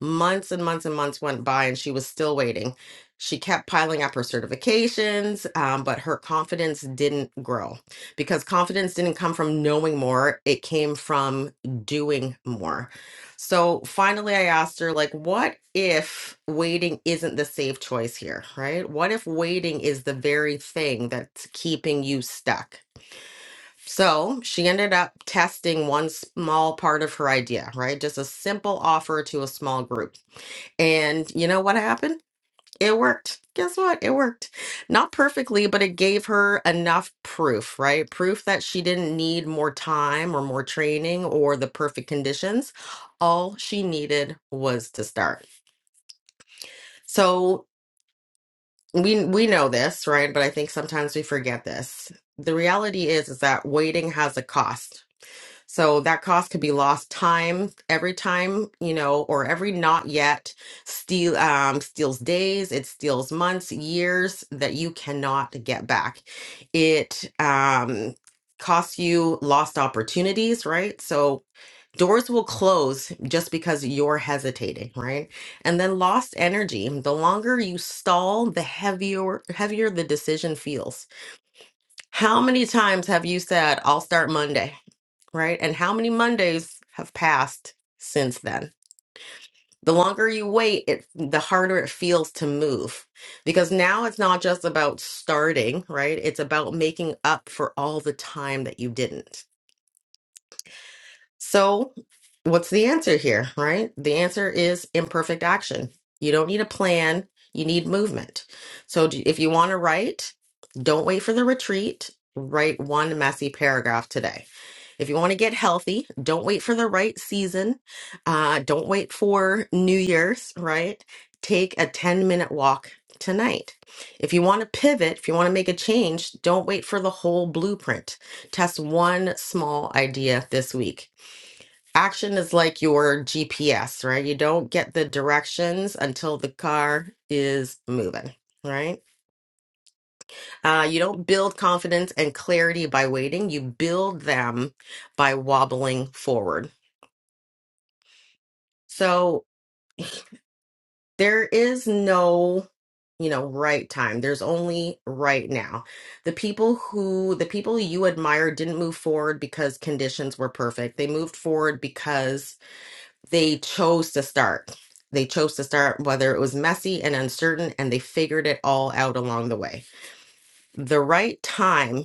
Months and months and months went by, and she was still waiting. She kept piling up her certifications, um, but her confidence didn't grow because confidence didn't come from knowing more. It came from doing more so finally, I asked her, like, what if waiting isn't the safe choice here, right? What if waiting is the very thing that's keeping you stuck? So she ended up testing one small part of her idea, right? Just a simple offer to a small group. And you know what happened? It worked. Guess what? It worked. Not perfectly, but it gave her enough proof, right? Proof that she didn't need more time or more training or the perfect conditions. All she needed was to start. So we we know this, right? But I think sometimes we forget this. The reality is is that waiting has a cost so that cost could be lost time every time, you know, or every not yet steal um, steals days, it steals months, years that you cannot get back. It um, costs you lost opportunities, right? So doors will close just because you're hesitating, right? And then lost energy. The longer you stall, the heavier heavier the decision feels. How many times have you said, "I'll start Monday"? right? And how many Mondays have passed since then? The longer you wait, it the harder it feels to move because now it's not just about starting, right? It's about making up for all the time that you didn't. So, what's the answer here, right? The answer is imperfect action. You don't need a plan, you need movement. So, do- if you want to write, don't wait for the retreat. Write one messy paragraph today. If you want to get healthy, don't wait for the right season. Uh, don't wait for New Year's, right? Take a 10 minute walk tonight. If you want to pivot, if you want to make a change, don't wait for the whole blueprint. Test one small idea this week Action is like your GPS, right? You don't get the directions until the car is moving, right? Uh, you don't build confidence and clarity by waiting, you build them by wobbling forward. So there is no you know right time there's only right now the people who the people you admire didn't move forward because conditions were perfect they moved forward because they chose to start. They chose to start whether it was messy and uncertain, and they figured it all out along the way. The right time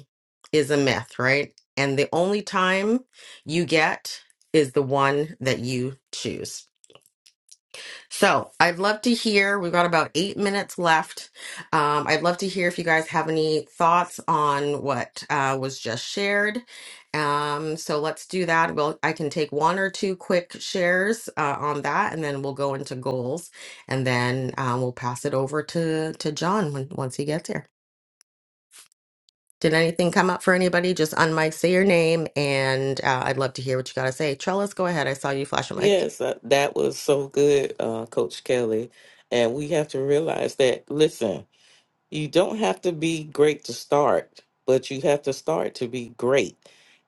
is a myth, right? And the only time you get is the one that you choose. So I'd love to hear. We've got about eight minutes left. Um, I'd love to hear if you guys have any thoughts on what uh, was just shared. Um, so let's do that. We'll I can take one or two quick shares uh, on that, and then we'll go into goals, and then um, we'll pass it over to to John when, once he gets here. Did anything come up for anybody? Just unmic, say your name, and uh, I'd love to hear what you got to say. Trellis, go ahead. I saw you flash a mic. Yes, uh, that was so good, uh, Coach Kelly. And we have to realize that, listen, you don't have to be great to start, but you have to start to be great.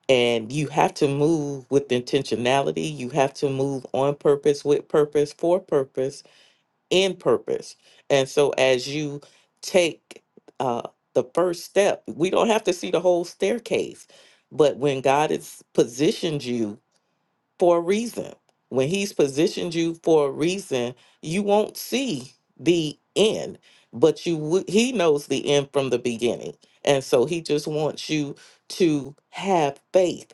And you have to move with intentionality. You have to move on purpose, with purpose, for purpose, in purpose. And so as you take uh, the first step, we don't have to see the whole staircase, but when God has positioned you, for a reason. When he's positioned you for a reason, you won't see the end, but you w- he knows the end from the beginning. And so he just wants you to have faith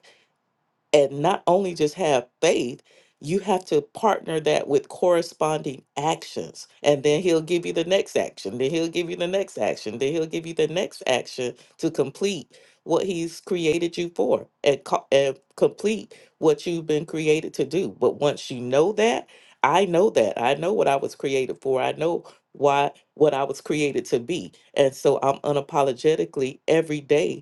and not only just have faith you have to partner that with corresponding actions and then he'll give you the next action then he'll give you the next action then he'll give you the next action to complete what he's created you for and, co- and complete what you've been created to do but once you know that i know that i know what i was created for i know why what i was created to be and so i'm unapologetically every day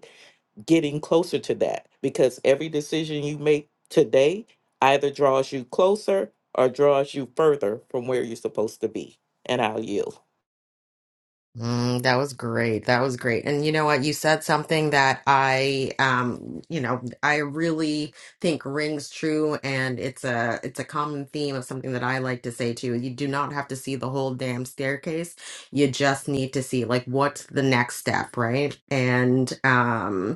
getting closer to that because every decision you make today either draws you closer or draws you further from where you're supposed to be. And I'll yield. Mm, that was great. That was great. And you know what? You said something that I, um, you know, I really think rings true, and it's a it's a common theme of something that I like to say too. You do not have to see the whole damn staircase. You just need to see like what's the next step, right? And um,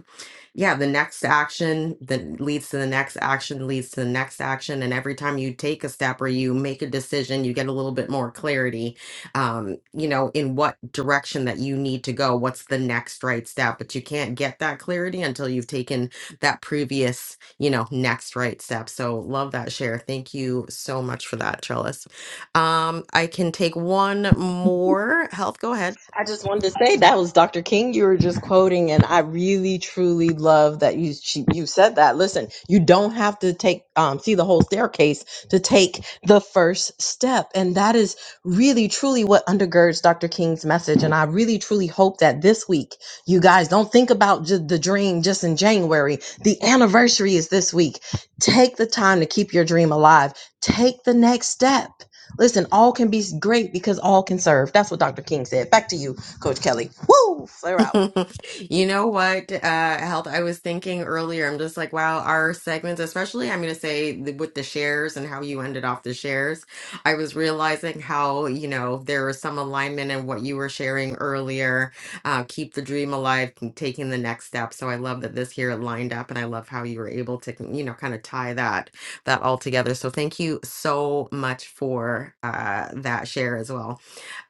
yeah, the next action that leads to the next action leads to the next action. And every time you take a step or you make a decision, you get a little bit more clarity, um, you know, in what direction that you need to go, what's the next right step. But you can't get that clarity until you've taken that previous, you know, next right step. So love that share. Thank you so much for that, Trellis. Um, I can take one more. Health, go ahead. I just wanted to say that was Dr. King you were just quoting, and I really truly love that you she, you said that. Listen, you don't have to take um, see the whole staircase to take the first step, and that is really truly what undergirds Dr. King's message. And I really truly hope that this week you guys don't think about ju- the dream just in January. The anniversary is this week. Take the time to keep your dream alive. Take the next step. Listen, all can be great because all can serve. That's what Dr. King said. Back to you, Coach Kelly. Woo! Flare out. You know what, uh, Health, I was thinking earlier, I'm just like, wow, our segments, especially I'm going to say the, with the shares and how you ended off the shares, I was realizing how, you know, there was some alignment in what you were sharing earlier. Uh, keep the dream alive, keep taking the next step. So I love that this here lined up and I love how you were able to, you know, kind of tie that that all together. So thank you so much for uh, that share as well.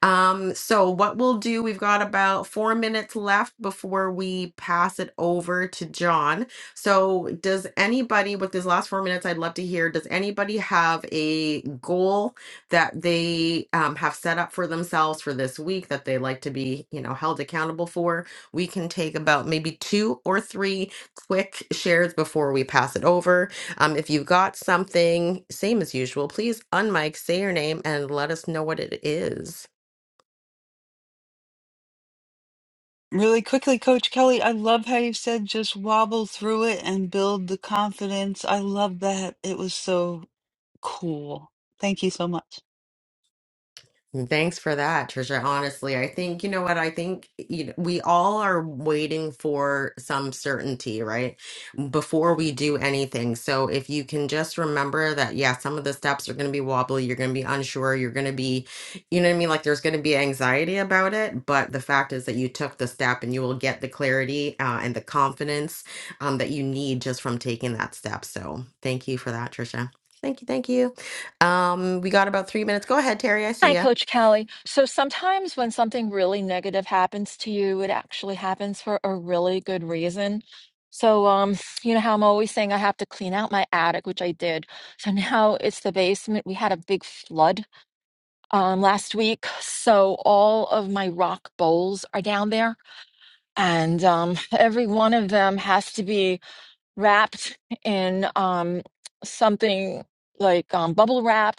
Um, so what we'll do, we've got about four minutes left before we pass it over to John. So does anybody with these last four minutes, I'd love to hear, does anybody have a goal that they um, have set up for themselves for this week that they like to be, you know, held accountable for? We can take about maybe two or three quick shares before we pass it over. Um, if you've got something, same as usual, please unmic, say your name and let us know what it is. Really quickly, Coach Kelly, I love how you said just wobble through it and build the confidence. I love that. It was so cool. Thank you so much. Mm, Thanks for that, Trisha. Honestly, I think, you know what? I think you know, we all are waiting for some certainty, right? Before we do anything. So if you can just remember that, yeah, some of the steps are going to be wobbly. You're going to be unsure. You're going to be, you know what I mean? Like there's going to be anxiety about it. But the fact is that you took the step and you will get the clarity uh, and the confidence um, that you need just from taking that step. So thank you for that, Trisha. Thank you. Thank you. Um, we got about three minutes. Go ahead, Terry. I see Hi, you. Coach Kelly. So sometimes when something really negative happens to you, it actually happens for a really good reason. So, um, you know how I'm always saying I have to clean out my attic, which I did. So now it's the basement. We had a big flood um, last week, so all of my rock bowls are down there, and um, every one of them has to be wrapped in um, something like um, bubble wrap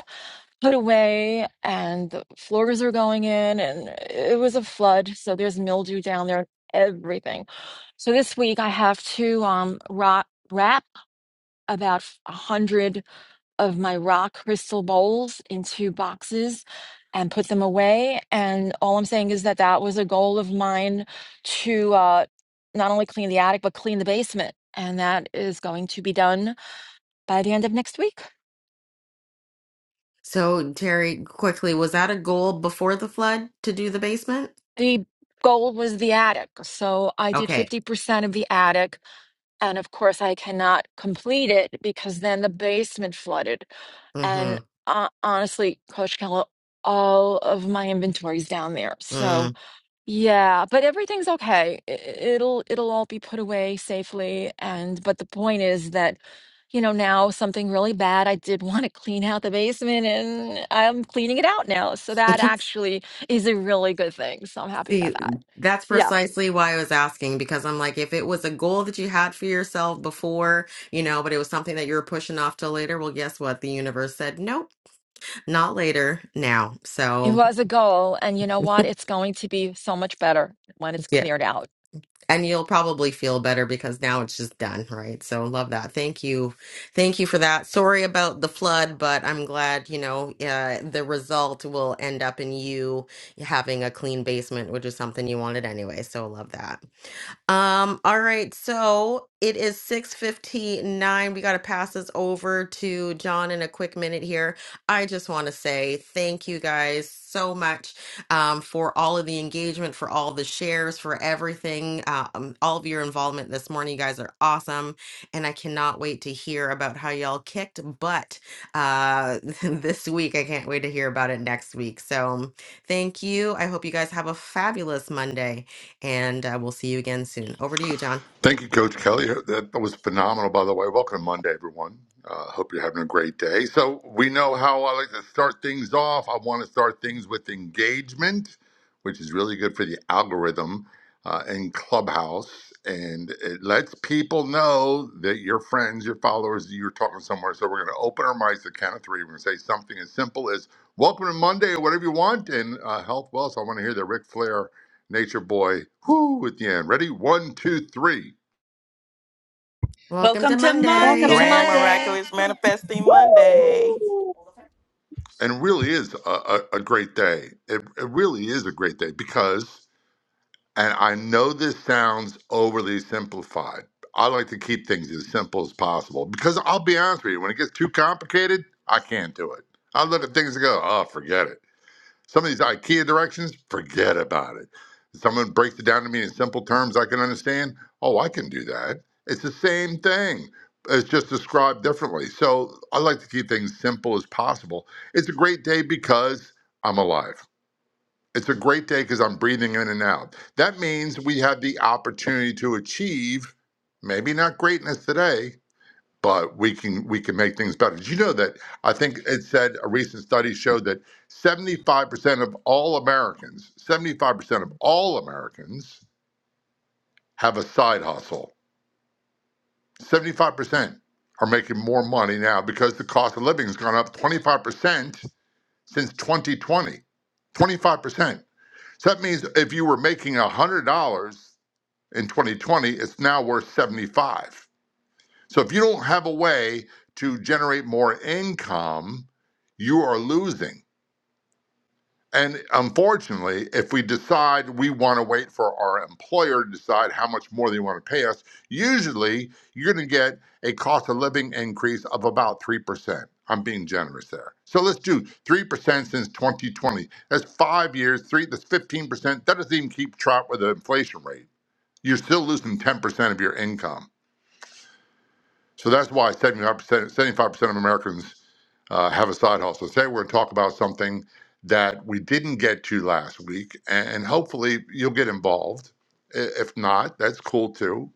put away and the floors are going in and it was a flood so there's mildew down there everything so this week i have to um rock, wrap about a hundred of my rock crystal bowls into boxes and put them away and all i'm saying is that that was a goal of mine to uh not only clean the attic but clean the basement and that is going to be done by the end of next week So, Terry, quickly, was that a goal before the flood to do the basement? the goal was the attic. So I did Okay. 50% of the attic. And of course, I cannot complete it because then the basement flooded. hmm And uh, honestly, Coach Keller, all of my inventory's down there. So Mm. yeah, but everything's okay. I- It'll it'll all be put away safely and but the point is that you know now something really bad I did want to clean out the basement and I'm cleaning it out now. So that actually is a really good thing. So I'm happy about See, that. that's Yeah. precisely why I was asking because I'm like, if it was a goal that you had for yourself before, you know, but it was something that you were pushing off till later, well, guess what? The universe said, nope, not later, now. It So, was a goal and you know what? It's going to be so much better when it's yeah. cleared out. and you'll probably feel better because now it's just done, right? So love that. Thank you. Thank you for that. Sorry about the flood, but I'm glad, you know, uh, the result will end up in you having a clean basement, which is something you wanted anyway. So love that. Um, all right, so it is 6:59. We got to pass this over to John in a quick minute here. I just want to say thank you guys so much um, for all of the engagement, for all the shares, for everything, uh, um, all of your involvement this morning. You guys are awesome, and I cannot wait to hear about how y'all kicked butt uh, this week. I can't wait to hear about it next week. So, thank you. I hope you guys have a fabulous Monday and uh, we'll see you again soon. Over to you, John. Thank you, Coach Kelly. That was phenomenal, by the way. Welcome to Monday, everyone. Uh, hope you're having a great day. So, we know how I like to start things off. I want to start things with engagement, which is really good for the algorithm uh, in Clubhouse. And it lets people know that your friends, your followers, you're talking somewhere. So, we're going to open our mics at count of three. We're going to say something as simple as welcome to Monday or whatever you want. And uh, health, wealth. I want to hear the Ric Flair, Nature Boy, whoo, at the end. Ready? One, two, three. Welcome Welcome to to Welcome Monday. to Grand Monday. Miraculous Monday. Manifesting Monday. Woo! and it really is a, a, a great day. It, it really is a great day because, and I know this sounds overly simplified. I like to keep things as simple as possible because I'll be honest with you, when it gets too complicated, I can't do it. I look at things and go, oh, forget it. Some of these IKEA directions, forget about it. Someone breaks it down to me in simple terms I can understand. Oh, I can do that. It's the same thing. It's just described differently. So I like to keep things simple as possible. It's a great day because I'm alive. It's a great day because I'm breathing in and out. That means we have the opportunity to achieve maybe not greatness today, but we can we can make things better. Did you know that I think it said a recent study showed that 75% of all Americans, 75% of all Americans have a side hustle. 75% are making more money now because the cost of living has gone up 25% since 2020. 25%. So that means if you were making $100 in 2020, it's now worth 75. So if you don't have a way to generate more income, you are losing. And unfortunately, if we decide we want to wait for our employer to decide how much more they want to pay us, usually you're going to get a cost of living increase of about 3%. I'm being generous there. So let's do 3% since 2020. That's five years, three, that's 15%. That doesn't even keep track with the inflation rate. You're still losing 10% of your income. So that's why 75%, 75% of Americans uh, have a side hustle. Today, we're going to talk about something that we didn't get to last week, and, and hopefully you'll get involved. I- If not, that's cool too.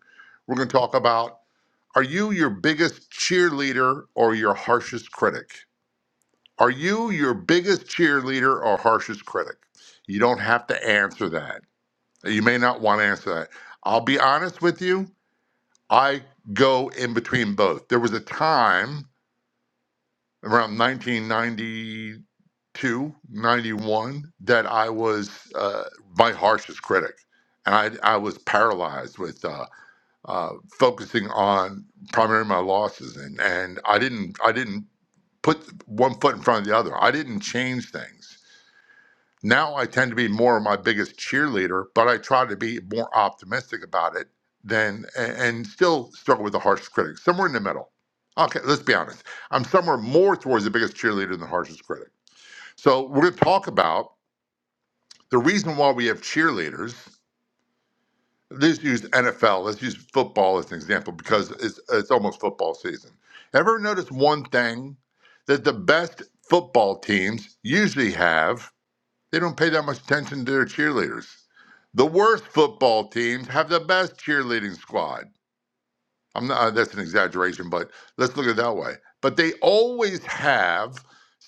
We're going to talk about are you your biggest cheerleader or your harshest critic? Are you your biggest cheerleader or harshest critic? You don't have to answer that. You may not want to answer that. I'll be honest with you. I go in between both. There was a time around nineteen ninety two, ninety one, that I was uh, my harshest critic. And I, I was paralyzed with uh, uh, focusing on primarily my losses. And, and I didn't I didn't put one foot in front of the other. I didn't change things. Now I tend to be more of my biggest cheerleader, but I try to be more optimistic about it than and and still struggle with the harsh critic. Somewhere in the middle. Okay, let's be honest. I'm somewhere more towards the biggest cheerleader than the harshest critic. So we're going to talk about the reason why we have cheerleaders. Let's use NFL. Let's use football as an example because it's it's almost football season. Ever notice one thing that the best football teams usually have? They don't pay that much attention to their cheerleaders. The worst football teams have the best cheerleading squad. I'm not, uh, that's an exaggeration, but let's look at it that way. But they always have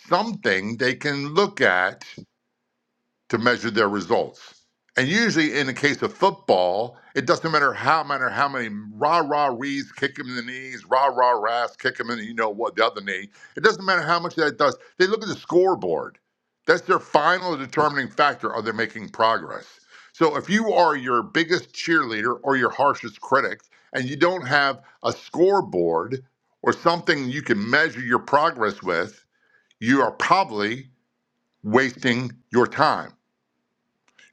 something they can look at to measure their results. And usually, in the case of football, it doesn't matter how matter how many rah rah rees kick him in the knees, rah rah rahs kick him in the, you know what the other knee. It doesn't matter how much that does. They look at the scoreboard. That's their final determining factor. Are they making progress? So if you are your biggest cheerleader or your harshest critic, and you don't have a scoreboard or something you can measure your progress with, you are probably wasting your time.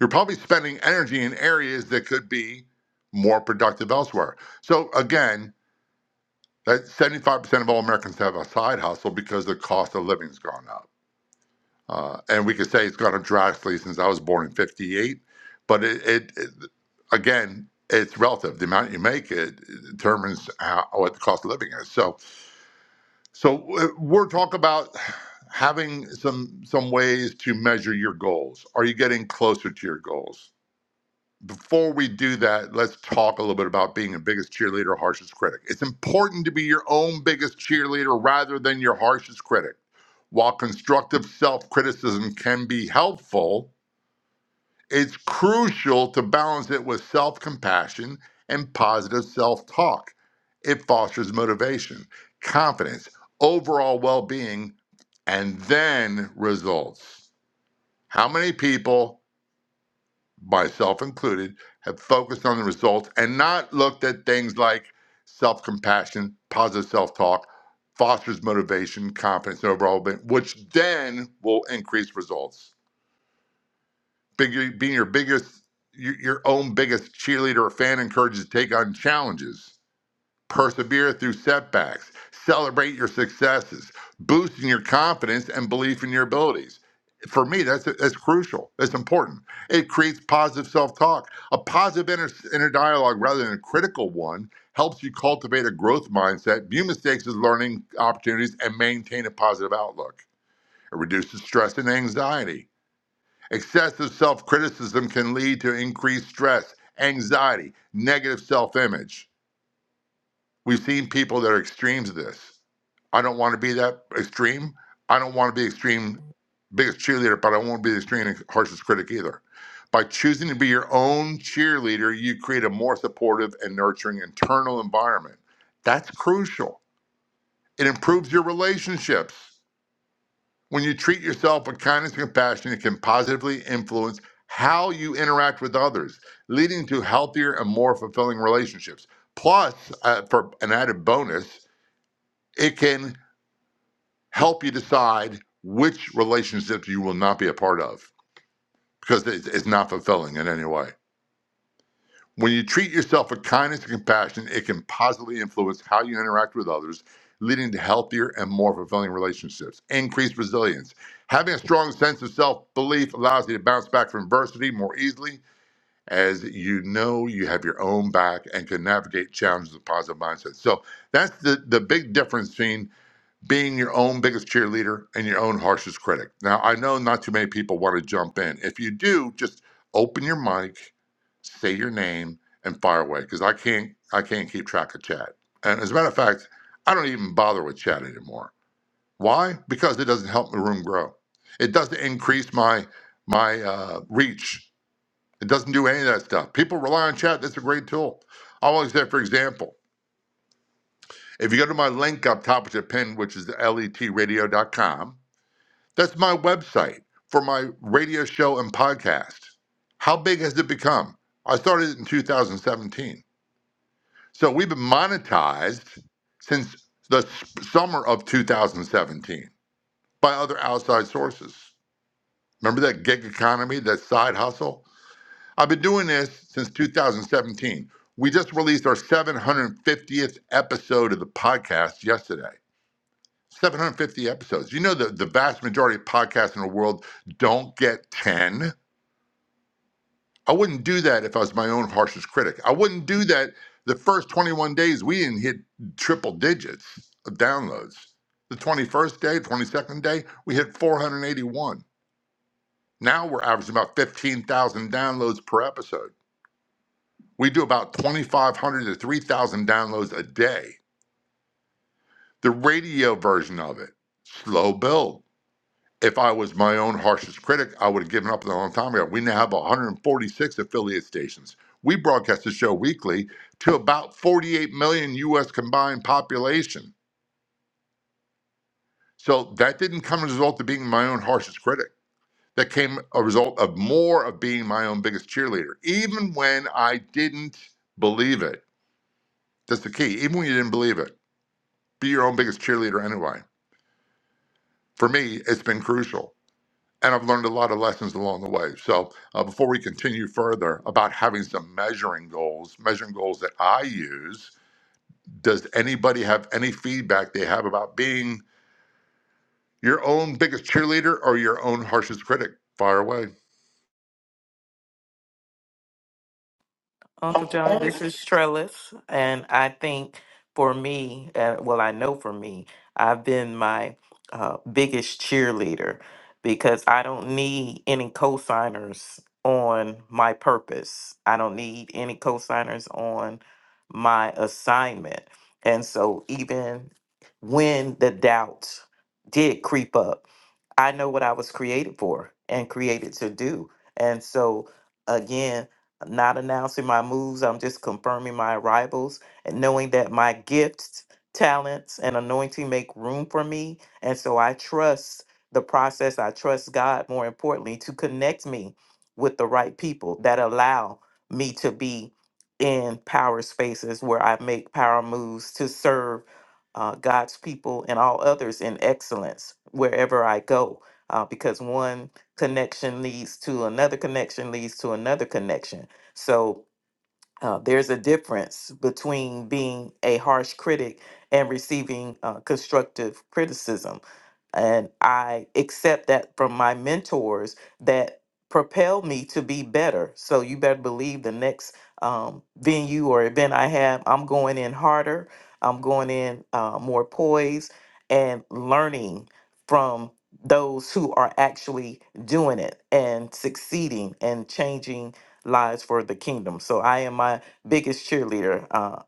You're probably spending energy in areas that could be more productive elsewhere. So again, that 75% of all Americans have a side hustle because the cost of living's gone up. Uh, and we could say it's gone up drastically since I was born in 58, but it, it, it again, it's relative. The amount you make it determines how, what the cost of living is. So, so uh, we're talking about having some some ways to measure your goals. Are you getting closer to your goals? before we do that, let's talk a little bit about being a biggest cheerleader, harshest critic. It's important to be your own biggest cheerleader rather than your harshest critic. While constructive self criticism can be helpful, it's crucial to balance it with self compassion and positive self talk. It fosters motivation, confidence, overall well being, and then results. How many people myself included, have focused on the results and not looked at things like self compassion, positive self talk, fosters motivation, confidence, and overall, ben- which then will increase results. Bigger, being your biggest, your, your own biggest cheerleader or fan encourages you to take on challenges persevere through setbacks, celebrate your successes, boosting your confidence and belief in your abilities. For me, that's that's crucial. That's important. It creates positive self-talk. A positive inner, inner dialogue rather than a critical one helps you cultivate a growth mindset, view mistakes as learning opportunities, and maintain a positive outlook. It reduces stress and anxiety. Excessive self-criticism can lead to increased stress, anxiety, negative self-image We've seen people that are extremes of this. I don't want to be that extreme. I don't want to be extreme biggest cheerleader, but I won't be the extreme harshest critic either. By choosing to be your own cheerleader, you create a more supportive and nurturing internal environment. That's crucial. It improves your relationships. When you treat yourself with kindness and compassion, it can positively influence how you interact with others, leading to healthier and more fulfilling relationships. Plus, uh, for an added bonus, it can help you decide which relationship you will not be a part of because it- it's not fulfilling in any way. When you treat yourself with kindness and compassion, it can positively influence how you interact with others, leading to healthier and more fulfilling relationships. Increased resilience. Having a strong sense of self belief allows you to bounce back from adversity more easily as you know you have your own back and can navigate challenges with positive mindset. So that's the, the big difference, between. being your own biggest cheerleader and your own harshest critic. Now, I know not too many people want to jump in. If you do, just open your mic, say your name, and fire away because I can't I can't keep track of chat. And as a matter of fact, I don't even bother with chat anymore. Why? Because it doesn't help the room grow. It doesn't increase my my uh, reach. It doesn't do any of that stuff. People rely on chat. That's a great tool. I always say, for example, if you go to my link up top of the pin, which is letradio.com, that's my website for my radio show and podcast. How big has it become? I started it in 2017. So we've been monetized since the s- summer of 2017 by other outside sources. Remember that gig economy, that side hustle? I've been doing this since 2017. We just released our 750th episode of the podcast yesterday. 750 episodes. You know that the vast majority of podcasts in the world don't get 10. I wouldn't do that if I was my own harshest critic. I wouldn't do that the first 21 days we didn't hit triple digits of downloads. The 21st day, 22nd day, we hit 481. Now we're averaging about 15,000 downloads per episode. We do about 2,500 to 3,000 downloads a day. The radio version of it, slow build If I was my own harshest critic, I would have given up a long time ago. We now have 146 affiliate stations. We broadcast the show weekly to about 48 million U.S. combined population. So that didn't come as a result of being my own harshest critic. That came a result of more of being my own biggest cheerleader, even when I didn't believe it. That's the key. Even when you didn't believe it, be your own biggest cheerleader anyway. For me, it's been crucial. and I've learned a lot of lessons along the way. So, uh, before we continue further about having some measuring goals, measuring goals that I use, does anybody have any feedback they have about being your own biggest cheerleader or your own harshest critic? Fire away. Uncle John, this is Trellis, and I think for me, uh, well, I know for me, I've been my uh, biggest cheerleader because I don't need any cosigners on my purpose. I don't need any cosigners on my assignment. And so, even when the doubts did creep up, I know what I was created for and created to do. And so, again, not announcing my moves. I'm just confirming my arrivals and knowing that my gifts, talents, and anointing make room for me. And so I trust the process. I trust God, more importantly, to connect me with the right people that allow me to be in power spaces where I make power moves to serve uh, God's people and all others in excellence wherever I go. Uh, because one connection leads to another connection leads to another connection so uh, there's a difference between being a harsh critic and receiving uh, constructive criticism. And I accept that from my mentors that propel me to be better. So you better believe the next um, venue or event I have, I'm going in harder, I'm going in uh, more poised and learning from those who are actually doing it and succeeding and changing lives for the kingdom. So I am my biggest cheerleader. Uh,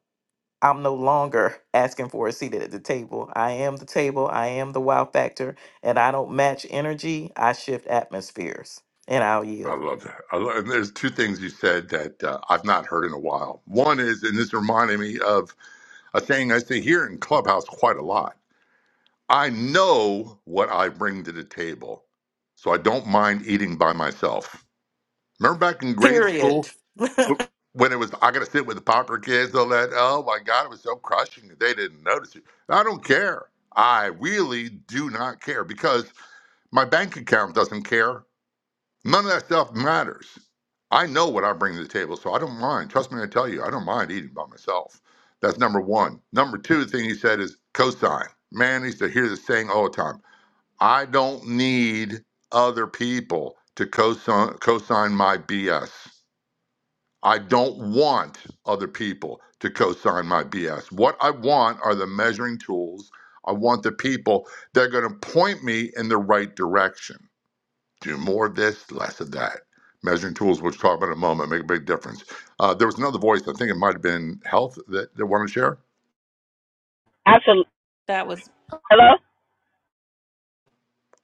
I'm no longer asking for a seat at the table. I am the table. I am the wow factor. And I don't match energy. I shift atmospheres. And I'll I yield. love that. I love, and there's two things you said that uh, I've not heard in a while. One is, and this reminded me of a saying I say here in Clubhouse quite a lot. I know what I bring to the table, so I don't mind eating by myself. Remember back in grade Period. school when it was I gotta sit with the pauper kids, all that. Oh my God, it was so crushing that they didn't notice you. I don't care. I really do not care because my bank account doesn't care. None of that stuff matters. I know what I bring to the table, so I don't mind. Trust me, I tell you, I don't mind eating by myself. That's number one. Number two the thing he said is cosign. Man, I used to hear this saying all the time. I don't need other people to cosign cosign my BS. I don't want other people to co sign my BS. What I want are the measuring tools. I want the people that are going to point me in the right direction. Do more of this, less of that. Measuring tools, which we'll talk about in a moment, make a big difference. Uh, there was another voice, I think it might have been Health, that, they wanted to share. Absolutely. That was Hello?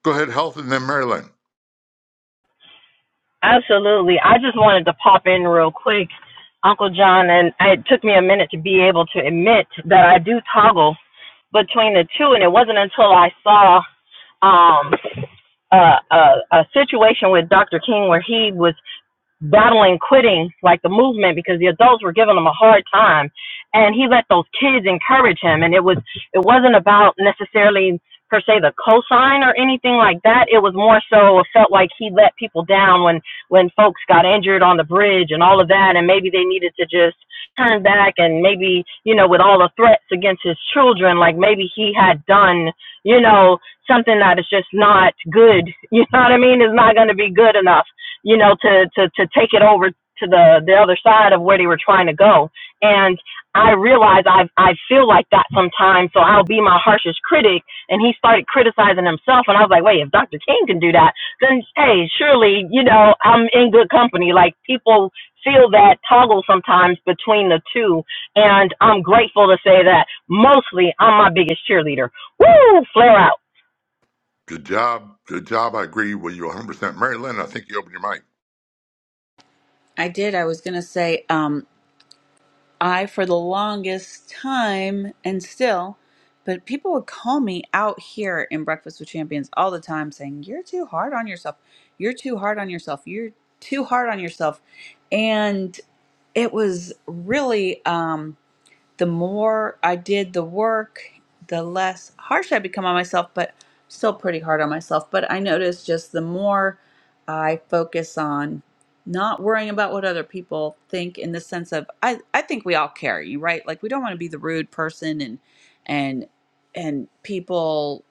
Go ahead, Health, and then Marilyn. Absolutely. I just wanted to pop in real quick, Uncle John, and it took me a minute to be able to admit that I do toggle between the two, and it wasn't until I saw. um, a, a, a situation with Dr. King where he was battling quitting like the movement because the adults were giving him a hard time and he let those kids encourage him and it was it wasn't about necessarily per se the cosign or anything like that it was more so it felt like he let people down when when folks got injured on the bridge and all of that and maybe they needed to just turn back and maybe you know with all the threats against his children like maybe he had done you know something that is just not good you know what i mean is not going to be good enough you know, to to to take it over to the the other side of where they were trying to go. And I realize I I feel like that sometimes, so I'll be my harshest critic. And he started criticizing himself, and I was like, wait, if Dr. King can do that, then hey, surely you know I'm in good company. Like people feel that toggle sometimes between the two, and I'm grateful to say that mostly I'm my biggest cheerleader. Woo, flare out. Good job. Good job. I agree with you 100%. Marilyn, I think you opened your mic. I did. I was gonna say. Um, I for the longest time and still, but people would call me out here in Breakfast with Champions all the time saying, You're too hard on yourself. You're too hard on yourself. You're too hard on yourself. And it was really, um, the more I did the work, the less harsh I become on myself, but still pretty hard on myself. But I notice just the more I focus on not worrying about what other people think in the sense of I, I think we all carry, right? Like we don't want to be the rude person and and and people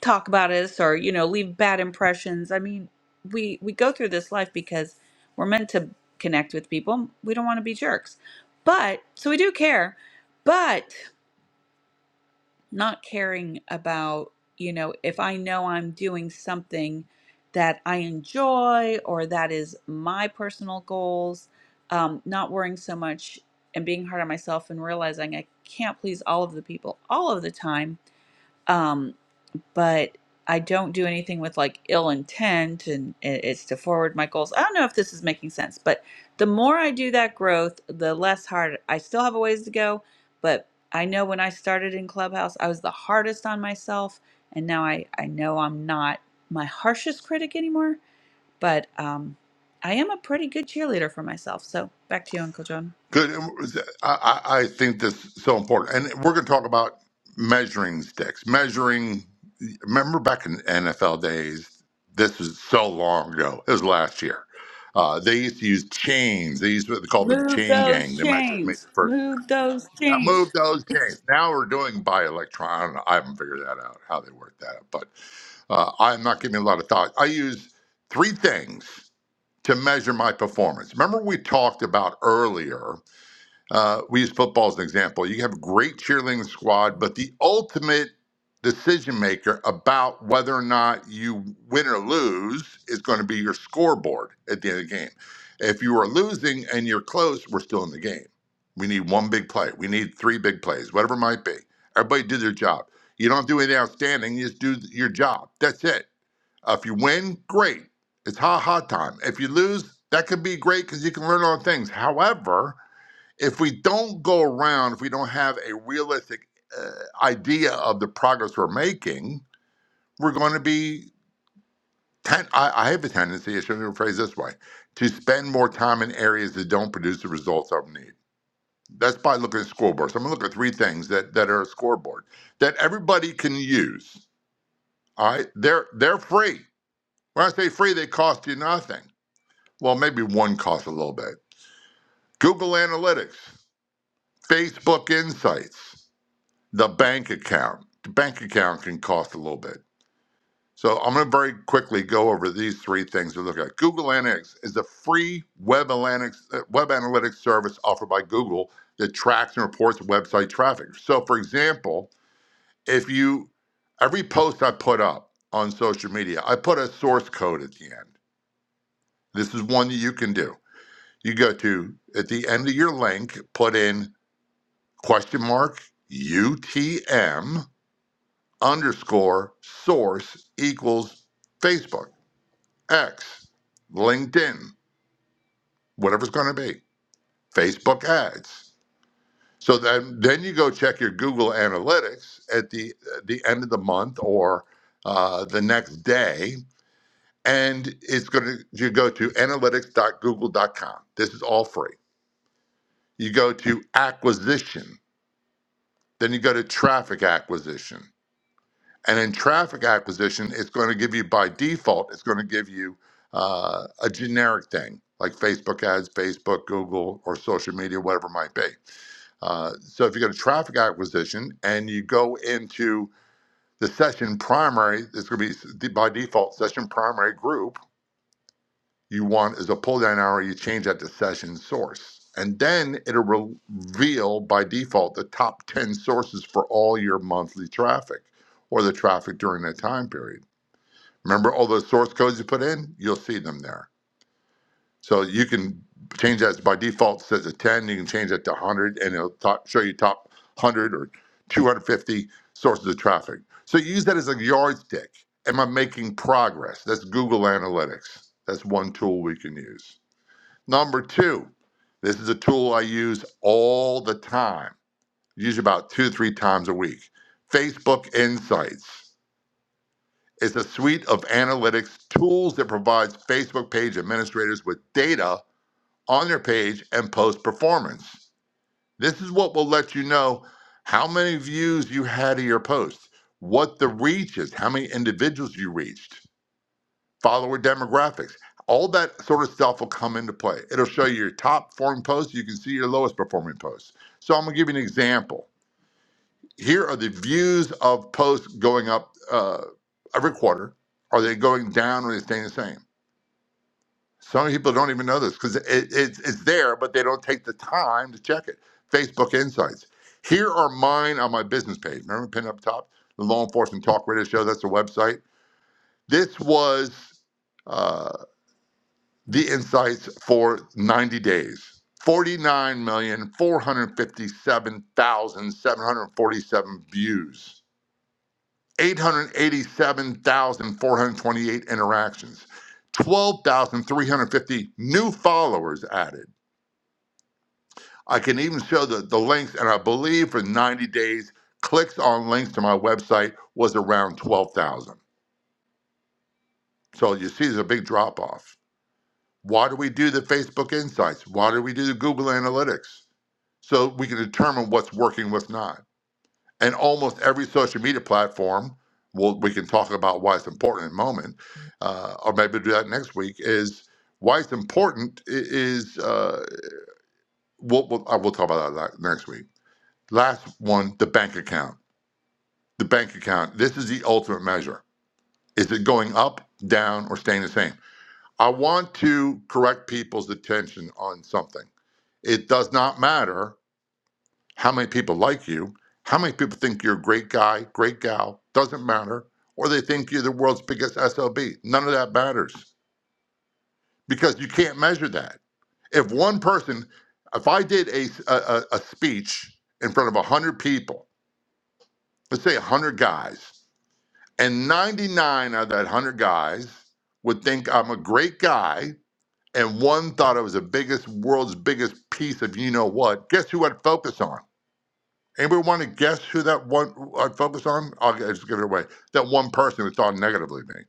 talk about us or you know leave bad impressions i mean we we go through this life because we're meant to connect with people we don't want to be jerks but so we do care but not caring about you know if i know i'm doing something that i enjoy or that is my personal goals um, not worrying so much and being hard on myself and realizing i can't please all of the people all of the time um, but I don't do anything with like ill intent and it's to forward my goals. I don't know if this is making sense, but the more I do that growth, the less hard I still have a ways to go, but I know when I started in Clubhouse, I was the hardest on myself and now I I know I'm not my harshest critic anymore, but um I am a pretty good cheerleader for myself. So, back to you, Uncle John. Good. I, I I think this is so important. And we're going to talk about measuring sticks. Measuring, remember back in NFL days, this was so long ago. It was last year. Uh, they used to use chains. They used to call the Move chain those gang to measure, make chains. the first. Move those Now chains. move those chains. Now we're doing by electron. I don't know. I haven't figured that out, how they work that out. But uh, I'm not giving a lot of thought. I use three things to measure my performance. Remember, we talked about earlier uh, we use football as an example. You have a great cheerleading squad, but the ultimate decision maker about whether or not you win or lose is going to be your scoreboard at the end of the game. If you are losing and you're close, we're still in the game. We need one big play. We need three big plays, whatever it might be. Everybody do their job. You don't do anything outstanding. You just do your job. That's it. Uh, if you win, great. It's ha ha time. If you lose, that could be great because you can learn a lot of things. However, if we don't go around, if we don't have a realistic uh, idea of the progress we're making, we're going to be. Ten- I, I have a tendency, I shouldn't even phrase this way, to spend more time in areas that don't produce the results I need. That's by looking at scoreboards. I'm going to look at three things that, that are a scoreboard that everybody can use. All right, they're they're free. When I say free, they cost you nothing. Well, maybe one costs a little bit. Google Analytics, Facebook Insights. the bank account. The bank account can cost a little bit. So I'm going to very quickly go over these three things to look at. Google Analytics is a free web analytics uh, web analytics service offered by Google that tracks and reports website traffic. So for example, if you every post I put up on social media, I put a source code at the end. This is one that you can do. You go to at the end of your link, put in question mark UTM underscore source equals Facebook, X, LinkedIn, whatever's going to be, Facebook ads. So then, then you go check your Google Analytics at the at the end of the month or uh, the next day, and it's going to you go to analytics.google.com. This is all free. You go to acquisition, then you go to traffic acquisition And in traffic acquisition, it's going to give you by default, it's going to give you uh, a generic thing like Facebook ads, Facebook, Google, or social media, whatever it might be. Uh, so if you go to traffic acquisition and you go into the session primary, it's going to be by default session primary group you want is a pull down arrow. You change that to session source. And then it'll reveal by default the top 10 sources for all your monthly traffic or the traffic during that time period. Remember all those source codes you put in? You'll see them there. So you can change that by default It says a 10. You can change that to 100, and it'll top, show you top 100 or 250 sources of traffic. So use that as a yardstick. Am I making progress? That's Google Analytics. That's one tool we can use. Number two, this is a tool I use all the time. Use about two, three times a week. Facebook Insights. It's a suite of analytics tools that provides Facebook page administrators with data on their page and post performance. This is what will let you know how many views you had of your post, what the reach is, how many individuals you reached, follower demographics. All that sort of stuff will come into play. It'll show you your top performing posts. You can see your lowest performing posts. So I'm gonna give you an example here are the views of posts going up uh, every quarter. Are they going down or are they staying the same? Some people don't even know this because it, it's it's there, but they don't take the time to check it. Facebook Insights. Here are mine on my business page. Remember, pin up top, the Law Enforcement Talk Radio Show. That's the website. This was uh, the insights for 90 days. 49,457,747 views. 887,428 interactions, 12,350 new followers added. I can even show the, the links, and I believe for 90 days, clicks on links to my website was around 12,000. So you see, there's a big drop off. Why do we do the Facebook Insights? Why do we do the Google Analytics? So we can determine what's working, what's not. and almost every social media platform we'll, we can talk about why it's important in a moment uh, or maybe we'll do that next week is why it's important i- is uh, we'll, we'll, I will talk about that la- next week last one the bank account the bank account this is the ultimate measure is it going up down or staying the same i want to correct people's attention on something it does not matter how many people like you, how many people think you're a great guy, great gal, doesn't matter, or they think you're the world's biggest SLB. None of that matters because you can't measure that. If one person, if I did a, a, a speech in front of 100 people, let's say 100 guys, and 99 out of that 100 guys would think I'm a great guy, and one thought I was the biggest, world's biggest piece of you know what, guess who I'd focus on? Anybody want to guess who that one I focus on? I'll just give it away. That one person who thought negatively of me.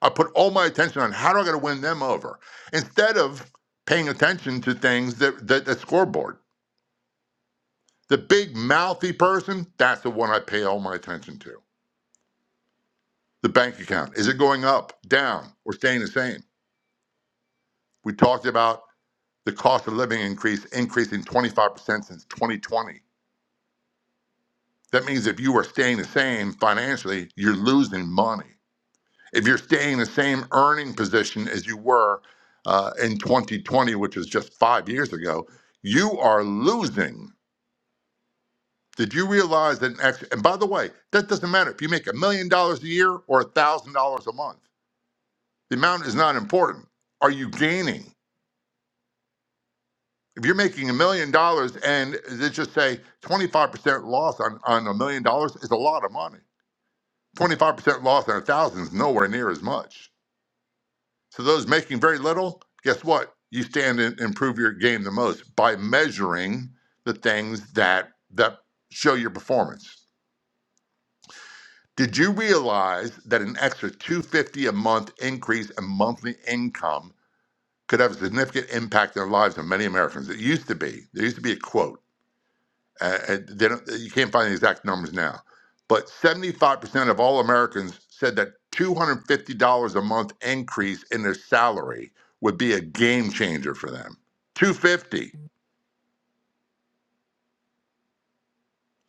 I put all my attention on how do I got to win them over instead of paying attention to things that, that that scoreboard. The big mouthy person, that's the one I pay all my attention to. The bank account is it going up, down, or staying the same? We talked about the cost of living increase increasing 25% since 2020. That means if you are staying the same financially, you're losing money. If you're staying in the same earning position as you were uh, in 2020, which was just five years ago, you are losing. Did you realize that? An extra, and by the way, that doesn't matter if you make a million dollars a year or a thousand dollars a month. The amount is not important. Are you gaining? If you're making a million dollars and let's just say 25% loss on on a million dollars is a lot of money. 25% loss on a thousand is nowhere near as much. To those making very little, guess what? You stand and improve your game the most by measuring the things that that show your performance. Did you realize that an extra 250 a month increase in monthly income could have a significant impact on the lives of many Americans? It used to be. There used to be a quote. Uh, and they don't, you can't find the exact numbers now. But 75% of all Americans said that $250 a month increase in their salary would be a game changer for them. 250.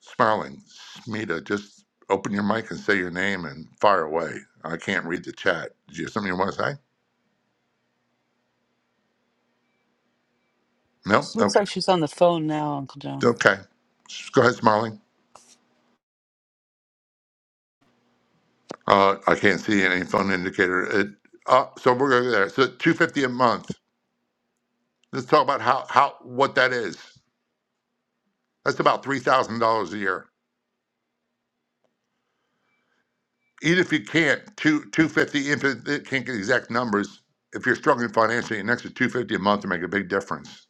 Smiling, Smita, just open your mic and say your name and fire away. I can't read the chat. Do you have something you want to say? No? She looks Okay. like she's on the phone now, Uncle John. Okay. Go ahead, Smiling. Uh, I can't see any phone indicator. It, uh, so we're going to go there. So 250 a month. Let's talk about how, how what that is. That's about three thousand dollars a year. Even if you can't, two two fifty. If it, it can't get exact numbers, if you're struggling financially, an extra two fifty a month to make a big difference.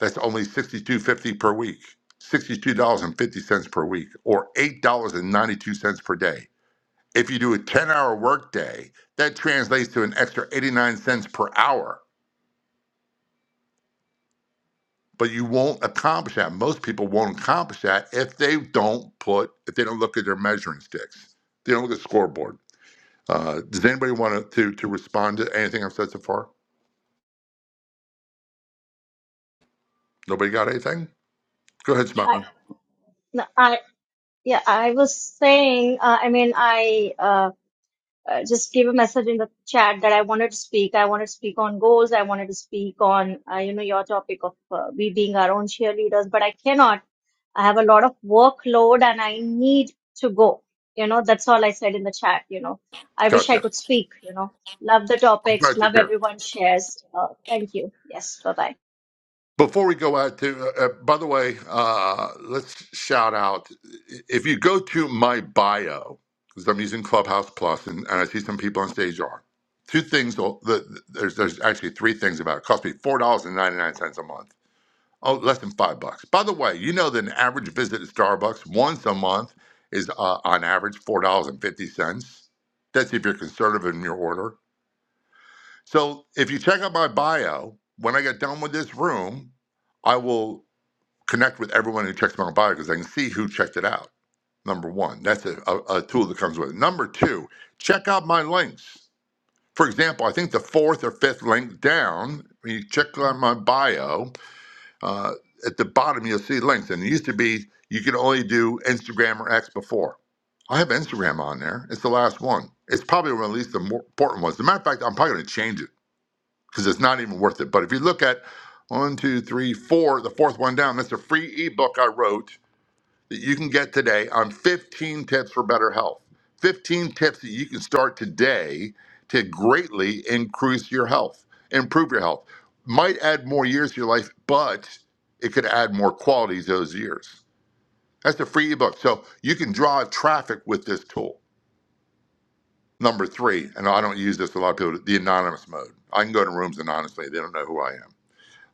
That's only sixty two fifty per week, sixty two dollars and fifty cents per week, or eight dollars and ninety two cents per day. If you do a ten hour workday, that translates to an extra eighty nine cents per hour. But you won't accomplish that. Most people won't accomplish that if they don't put if they don't look at their measuring sticks. They don't look at scoreboards Uh, does anybody want to, to to respond to anything I've said so far? Nobody got anything? Go ahead, I, Simon. no, I, yeah, I was saying, uh, I mean, I uh, uh, just gave a message in the chat that I wanted to speak. I wanted to speak on goals. I wanted to speak on, uh, you know, your topic of uh, we being our own cheerleaders, but I cannot. I have a lot of workload and I need to go. You know, that's all I said in the chat. You know, I wish I Gotcha. could speak, you know, love the I'm topics, glad you're love here. everyone's shares. Uh, thank you. Yes, bye bye. Before we go out to, uh, uh, by the way, uh, let's shout out. If you go to my bio, because I'm using Clubhouse Plus, and, and I see some people on stage are two things. will- The, there's there's actually three things about it. It cost me four dollars and ninety nine cents a month Oh, less than five bucks. By the way, you know that an average visit to Starbucks once a month is uh, on average four dollars and fifty cents. That's if you're conservative in your order. So if you check out my bio, when I get done with this room, I will connect with everyone who checks my bio because I can see who checked it out. Number one, that's a, a, a tool that comes with it. Number two, check out my links. For example, I think the fourth or fifth link down, when you check out my bio, uh, at the bottom, you'll see links. And it used to be you could only do Instagram or X before. I have Instagram on there. It's the last one. It's probably one of the least more important ones. As a matter of fact, I'm probably going to change it because it's not even worth it. But if you look at one, two, three, four, the fourth one down, that's a free ebook I wrote that you can get today on 15 tips for better health. 15 tips that you can start today to greatly increase your health, improve your health. Might add more years to your life, but it could add more quality to those years. That's a free ebook. So you can drive traffic with this tool. Number three, and I don't use this a lot of people, the anonymous mode. I can go to rooms anonymously. They don't know who I am.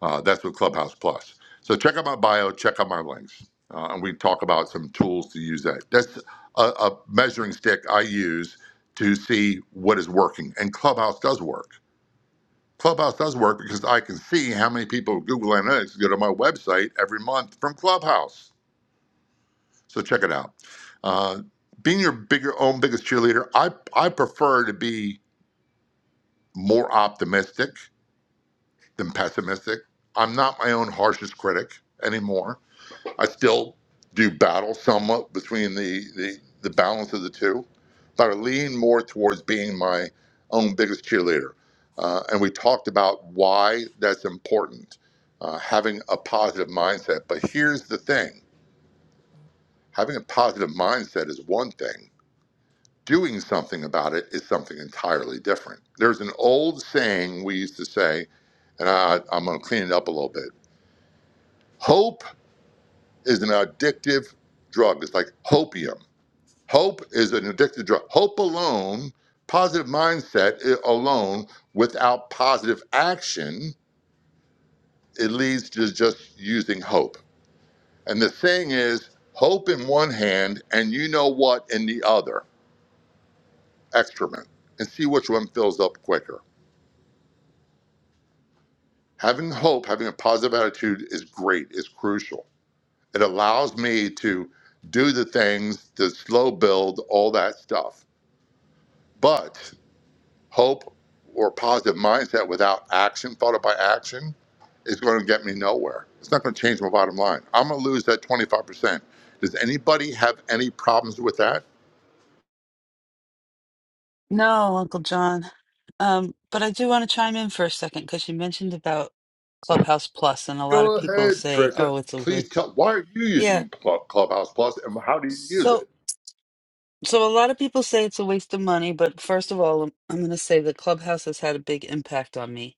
Uh, that's with Clubhouse Plus. So check out my bio, check out my links, uh, and we talk about some tools to use that. That's a, a measuring stick I use to see what is working, and Clubhouse does work. Clubhouse does work because I can see how many people with Google Analytics go to my website every month from Clubhouse. So check it out. Uh, being your bigger own biggest cheerleader, I I prefer to be more optimistic than pessimistic. I'm not my own harshest critic anymore. I still do battle somewhat between the, the, the balance of the two, but I lean more towards being my own biggest cheerleader. Uh, and we talked about why that's important, uh, having a positive mindset. But here's the thing having a positive mindset is one thing, doing something about it is something entirely different. There's an old saying we used to say, and I, I'm going to clean it up a little bit hope is an addictive drug, it's like hopium Hope is an addictive drug. Hope alone, positive mindset i- alone, without positive action, it leads to just using hope. And the thing is, hope in one hand and you know what in the other. Excrement. And see which one fills up quicker. Having hope, having a positive attitude is great, is crucial. It allows me to do the things, the slow build, all that stuff. But. Hope or positive mindset without action, followed by action, is going to get me nowhere. It's not going to change my bottom line. I'm going to lose that 25%. Does anybody have any problems with that? No, Uncle John. Um, but I do want to chime in for a second because you mentioned about Clubhouse Plus, and a lot of Go people ahead, say, Trisha. "Oh, it's a waste." Please tell why are you Yeah. using Cl- Clubhouse Plus and how do you use So, it? so a lot of people say it's a waste of money, but first of all, I'm, I'm going to say that Clubhouse has had a big impact on me.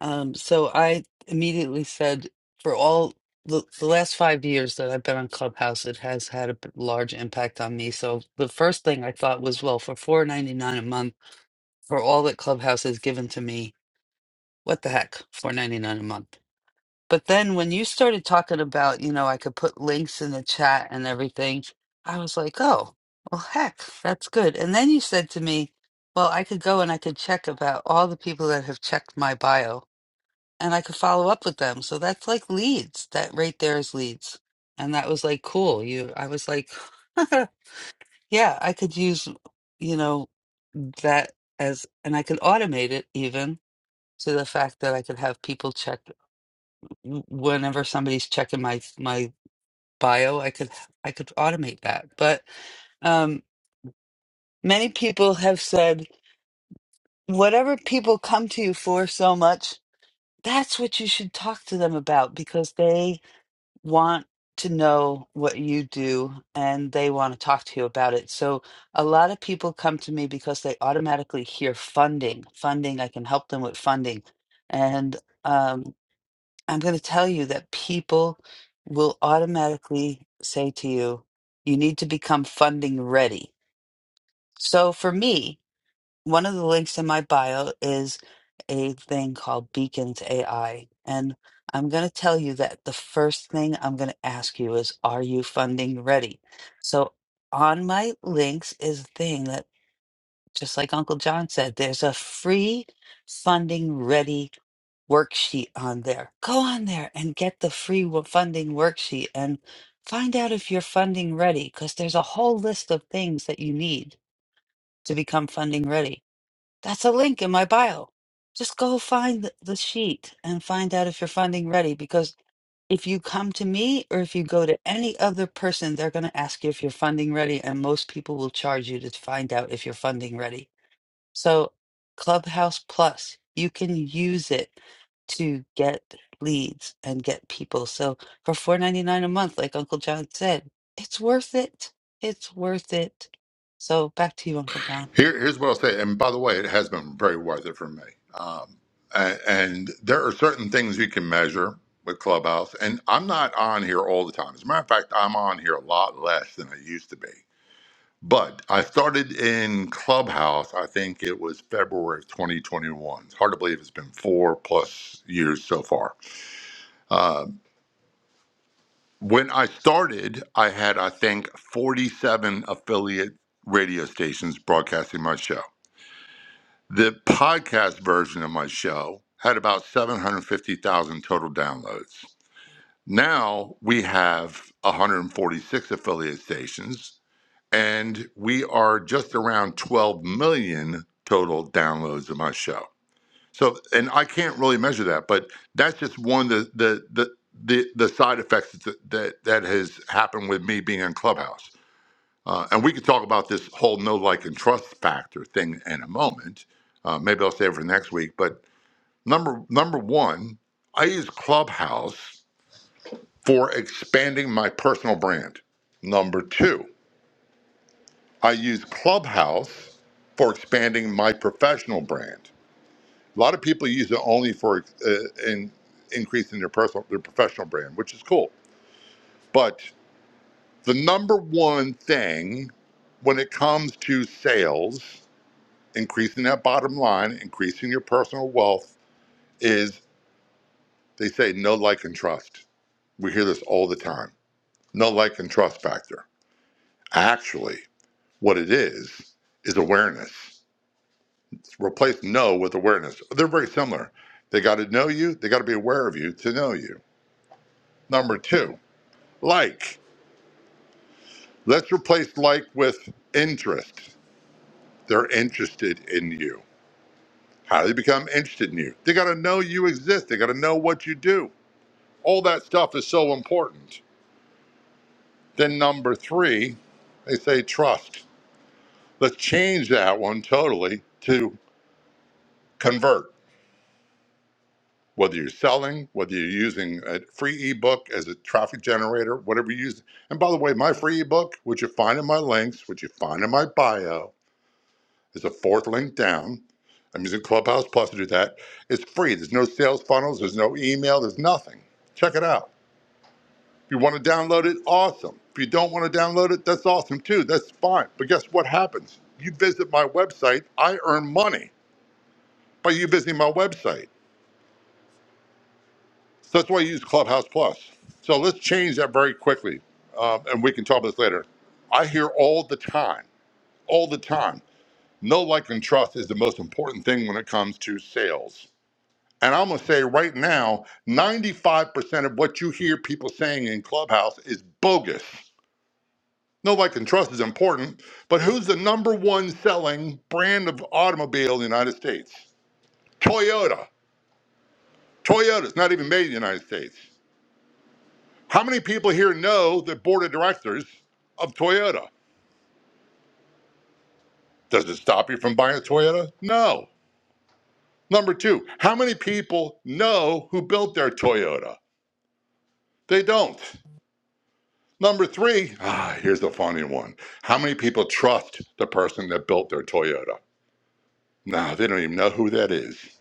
Um, so I immediately said, for all the, the last five years that I've been on Clubhouse, it has had a b- large impact on me. So the first thing I thought was, well, for $4.99 a month. for all that Clubhouse has given to me. What the heck, four ninety nine a month. But then when you started talking about, you know, I could put links in the chat and everything, I was like, oh, well, heck, that's good. And then you said to me, well, I could go and I could check about all the people that have checked my bio and I could follow up with them. So that's like leads. That right there is leads. And that was like cool. You I was like, yeah, I could use, you know, that as and I could automate it even to the fact that I could have people check w- whenever somebody's checking my my bio, I could I could automate that. But um, many people have said whatever people come to you for so much, that's what you should talk to them about because they want to know what you do and they want to talk to you about it. So a lot of people come to me because they automatically hear funding, funding, I can help them with funding. And um, I'm going to tell you that people will automatically say to you, you need to become funding ready. So for me, one of the links in my bio is a thing called Beacons AI. And I'm going to tell you that the first thing I'm going to ask you is, are you funding ready? So on my links is a thing that, just like Uncle John said, there's a free funding ready worksheet on there. Go on there and get the free wo- funding worksheet and find out if you're funding ready because there's a whole list of things that you need to become funding ready. That's a link in my bio. Just go find th- the sheet and find out if you're funding ready because if you come to me or if you go to any other person, they're going to ask you if you're funding ready, and most people will charge you to find out if you're funding ready. So, Clubhouse Plus, you can use it to get leads and get people. So, for four ninety nine a month, like Uncle John said, it's worth it. It's worth it. So, back to you, Uncle John. Here, here's what I'll say. And by the way, it has been very worth it for me. Um, and, and there are certain things you can measure with Clubhouse. And I'm not on here all the time. As a matter of fact, I'm on here a lot less than I used to be. But I started in Clubhouse, I think it was February of 2021. It's hard to believe it's been four plus years so far. When I started, I had, I think, 47 affiliate radio stations broadcasting my show. The podcast version of my show had about 750,000 total downloads. Now we have 146 affiliate stations and we are just around 12 million total downloads of my show. So, and I can't really measure that, but that's just one of the the the the, the side effects that, that that has happened with me being in Clubhouse. Uh, and we could talk about this whole no like and trust factor thing in a moment. Uh, maybe I'll save it for next week. But number number one, I use Clubhouse for expanding my personal brand. Number two. I use Clubhouse for expanding my professional brand. A lot of people use it only for uh, in increasing their personal their professional brand, which is cool. But the number one thing when it comes to sales, increasing that bottom line, increasing your personal wealth is they say no like and trust. We hear this all the time. No like and trust factor. Actually, what it is is awareness. Replace know with awareness. They're very similar. They got to know you, they got to be aware of you to know you. Number two, like. Let's replace like with interest. They're interested in you. How do they become interested in you? They got to know you exist, they got to know what you do. All that stuff is so important. Then, number three, they say trust. Let's change that one totally to convert whether you're selling, whether you're using a free ebook as a traffic generator, whatever you use. And by the way, my free ebook, which you find in my links, which you find in my bio, is the fourth link down. I'm using Clubhouse Plus to do that. It's free. There's no sales funnels, there's no email, there's nothing. Check it out. If you want to download it, awesome. If you don't want to download it, that's awesome too. That's fine. But guess what happens? You visit my website, I earn money by you visiting my website. So that's why I use Clubhouse Plus. So let's change that very quickly, um, and we can talk about this later. I hear all the time, all the time, no like and trust is the most important thing when it comes to sales. And I'm gonna say right now, 95% of what you hear people saying in Clubhouse is bogus. No like and trust is important, but who's the number one selling brand of automobile in the United States? Toyota. Toyota's not even made in the United States. How many people here know the board of directors of Toyota? Does it stop you from buying a Toyota? No. Number two, how many people know who built their Toyota? They don't. Number three, ah, here's the funny one. How many people trust the person that built their Toyota? No, they don't even know who that is.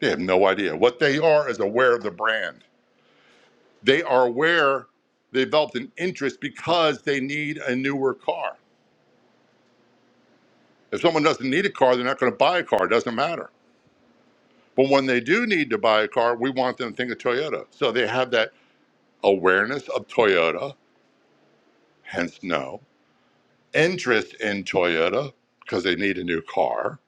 They have no idea. What they are is aware of the brand. They are aware they developed an interest because they need a newer car. If someone doesn't need a car, they're not going to buy a car. It doesn't matter. But when they do need to buy a car, we want them to think of Toyota. So they have that awareness of Toyota, hence no, interest in Toyota because they need a new car.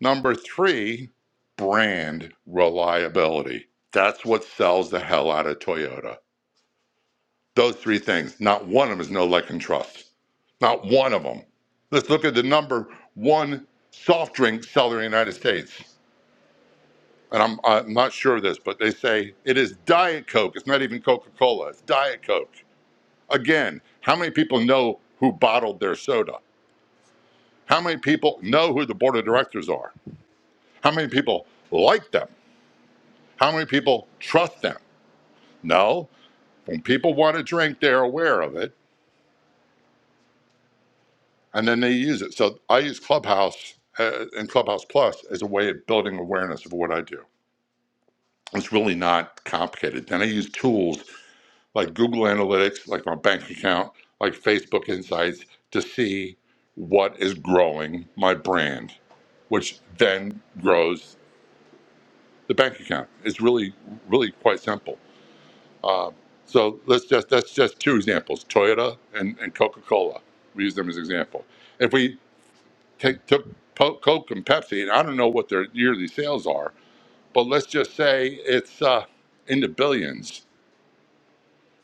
Number three, brand reliability. That's what sells the hell out of Toyota. Those three things, not one of them is no like and trust. Not one of them. Let's look at the number one soft drink seller in the United States. and I'm, I'm not sure of this, but they say it is Diet Coke. It's not even Coca Cola. It's Diet Coke. Again, how many people know who bottled their soda? How many people know who the board of directors are? How many people like them? How many people trust them? No. When people want a drink, they're aware of it and then they use it. So I use Clubhouse uh, and Clubhouse Plus as a way of building awareness of what I do. It's really not complicated. Then I use tools like Google Analytics, like my bank account, like Facebook Insights to see what is growing my brand, which then grows the bank account. It's really, really quite simple. Uh, so let's just that's just two examples: Toyota and, and Coca Cola. We use them as example. If we take took Po- Coke and Pepsi, and I don't know what their yearly sales are, but let's just say it's uh, in the billions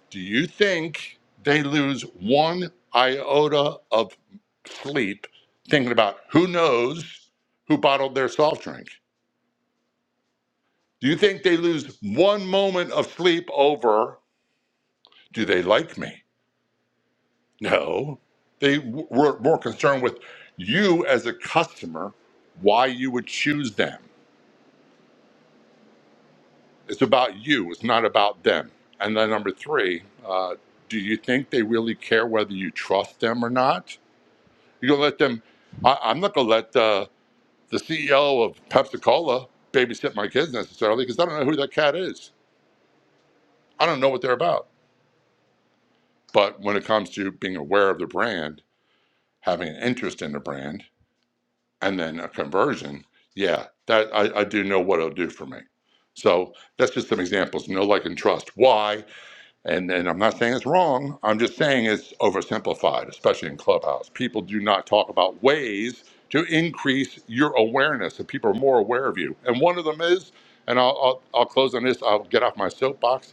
Do you think they lose one iota of sleep thinking about who knows who bottled their soft drink? Do you think they lose one moment of sleep over, do they like me? No. They w- were more concerned with you as a customer, why you would choose them. It's about you, it's not about them. And then number three, uh, do you think they really care whether you trust them or not? You're gonna let them? I, I'm not gonna let uh, the CEO of Pepsi Cola babysit my kids necessarily because I don't know who that cat is. I don't know what they're about. But when it comes to being aware of the brand, having an interest in the brand, and then a conversion, yeah, that I, I do know what it'll do for me. So that's just some examples. No like and trust. Why? And and I'm not saying it's wrong. I'm just saying it's oversimplified, especially in Clubhouse. People do not talk about ways to increase your awareness, so people are more aware of you. And one of them is, and I'll I'll, I'll close on this. I'll get off my soapbox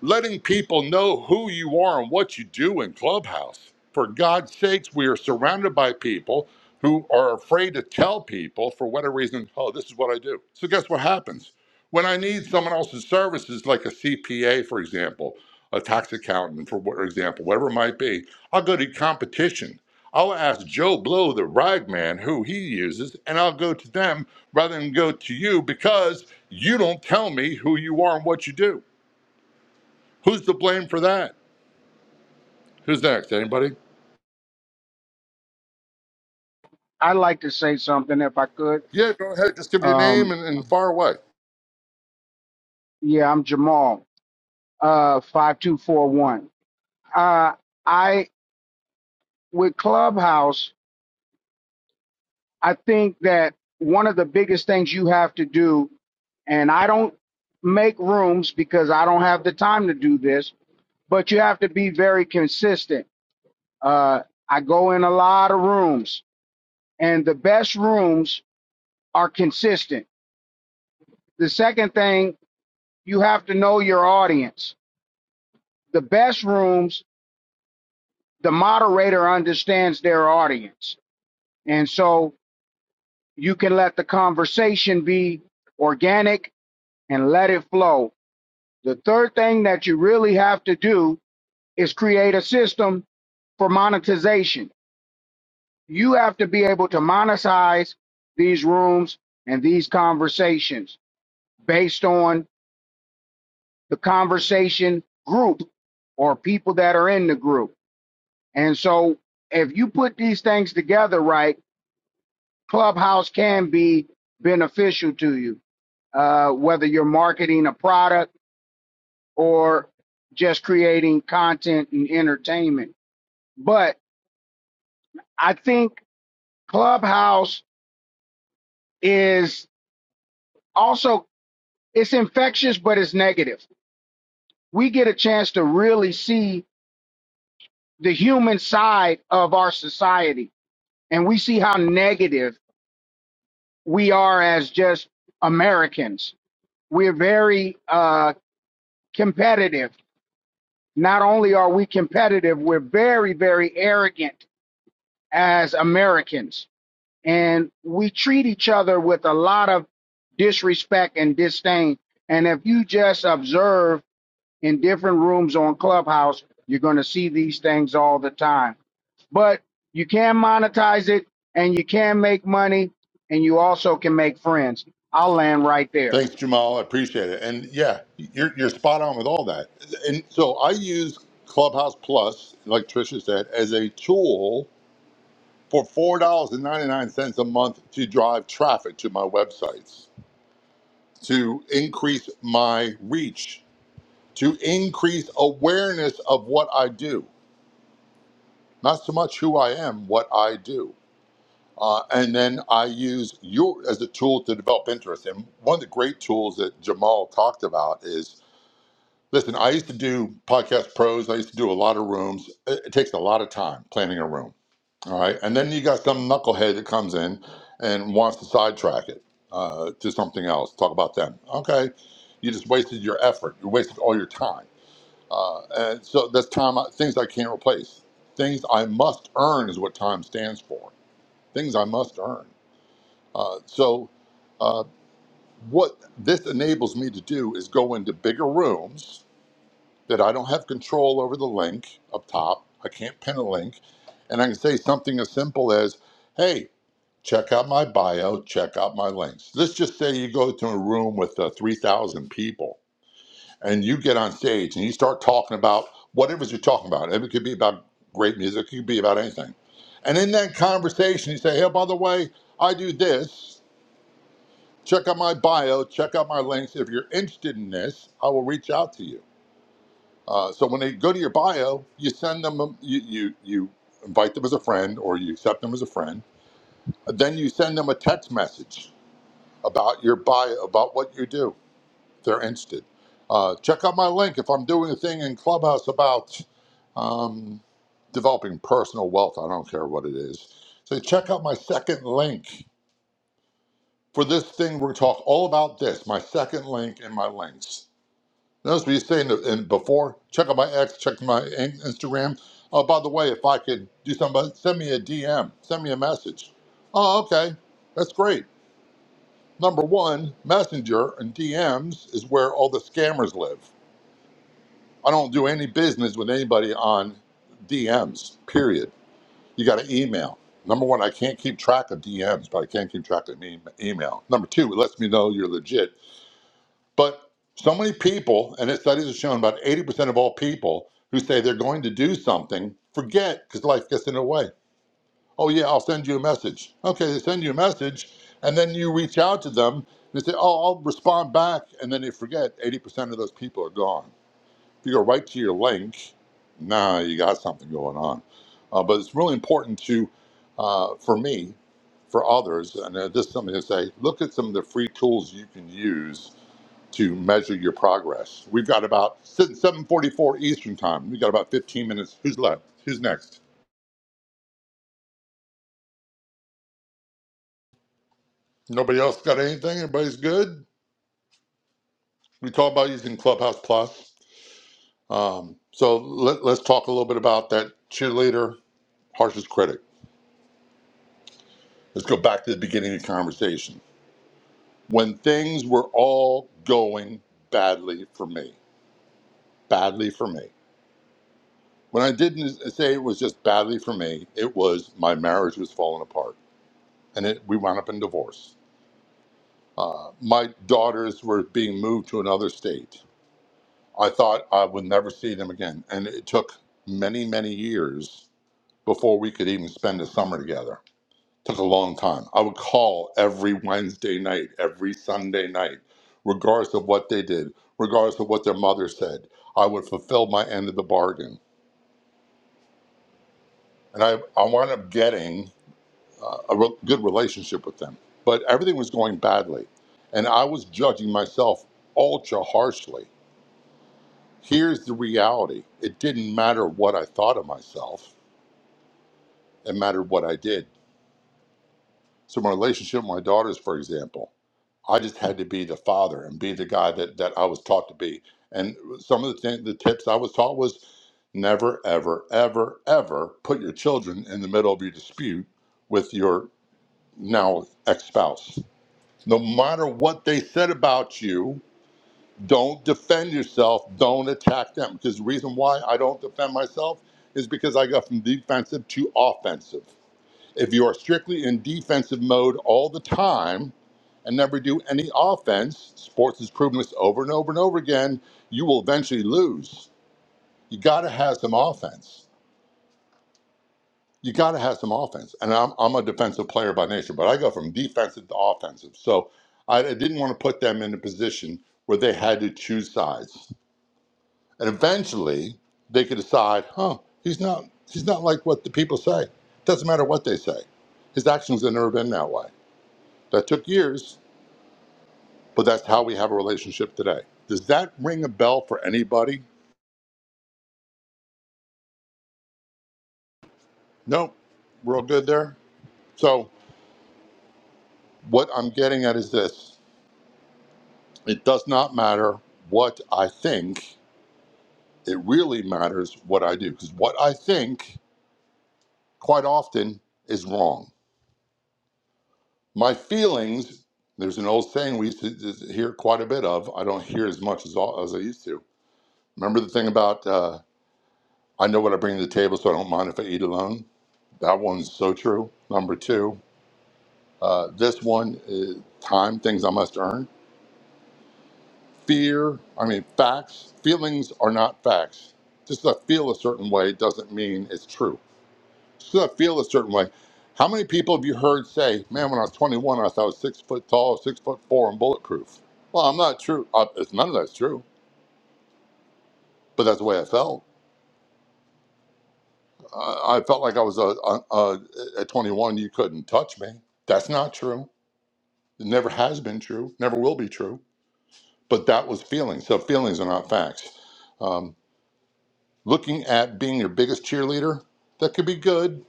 letting people know who you are and what you do in Clubhouse. For God's sakes, we are surrounded by people who are afraid to tell people for whatever reason, oh, this is what I do. So, guess what happens? When I need someone else's services, like a CPA, for example, a tax accountant, for what- example, whatever it might be, I'll go to competition. I'll ask Joe Blow, the rag man, who he uses, and I'll go to them rather than go to you because you don't tell me who you are and what you do. Who's to blame for that? Who's next? Anybody? I'd like to say something if I could. Yeah, go ahead. Just give your name Um, and, and far away. yeah, I'm Jamal, uh, 5241. Uh, I, with Clubhouse, I think that one of the biggest things you have to do, and I don't make rooms because I don't have the time to do this, but you have to be very consistent. Uh, I go in a lot of rooms, and the best rooms are consistent. The second thing, you have to know your audience. The best rooms the moderator understands their audience. And so you can let the conversation be organic and let it flow. The third thing that you really have to do is create a system for monetization. You have to be able to monetize these rooms and these conversations based on the conversation group or people that are in the group. And so if you put these things together right, Clubhouse can be beneficial to you, uh, whether you're marketing a product or just creating content and entertainment. But I think Clubhouse is also it's infectious, but it's negative. We get a chance to really see the human side of our society, and we see how negative we are as just Americans. We're very uh, competitive Not only are we competitive, we're very, very arrogant as Americans. And we treat each other with a lot of disrespect and disdain. And if you just observe in different rooms on Clubhouse, you're going to see these things all the time. But you can monetize it and you can make money and you also can make friends. I'll land right there. Thanks, Jamal. I appreciate it. And yeah, you're, you're spot on with all that. And so I use Clubhouse Plus, like Trisha said, as a tool for $4.99 a month to drive traffic to my websites, to increase my reach, to increase awareness of what I do. Not so much who I am, what I do Uh, and then I use you as a tool to develop interest. And one of the great tools that Jamal talked about is listen, I used to do podcast pros, I used to do a lot of rooms. It, it takes a lot of time planning a room. All right. And then you got some knucklehead that comes in and wants to sidetrack it uh, to something else, talk about them. Okay. You just wasted your effort, you wasted all your time. Uh, and so that's time, things I can't replace. Things I must earn is what time stands for. Things I must earn. Uh, so, uh, what this enables me to do is go into bigger rooms that I don't have control over the link up top. I can't pin a link. And I can say something as simple as, hey, check out my bio, check out my links. Let's just say you go to a room with uh, 3,000 people and you get on stage and you start talking about whatever it is you're talking about. It could be about great music, it could be about anything. And in that conversation, you say, hey, by the way, I do this. Check out my bio, check out my links. If you're interested in this, I will reach out to you. Uh, so when they go to your bio, you send them, a- you, you, you invite them as a friend or you accept them as a friend. And Then you send them a text message about your bio, about what you do. If they're interested. Uh, check out my link if I'm doing a thing in Clubhouse about um, developing personal wealth. I don't care what it is. So check out my second link for this thing. We're going to talk all about this my second link and my links. Notice we saying that- and before, check out my X, check my Instagram. Oh, by the way, if I could do something, send me a DM, send me a message. Oh, okay, that's great. Number one, Messenger and DMs is where all the scammers live. I don't do any business with anybody on DMs. Period. You got to email. Number one, I can't keep track of DMs, but I can keep track of e- email. Number two, it lets me know you're legit But so many people, and it, studies have shown about 80% of all people who say they're going to do something forget because life gets in the way. Oh, yeah, I'll send you a message. Okay, they send you a message, and then you reach out to them. And they say, oh, I'll respond back. And then they forget 80% of those people are gone. If you go right to your link, nah, you got something going on. Uh, but it's really important to, uh, for me, for others, and uh, this is something to say, look at some of the free tools you can use to measure your progress. We've got about 7:44 Eastern time. We've got about 15 minutes. Who's left? Who's next? Nobody else got anything? Everybody's good. We talked about using Clubhouse Plus. Um, so let, let's talk a little bit about that cheerleader, harshest critic. Let's go back to the beginning of the conversation. When things were all going badly for me, badly for me. When I didn't say it was just badly for me, it was my marriage was falling apart, and it, we wound up in divorce Uh, my daughters were being moved to another state. I thought I would never see them again. And it took many, many years before we could even spend a summer together. Took a long time. I would call every Wednesday night, every Sunday night, regardless of what they did, regardless of what their mother said. I would fulfill my end of the bargain. And I, I wound up getting uh, a re- good relationship with them. But everything was going badly. And I was judging myself ultra harshly Here's the reality it didn't matter what I thought of myself, it mattered what I did. So, my relationship with my daughters, for example, I just had to be the father and be the guy that, that I was taught to be. And some of the, th- the tips I was taught was never, ever, ever, ever put your children in the middle of your dispute with your now ex spouse. No matter what they said about you, Don't defend yourself. Don't attack them. Because the reason why I don't defend myself is because I go from defensive to offensive. If you are strictly in defensive mode all the time and never do any offense, sports has proven this over and over and over again, you will eventually lose. You got to have some offense. You got to have some offense. And I'm, I'm a defensive player by nature, but I go from defensive to offensive. So I I didn't want to put them in a position where they had to choose sides And eventually, they could decide, huh, he's not, he's not like what the people say. Doesn't matter what they say. His actions have never been that way. That took years, but that's how we have a relationship today. Does that ring a bell for anybody? Nope. We're all good there. So, what I'm getting at is this it does not matter what I think, it really matters what I do. Because what I think quite often is wrong My feelings, there's an old saying we used to hear quite a bit of. I don't hear as much as, all, as I used to. Remember the thing about, uh, I know what I bring to the table, so I don't mind if I eat alone? That one's so true. Number two, uh, this one is time, things I must earn. Fear, I mean, facts, feelings are not facts. Just that I feel a certain way doesn't mean it's true. should I feel a certain way? How many people have you heard say, "Man, when I was 21, I thought I was six foot tall, six foot four, and bulletproof"? Well, I'm not true. Uh, it's none of that's true, but that's the way I felt. I, I felt like I was a, a, a at 21, you couldn't touch me. That's not true. It never has been true. Never will be true. But that was feelings. So feelings are not facts. Um, looking at being your biggest cheerleader, that could be good.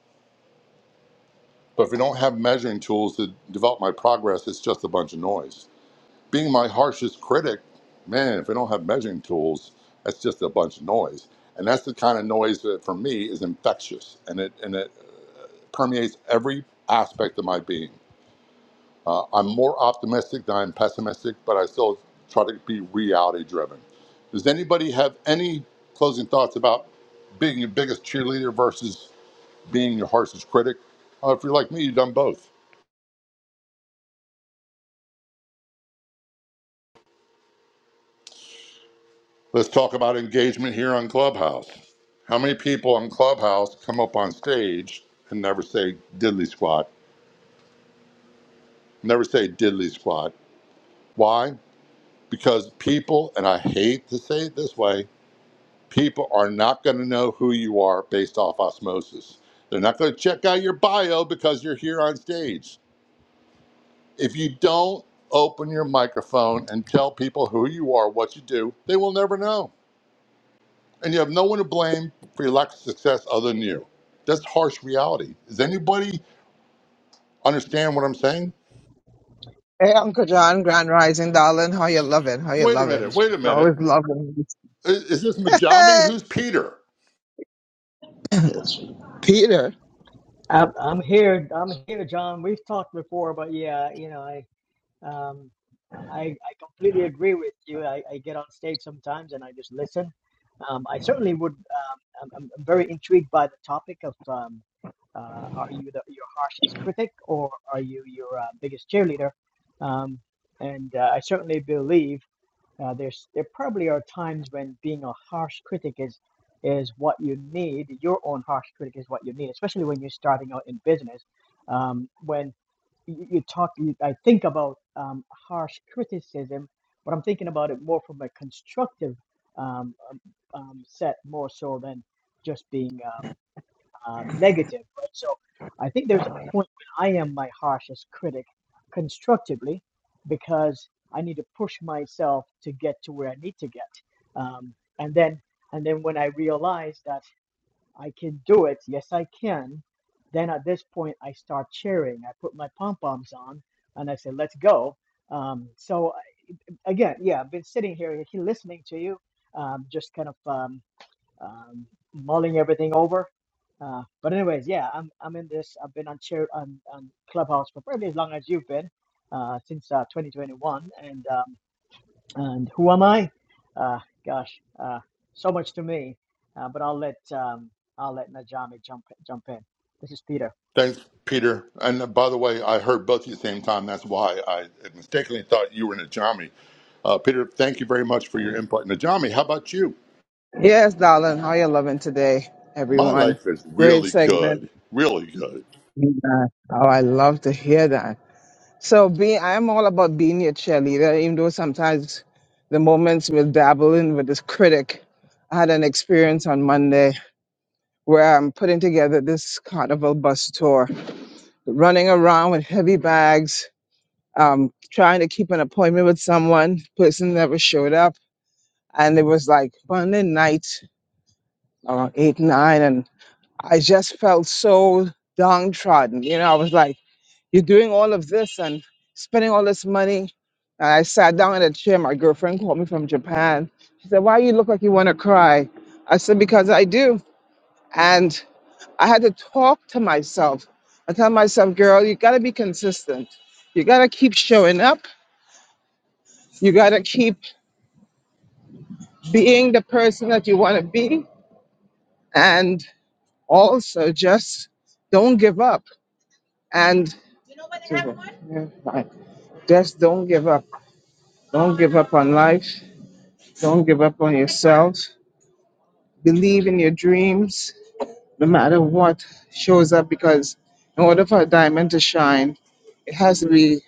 But if we don't have measuring tools to develop my progress, it's just a bunch of noise. being my harshest critic, man, if they don't have measuring tools, that's just a bunch of noise. And that's the kind of noise that for me is infectious and it, and it permeates every aspect of my being. Uh, I'm more optimistic than I'm pessimistic, but I still try to be reality driven. Does anybody have any closing thoughts about being your biggest cheerleader versus being your harshest critic? Uh, if you're like me, you've done both. Let's talk about engagement here on Clubhouse. How many people on Clubhouse come up on stage and never say diddly squat? Never say diddly squat. Why? Because people, and I hate to say it this way, people are not going to know who you are based off osmosis. They're not going to check out your bio because you're here on stage. If you don't open your microphone and tell people who you are, what you do, they will never know. and you have no one to blame for your lack of success other than you. That's harsh reality. Does anybody understand what I'm saying? Hey, Uncle John, Grand Rising, darling. How you loving? How you Wait a loving? minute, wait a Always minute. loving. I- Is, this Majami? Hey, Who's Peter? Peter. I'm, I'm here. I'm here, John. We've talked before, but yeah, you know, I Um, I, I completely agree with you. I, I get on stage sometimes and I just listen. Um, I certainly would. Um, I'm, I'm I'm very intrigued by the topic of um, uh, are you the, your harshest critic or are you your uh, biggest cheerleader? Um, and uh, I certainly believe. Uh, there's there probably are times when being a harsh critic is is what you need. Your own harsh critic is what you need, especially when you're starting out in business. Um, when you, you talk, you, I think about um, harsh criticism, but I'm thinking about it more from a constructive um, um, um, set, more so than just being. um, um, negative, right? So I think there's a point when I am my harshest critic constructively because I need to push myself to get to where I need to get. Um, and then and then when I realize that I can do it, yes, I can, then at this point I start cheering. I put my pom poms on and I say, let's go. Um, so again, yeah, I've been sitting here, here listening to you, um, just kind of. Um, um, mulling everything over. Uh, but anyways, yeah, I'm I'm in this. I've been on chair on, on Clubhouse for probably as long as you've been, uh, since uh, 2021. And um, and who am I? Uh, gosh, uh, so much to me. Uh, but I'll let um, I'll let Najami jump jump in. This is Peter. Thanks, Peter. And uh, by the way, I heard both of you at the same time. That's why I mistakenly thought you were Najami. Uh, Peter, thank you very much for your input. Najami, how about you? Yes, darling. How you loving today, My everyone? life is Great really segment. good, really good. Amen. Oh, I love to hear that. So, being, I'm all about being your cheerleader, even though sometimes the moments we'll dabble in with this critic. I had an experience on Monday where I'm putting together this carnival bus tour, running around with heavy bags, um, trying to keep an appointment with someone. Person never showed up, and it was like Monday night. around eight, nine, and I just felt so downtrodden. You know, I was like, you're doing all of this and spending all this money. And I sat down in a chair. My girlfriend called me from Japan. She said, Why you look like you want to cry? I said, Because I do. And I had to talk to myself. I tell myself, girl, you got to be consistent. You got to keep showing up. You got to keep being the person that you want to be. And also just don't give up And Yeah, I- just don't give up. Don't give up on life. Don't give up on yourself. Believe in your dreams, no matter what shows up. Because in order for a diamond to shine, it has to be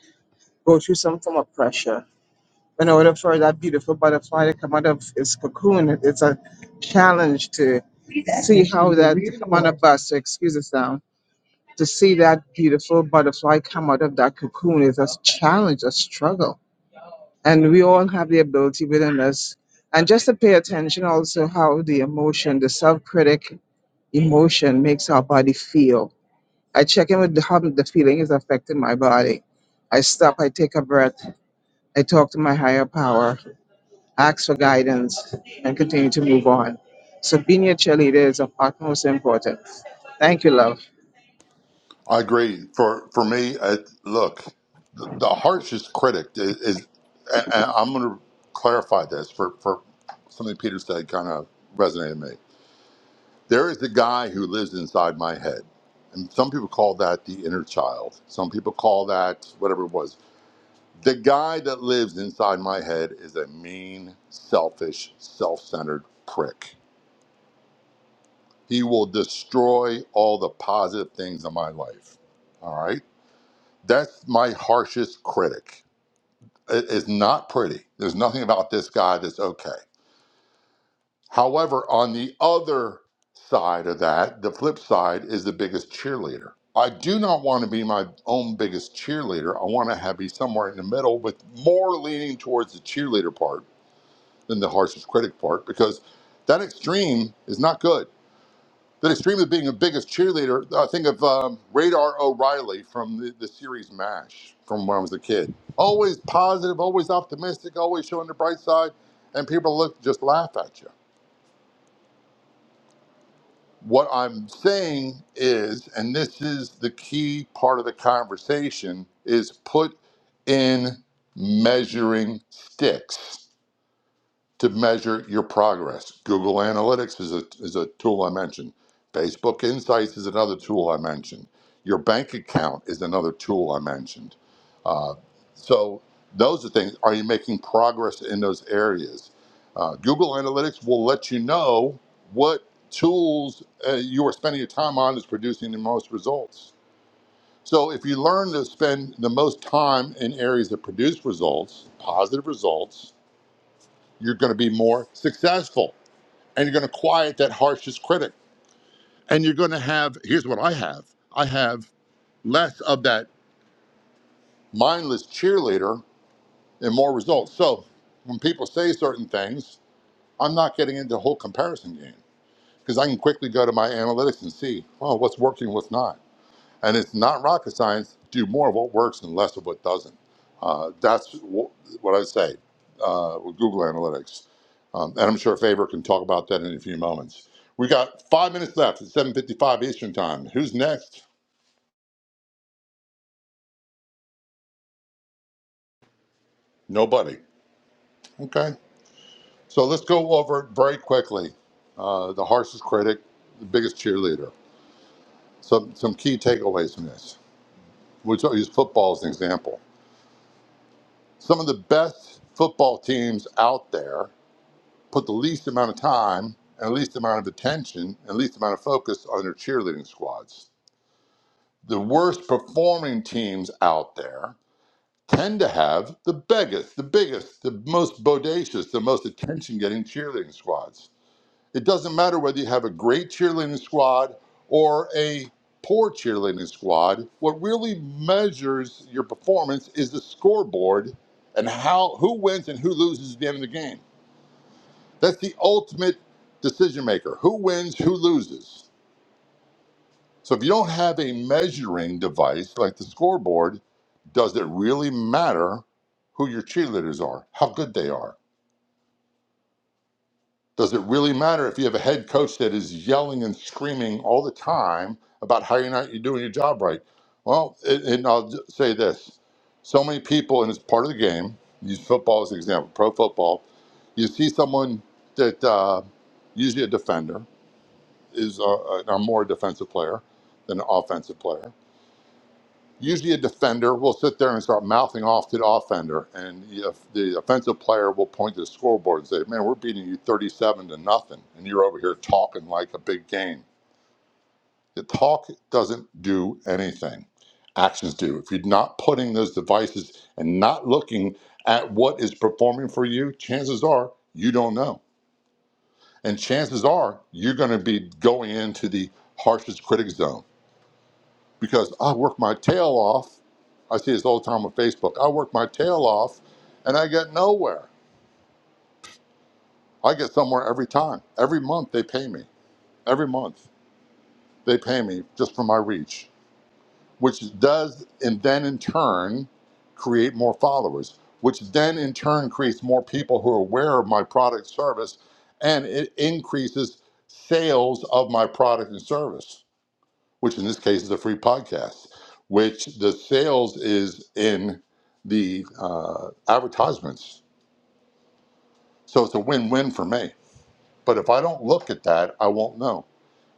go through some form of pressure. In order for that beautiful butterfly to come out of its cocoon, it- it's a challenge to see how that to come on a bus. So excuse the sound. To see that beautiful butterfly come out of that cocoon is a challenge, a struggle and we all have the ability within us and just to pay attention also how the emotion the self-critic emotion makes our body feel i check in with the, how the feeling is affecting my body i stop i take a breath i talk to my higher power ask for guidance and continue to move on so being your cheerleader is of utmost importance thank you love I agree. For for me, it, look, the, the harshest critic is, is and, and I'm going to clarify this for for something Peter said kind of resonated with me. There is a guy who lives inside my head, and some people call that the inner child. Some people call that whatever it was. The guy that lives inside my head is a mean, selfish, self-centered prick. He will destroy all the positive things in my life. All right. That's my harshest critic. It is not pretty. There's nothing about this guy that's okay. However, on the other side of that, the flip side is the biggest cheerleader. I do not want to be my own biggest cheerleader. I want to have be somewhere in the middle with more leaning towards the cheerleader part than the harshest critic part because that extreme is not good Then extremely being the biggest cheerleader, I think of um, Radar O'Reilly from the, the series MASH from when I was a kid. Always positive, always optimistic, always showing the bright side, and people look just laugh at you. What I'm saying is, and this is the key part of the conversation, is put in measuring sticks to measure your progress. Google Analytics is a, is a tool I mentioned. Facebook Insights is another tool I mentioned. Your bank account is another tool I mentioned. Uh, so those are things. Are you making progress in those areas? Uh, Google Analytics will let you know what tools uh, you are spending your time on is producing the most results. So if you learn to spend the most time in areas that produce results, positive results, you're going to be more successful and you're going to quiet that harshest critic. And you're going to have here's what I have I have less of that mindless cheerleader and more results. So when people say certain things, I'm not getting into a whole comparison game because I can quickly go to my analytics and see, oh, what's working, what's not. and it's not rocket science. Do more of what works and less of what doesn't. Uh, that's wh- what I say uh, with Google Analytics, um, and I'm sure Faber can talk about that in a few moments. We got five minutes left. It's 7:55 Eastern Time. Who's next? Nobody. Okay. So let's go over very quickly. Uh, the harshest critic, the biggest cheerleader. Some some key takeaways from this. We'll use football as an example. Some of the best football teams out there put the least amount of time and the least amount of attention and least amount of focus on their cheerleading squads. The worst performing teams out there tend to have the biggest, the biggest, the most bodacious, the most attention getting cheerleading squads. It doesn't matter whether you have a great cheerleading squad or a poor cheerleading squad. What really measures your performance is the scoreboard and how who wins and who loses at the end of the game. That's the ultimate decision maker. Who wins, who loses. So if you don't have a measuring device like the scoreboard, does it really matter who your cheerleaders are, how good they are? Does it really matter if you have a head coach that is yelling and screaming all the time about how you're not you're doing your job right? Well, it, and I'll j- say this: so many people, and it's part of the game. Use football as an example, pro football. You see someone that uh, usually a defender is a, a, more defensive player than an offensive player. Usually, a defender will sit there and start mouthing off to the offender, and if the offensive player will point to the scoreboard and say, "Man, we're beating you 37 to nothing, and you're over here talking like a big game." The talk doesn't do anything; actions do. If you're not putting those devices and not looking at what is performing for you, chances are you don't know, and chances are you're going to be going into the harshest critic zone because I work my tail off. I see this all the time on Facebook. I work my tail off and I get nowhere. I get somewhere every time. Every month they pay me. Every month they pay me just for my reach, which does, and then in turn, create more followers, which then in turn creates more people who are aware of my product service and it increases sales of my product and service. which in this case is a free podcast, which the sales is in the uh, advertisements. So it's a win win for me. But if I don't look at that, I won't know.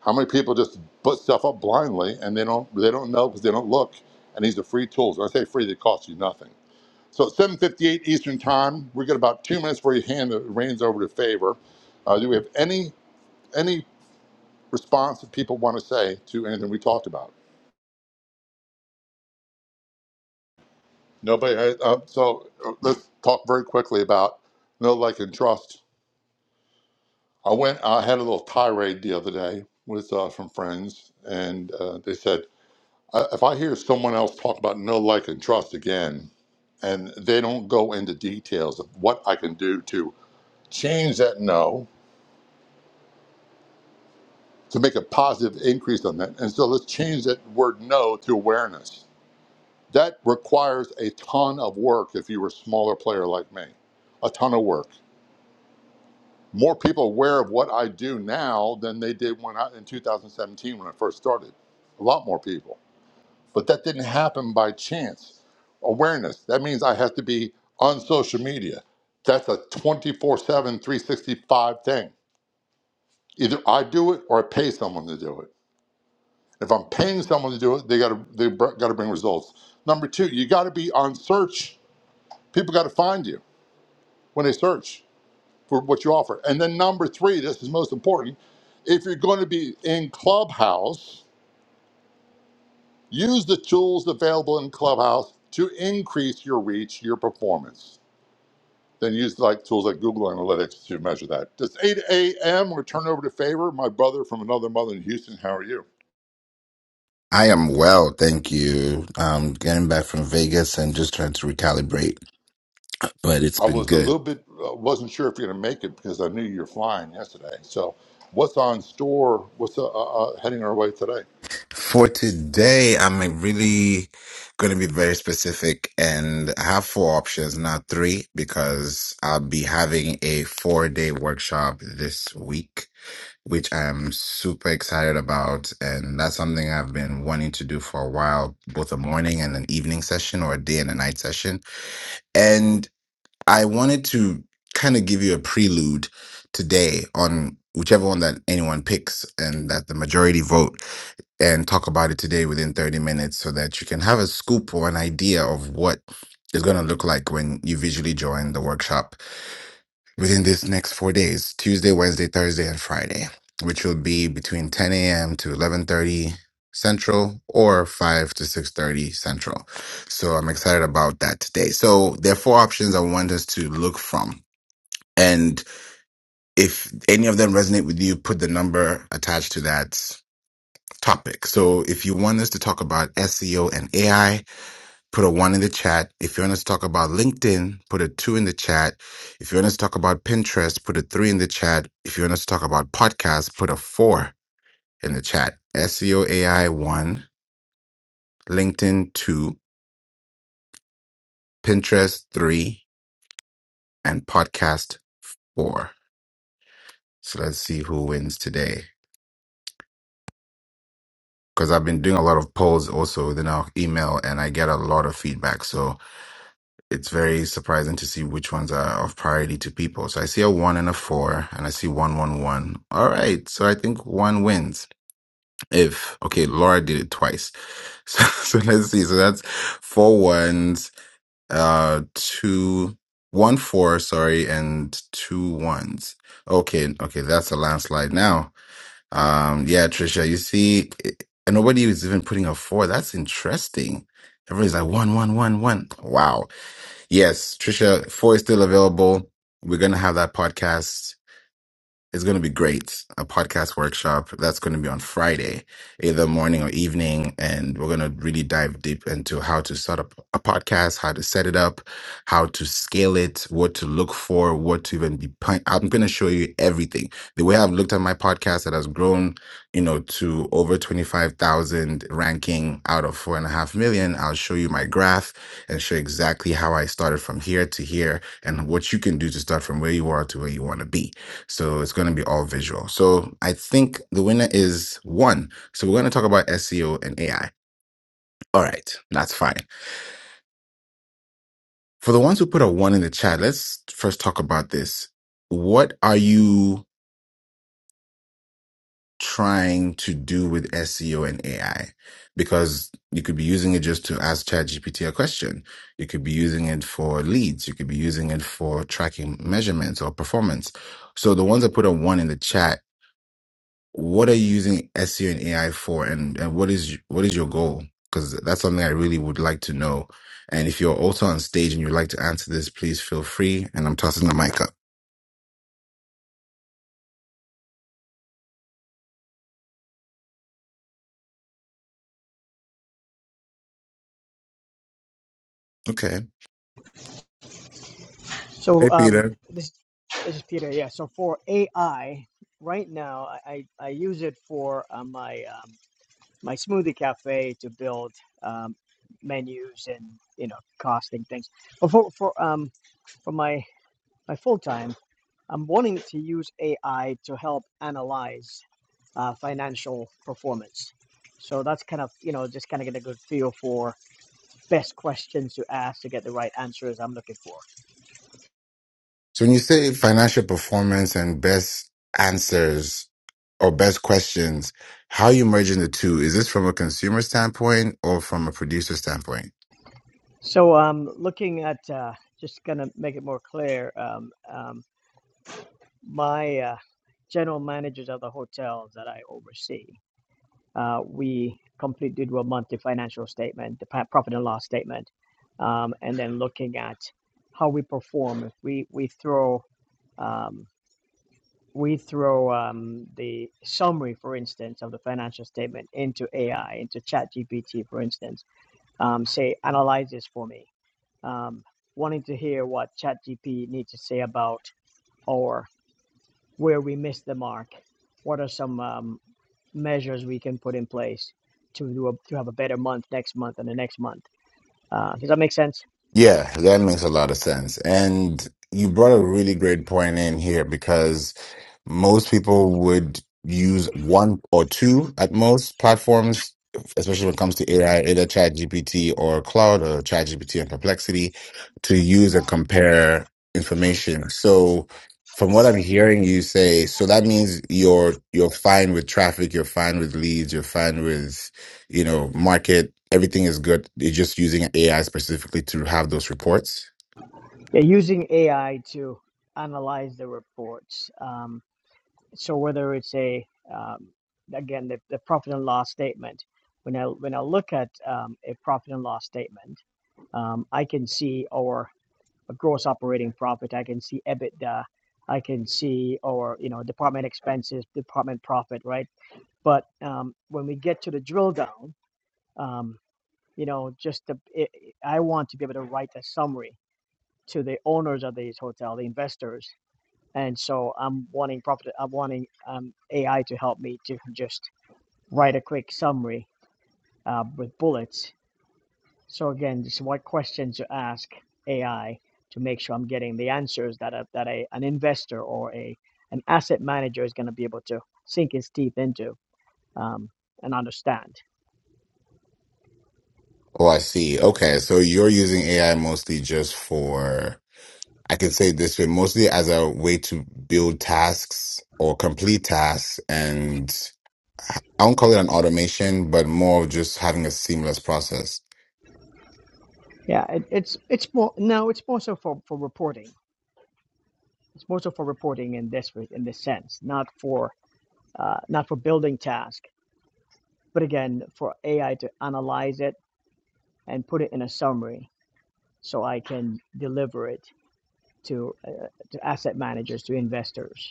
How many people just put stuff up blindly and they don't they don't know because they don't look? And these are free tools. When I say free, they cost you nothing. So at 7:58 Eastern Time, we got about two minutes before you hand the reins over to Favor. Uh, do we have any any response that people want to say to anything we talked about? Nobody. I, uh, uh, so uh, let's talk very quickly about no like and trust. I went. I had a little tirade the other day with uh, some friends, and uh, they said "I- if I hear someone else talk about no like and trust again, and they don't go into details of what I can do to change that no to make a positive increase on that, and so let's change that word no to awareness. That requires a ton of work if you were a smaller player like me, a ton of work more people aware of what I do now than they did when I, in 2017 when I first started. A lot more people. But that didn't happen by chance. Awareness. That means I have to be on social media. That's a 24 7, 365 thing. Either I do it or I pay someone to do it. If I'm paying someone to do it, they got to they got to bring results. Number two, you got to be on search. People got to find you when they search. for what you offer. And then number three, this is most important, if you're going to be in Clubhouse, use the tools available in Clubhouse to increase your reach, your performance. Then use like tools like Google Analytics to measure that. It's 8 a.m. We're turning over to Favor, my brother from another mother in Houston. How are you? I am well, thank you. Um, getting back from Vegas and just trying to recalibrate, but it's I been was a good. little bit uh, wasn't sure if you're going to make it because I knew you were flying yesterday. So, what's on store? What's uh, uh, uh, heading our way today? For today, I'm like, really going to be very specific and I have four options, not three, because I'll be having a four day workshop this week, which I am super excited about. And that's something I've been wanting to do for a while, both a morning and an evening session or a day and a night session. and. I wanted to kind of give you a prelude today on whichever one that anyone picks and that the majority vote and talk about it today within 30 minutes so that you can have a scoop or an idea of what it's going to look like when you visually join the workshop within these next four days tuesday wednesday thursday and friday which will be between 10 a.m to 11.30 central or 5 to 6.30 central so i'm excited about that today so there are four options i want us to look from and if any of them resonate with you put the number attached to that topic so if you want us to talk about seo and ai put a one in the chat. If you want us to talk about LinkedIn, put a two in the chat. If you want us to talk about Pinterest, put a three in the chat. If you want us to talk about podcasts, put a four in the chat. SEO AI one, LinkedIn two, Pinterest three, and podcast four. So let's see who wins today. Because I've been doing a lot of polls also within our email and I get a lot of feedback. So it's very surprising to see which ones are of priority to people. So I see a one and a four, and I see one, one, one. All right. So I think one wins. If, okay, Laura did it twice. So, so let's see. So that's four ones, uh, two, one, four, sorry, and two ones. Okay. Okay. That's a landslide now. Um, yeah, Trisha, you see, it- and nobody is even putting a four. That's interesting. Everybody's like one, one, one, one. Wow. Yes, Trisha Four is still available. We're gonna have that podcast it's going to be great. A podcast workshop that's going to be on Friday, either morning or evening. And we're going to really dive deep into how to set up a podcast, how to set it up, how to scale it, what to look for, what to even be. pun- I'm going to show you everything. The way I've looked at my podcast that has grown, you know, to over 25,000 ranking out of four and a half million, I'll show you my graph and show exactly how I started from here to here and what you can do to start from where you are to where you want to be. So it's going to be all visual. So I think the winner is one. So we're going to talk about SEO and AI. All right, that's fine. For the ones who put a one in the chat, let's first talk about this. What are you trying to do with SEO and AI? Because you could be using it just to ask ChatGPT a question. You could be using it for leads. You could be using it for tracking measurements or performance. So the ones that put a one in the chat, what are you using SEO and AI for, and and what is what is your goal? Because that's something I really would like to know. And if you're also on stage and you'd like to answer this, please feel free. And I'm tossing the mic up. Okay. Hey, So um, Peter. this, this is Peter. Yeah. So for AI, right now I, I I use it for uh, my um, my smoothie cafe to build um, menus and you know costing things. But for for um for my my full time, I'm wanting to use AI to help analyze uh, financial performance. So that's kind of you know just kind of get a good feel for best questions to ask to get the right answers I'm looking for. So when you say financial performance and best answers or best questions, how are you merging the two? Is this from a consumer standpoint or from a producer standpoint? So, um, looking at uh, just gonna make it more clear, um, um, my uh, general managers of the hotels that I oversee, uh, we complete do a monthly financial statement, the pa- profit and loss statement, um, and then looking at how we perform. If we we throw um, we throw um, the summary, for instance, of the financial statement into AI, into ChatGPT, for instance. Um, say, analyze this for me um, wanting to hear what ChatGPT needs to say about or where we missed the mark. What are some um, measures we can put in place to do a, to have a better month next month and the next month? Uh, does that make sense? Yeah, that makes a lot of sense. And you brought a really great point in here because most people would use one or two at most platforms, especially when it comes to AI, either ChatGPT or Cloud or ChatGPT and Perplexity, to use and compare information. So from what I'm hearing you say, so that means you're you're fine with traffic, you're fine with leads, you're fine with you know, market, everything is good. You're just using AI specifically to have those reports. Yeah, using AI to analyze the reports. Um, so whether it's a um, again the, the profit and loss statement. When I when I look at um, a profit and loss statement, um, I can see our a gross operating profit. I can see EBITDA. I can see, or you know, department expenses, department profit, right? But um, when we get to the drill down, um, you know, just the, it, I want to be able to write a summary to the owners of these hotel, the investors, and so I'm wanting profit. I'm wanting um, AI to help me to just write a quick summary uh, with bullets So again, just what questions to ask AI to make sure I'm getting the answers that a, that a, an investor or a an asset manager is going to be able to sink his teeth into um, and understand. Oh, I see. Okay. So you're using AI mostly just for, I can say it this way, mostly as a way to build tasks or complete tasks. And I won't call it an automation, but more of just having a seamless process. Yeah, it, it's it's more no, it's more so for, for reporting. It's more so for reporting in this in this sense, not for uh, not for building task, but again for AI to analyze it and put it in a summary so I can deliver it to uh, to asset managers to investors.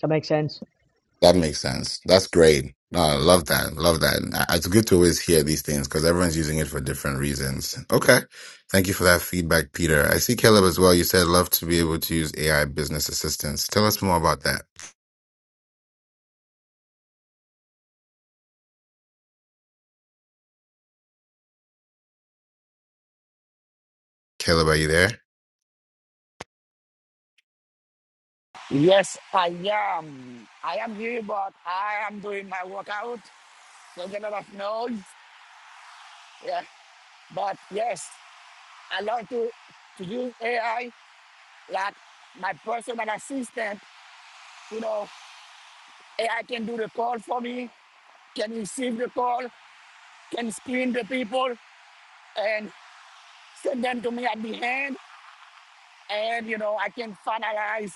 That makes sense. That makes sense. That's great. No, I love that. Love that. And I- It's good to always hear these things because everyone's using it for different reasons. Okay. Thank you for that feedback, Peter. I see Caleb as well. You said love to be able to use AI business assistance. Tell us more about that. Caleb, are you there? Yes, I am. I am here, but I am doing my workout. Make a lot of noise. Yeah, but yes, I love to to use AI like my personal assistant. You know, AI can do the call for me, can receive the call, can screen the people, and send them to me at the end. And you know, I can finalize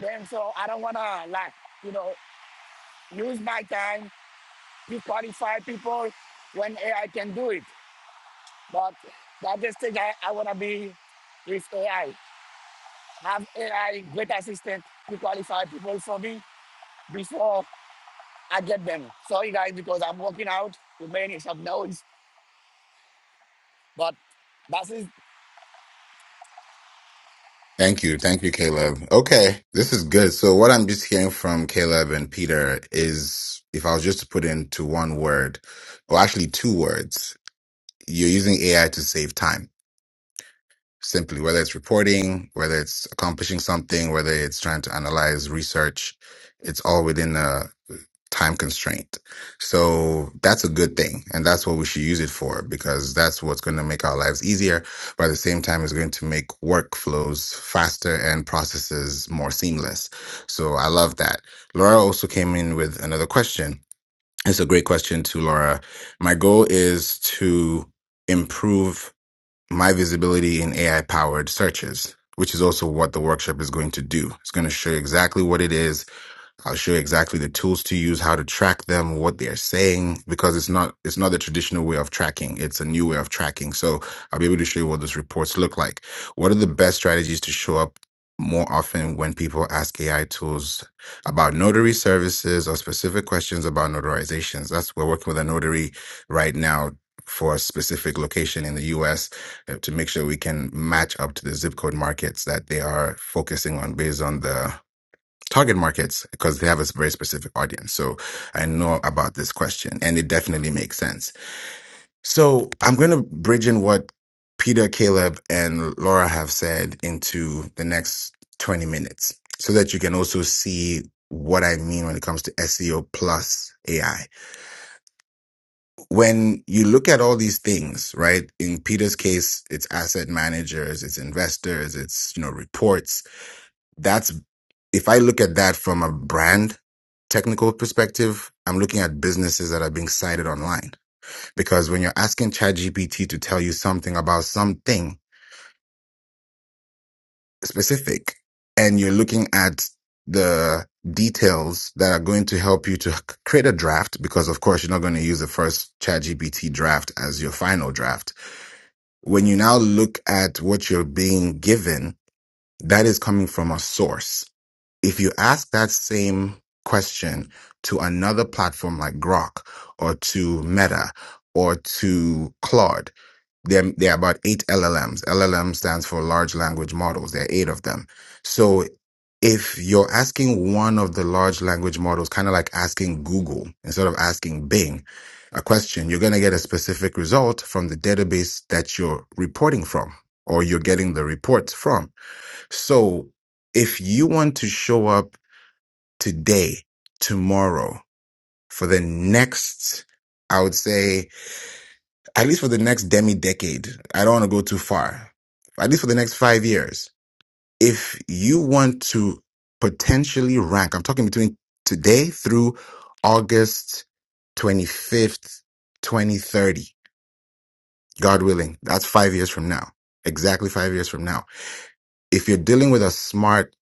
them. So I don't wanna like you know use my time you qualify people when AI can do it. But the other stage, I, I want to be with AI. Have AI great assistant to qualify people for me before I get them. Sorry guys, because I'm working out to make some noise, but that's it. Thank you. Thank you, Caleb. Okay. This is good. So what I'm just hearing from Caleb and Peter is if I was just to put it into one word, or actually two words, you're using AI to save time simply, whether it's reporting, whether it's accomplishing something, whether it's trying to analyze research, it's all within a uh, time constraint. So that's a good thing. And that's what we should use it for because that's what's going to make our lives easier. But at the same time, it's going to make workflows faster and processes more seamless. So I love that. Laura also came in with another question. It's a great question to Laura. My goal is to improve my visibility in AI powered searches, which is also what the workshop is going to do. It's going to show you exactly what it is I'll show you exactly the tools to use, how to track them, what they're saying, because it's not it's not the traditional way of tracking. It's a new way of tracking. So I'll be able to show you what those reports look like. What are the best strategies to show up more often when people ask AI tools about notary services or specific questions about notarizations? That's we're working with a notary right now for a specific location in the US uh, to make sure we can match up to the zip code markets that they are focusing on based on the target markets because they have a very specific audience. So I know about this question and it definitely makes sense. So I'm going to bridge in what Peter, Caleb, and Laura have said into the next 20 minutes so that you can also see what I mean when it comes to SEO plus AI. When you look at all these things, right? In Peter's case, it's asset managers, it's investors, it's, you know, reports that's if I look at that from a brand technical perspective, I'm looking at businesses that are being cited online. Because when you're asking ChatGPT to tell you something about something specific and you're looking at the details that are going to help you to create a draft, because of course you're not going to use the first ChatGPT draft as your final draft. When you now look at what you're being given, that is coming from a source if you ask that same question to another platform like Grok or to Meta or to Claude, there, there are about eight LLMs. LLM stands for large language models. There are eight of them. So if you're asking one of the large language models, kind of like asking Google instead of asking Bing a question, you're going to get a specific result from the database that you're reporting from or you're getting the reports from. So if you want to show up today, tomorrow, for the next, I would say, at least for the next demi decade. I don't want to go too far. At least for the next five years. If you want to potentially rank, I'm talking between today through August 25th, 2030, God willing, that's five years from now. Exactly five years from now. If you're dealing with a smart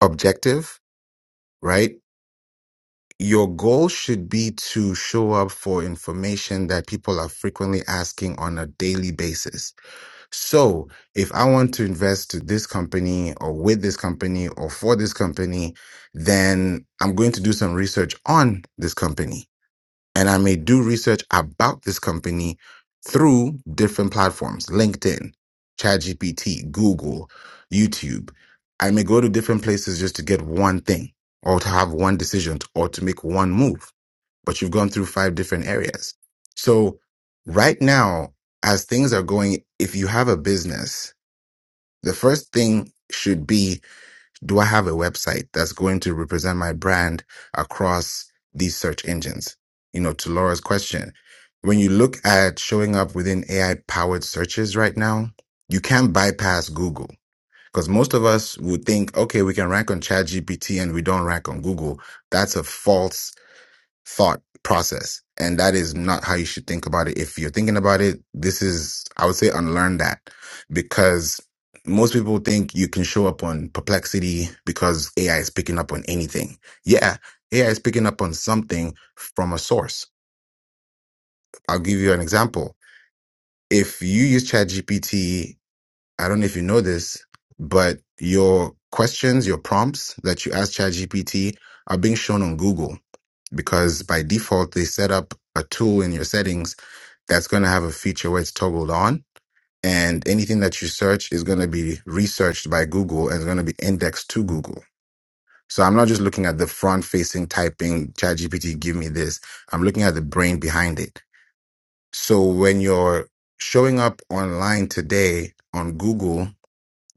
objective, right? your goal should be to show up for information that people are frequently asking on a daily basis. So if I want to invest to this company or with this company or for this company, then I'm going to do some research on this company and I may do research about this company through different platforms LinkedIn, ChatGPT, Google, YouTube. I may go to different places just to get one thing or to have one decision or to make one move, but you've gone through five different areas. So, right now, as things are going, if you have a business, the first thing should be do I have a website that's going to represent my brand across these search engines? You know, to Laura's question, when you look at showing up within AI powered searches right now, you can't bypass Google because most of us would think, okay, we can rank on ChatGPT and we don't rank on Google. That's a false thought process. And that is not how you should think about it. If you're thinking about it, this is, I would say, unlearn that because most people think you can show up on perplexity because AI is picking up on anything. Yeah, AI is picking up on something from a source. I'll give you an example. If you use ChatGPT, I don't know if you know this, but your questions, your prompts that you ask ChatGPT are being shown on Google because by default they set up a tool in your settings that's going to have a feature where it's toggled on and anything that you search is going to be researched by google and is going to be indexed to google so i'm not just looking at the front facing typing ChatGPT, give me this i'm looking at the brain behind it so when you're showing up online today on google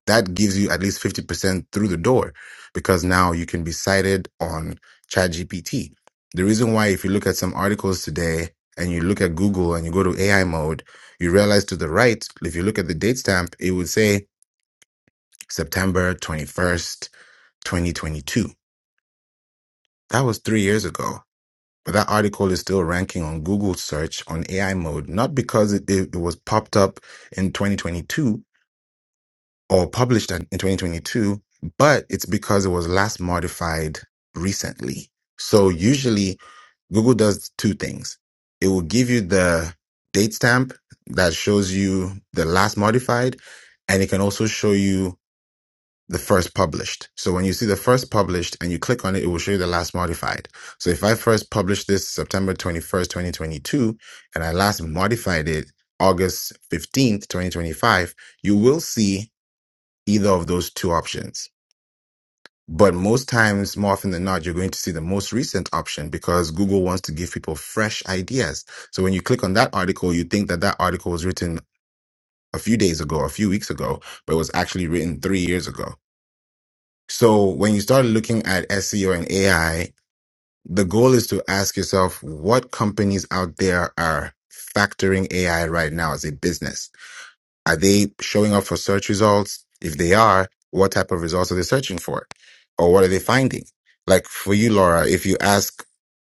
that gives you at least 50% through the door because now you can be cited on ChatGPT. The reason why, if you look at some articles today and you look at Google and you go to AI mode, you realize to the right, if you look at the date stamp, it would say September 21st, 2022. That was three years ago. But that article is still ranking on Google search on AI mode, not because it, it it was popped up in 2022, or published in in 2022, but it's because it was last modified recently. So usually Google does two things. It will give you the date stamp that shows you the last modified, and it can also show you the first published. So when you see the first published and you click on it, it will show you the last modified. So if I first published this September 21st, 2022, and I last modified it August 15th, 2025, you will see either of those two options. But most times, more often than not, you're going to see the most recent option because Google wants to give people fresh ideas. So when you click on that article, you think that that article was written a few days ago, a few weeks ago, but it was actually written three years ago. So when you start looking at SEO and AI, the goal is to ask yourself what companies out there are factoring AI right now as a business Are they showing up for search results? If they are, what type of results are they searching for? Or what are they finding? Like for you, Laura, if you ask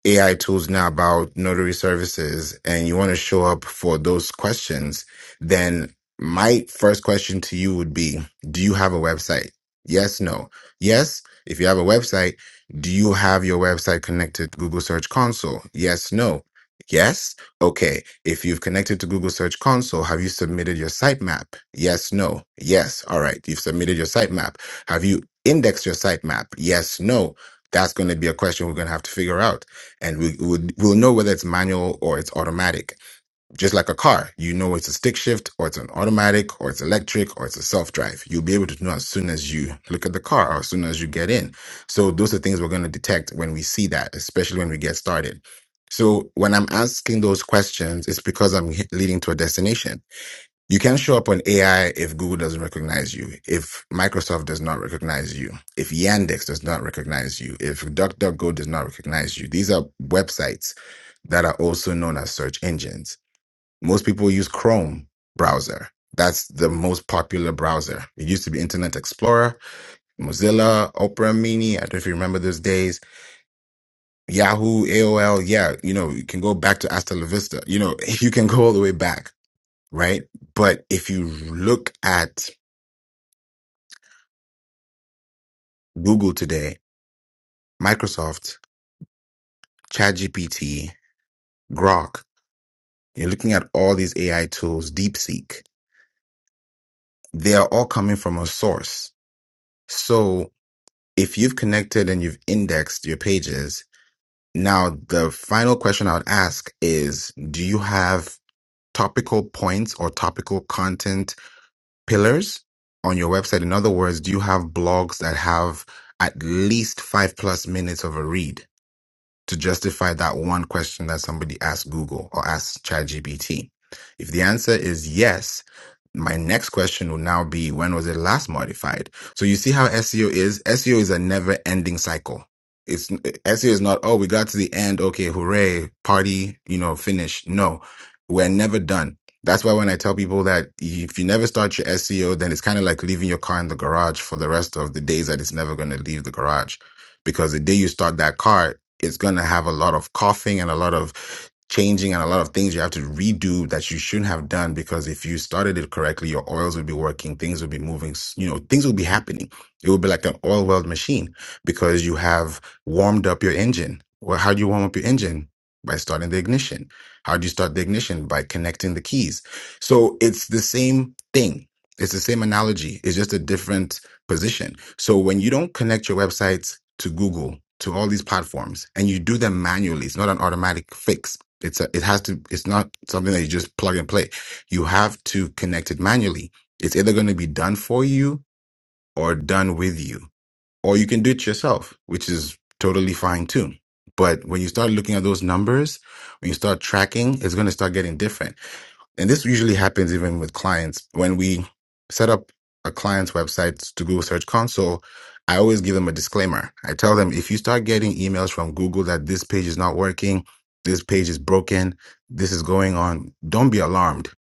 AI tools now about notary services and you want to show up for those questions, then my first question to you would be, do you have a website? Yes, no. Yes, if you have a website, do you have your website connected to Google Search Console? Yes, no. Yes. Okay. If you've connected to Google Search Console, have you submitted your sitemap? Yes, no. Yes. All right. You've submitted your sitemap. Have you indexed your sitemap? Yes, no. That's going to be a question we're going to have to figure out and we would we'll know whether it's manual or it's automatic. Just like a car, you know it's a stick shift or it's an automatic or it's electric or it's a self drive. You'll be able to know as soon as you look at the car or as soon as you get in. So those are things we're going to detect when we see that, especially when we get started. So when I'm asking those questions, it's because I'm leading to a destination you can show up on AI if Google doesn't recognize you, if Microsoft does not recognize you, if Yandex does not recognize you, if DuckDuckGo does not recognize you. These are websites that are also known as search engines. Most people use Chrome browser. That's the most popular browser. It used to be Internet Explorer, Mozilla, Opera Mini. I don't know if you remember those days. Yahoo, AOL. Yeah, you know, you can go back to Hasta La Vista. You know, you can go all the way back, right? But if you look at Google today, Microsoft, ChatGPT, Grok, you're looking at all these AI tools, DeepSeek, they are all coming from a source. So if you've connected and you've indexed your pages, now the final question I would ask is, do you have topical points or topical content pillars on your website? In other words, do you have blogs that have at least five plus minutes of a read? to justify that one question that somebody asked Google or asked ChatGPT? If the answer is yes, my next question will now be when was it last modified? So you see how SEO is? SEO is a never ending cycle. It's SEO is not, oh, we got to the end. Okay. Hooray. Party, you know, finish. No, we're never done. That's why when I tell people that if you never start your SEO, then it's kind of like leaving your car in the garage for the rest of the days that it's never going to leave the garage because the day you start that car it's going to have a lot of coughing and a lot of changing and a lot of things you have to redo that you shouldn't have done because if you started it correctly your oils would be working things would be moving s- you know things would be happening it would be like an oil weld machine because you have warmed up your engine well how do you warm up your engine by starting the ignition how do you start the ignition by connecting the keys so it's the same thing it's the same analogy it's just a different position. So when you don't connect your websites to Google, to all these platforms, and you do them manually, it's not an automatic fix. It's a, it has to, it's not something that you just plug and play. You have to connect it manually. It's either going to be done for you or done with you, or you can do it yourself, which is totally fine too. But when you start looking at those numbers, when you start tracking, it's going to start getting different and this usually happens even with clients when we set up a client's website to Google Search Console. I always give them a disclaimer. I tell them if you start getting emails from Google that this page is not working, this page is broken, this is going on, don't be alarmed.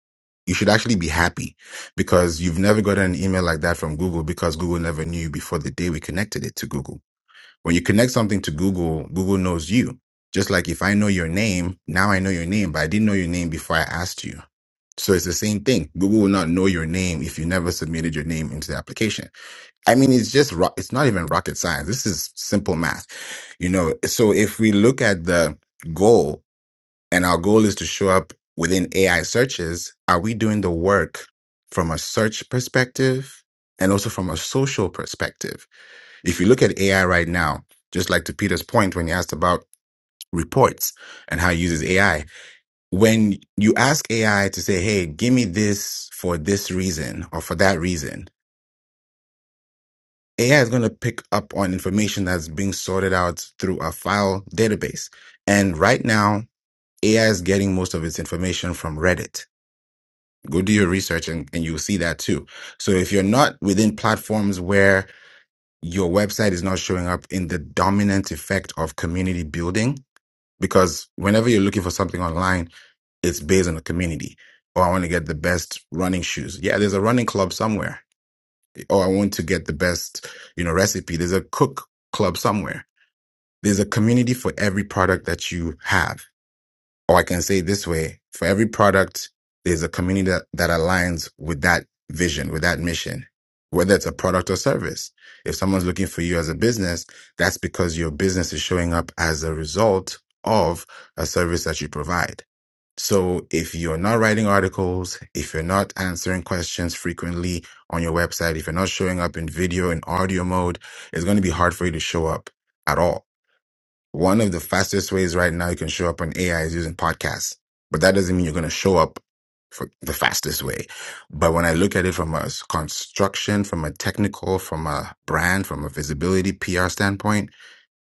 You should actually be happy because you've never gotten an email like that from Google because Google never knew you before the day we connected it to Google. When you connect something to Google, Google knows you. Just like if I know your name, now I know your name, but I didn't know your name before I asked you. So it's the same thing. Google will not know your name if you never submitted your name into the application. I mean, it's just, ro- it's not even rocket science. This is simple math, you know? So if we look at the goal and our goal is to show up within AI searches, are we doing the work from a search perspective and also from a social perspective? If you look at AI right now, just like to Peter's point when he asked about reports and how he uses AI, when you ask AI to say, hey, give me this for this reason or for that reason, AI is going to pick up on information that's being sorted out through a file database. And right now, AI is getting most of its information from Reddit. Go do your research and, and you'll see that too. So if you're not within platforms where your website is not showing up in the dominant effect of community building, because whenever you're looking for something online, it's based on a community. Or I want to get the best running shoes. Yeah, there's a running club somewhere. Or I want to get the best, you know, recipe. There's a cook club somewhere. There's a community for every product that you have or I can say it this way, for every product, there's a community that, that aligns with that vision, with that mission, whether it's a product or service. If someone's looking for you as a business, that's because your business is showing up as a result of a service that you provide. So if you're not writing articles, if you're not answering questions frequently on your website, if you're not showing up in video and audio mode, it's going to be hard for you to show up at all. One of the fastest ways right now you can show up on AI is using podcasts, but that doesn't mean you're going to show up for the fastest way. But when I look at it from a construction, from a technical, from a brand, from a visibility PR standpoint,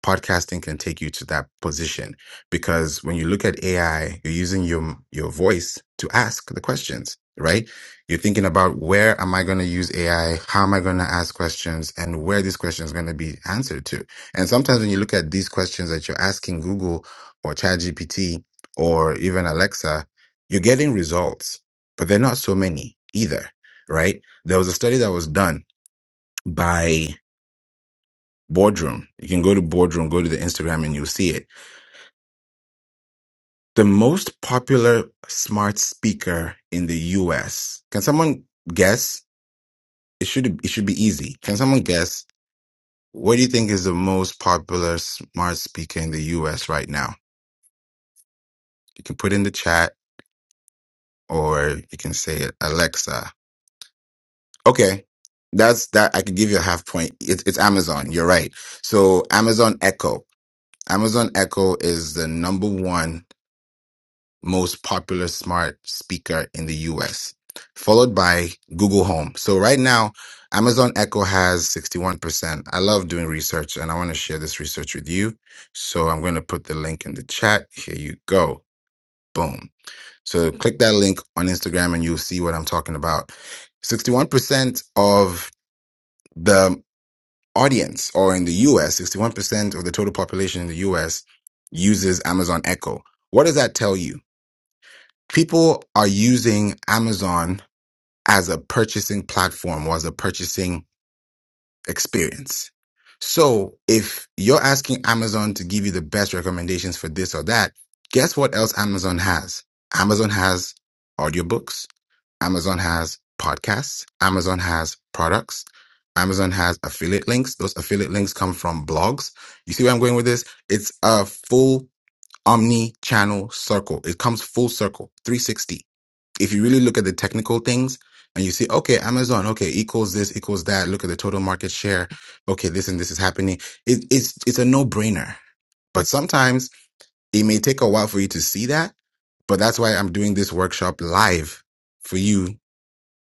podcasting can take you to that position because when you look at AI, you're using your your voice to ask the questions, right? You're thinking about where am I going to use AI? How am I going to ask questions and where these questions are going to be answered to? And sometimes when you look at these questions that you're asking Google or ChatGPT or even Alexa, you're getting results, but they're not so many either, right? There was a study that was done by Boardroom. You can go to Boardroom, go to the Instagram and you'll see it the most popular smart speaker in the US. Can someone guess? It should it should be easy. Can someone guess what do you think is the most popular smart speaker in the US right now? You can put in the chat or you can say it, Alexa. Okay. That's that I could give you a half point. It, it's Amazon. You're right. So Amazon Echo. Amazon Echo is the number one most popular smart speaker in the US, followed by Google Home. So right now, Amazon Echo has 61%. I love doing research and I want to share this research with you. So I'm going to put the link in the chat. Here you go. Boom. So click that link on Instagram and you'll see what I'm talking about. 61% of the audience or in the US, 61% of the total population in the US uses Amazon Echo. What does that tell you? people are using Amazon as a purchasing platform or as a purchasing experience. So if you're asking Amazon to give you the best recommendations for this or that, guess what else Amazon has? Amazon has audiobooks. Amazon has podcasts. Amazon has products. Amazon has affiliate links. Those affiliate links come from blogs. You see where I'm going with this? It's a full omni channel circle. It comes full circle, 360 if you really look at the technical things and you see, okay, Amazon, okay, equals this, equals that. Look at the total market share. Okay, this and this is happening. It, it's it's a no brainer. But sometimes it may take a while for you to see that. But that's why I'm doing this workshop live for you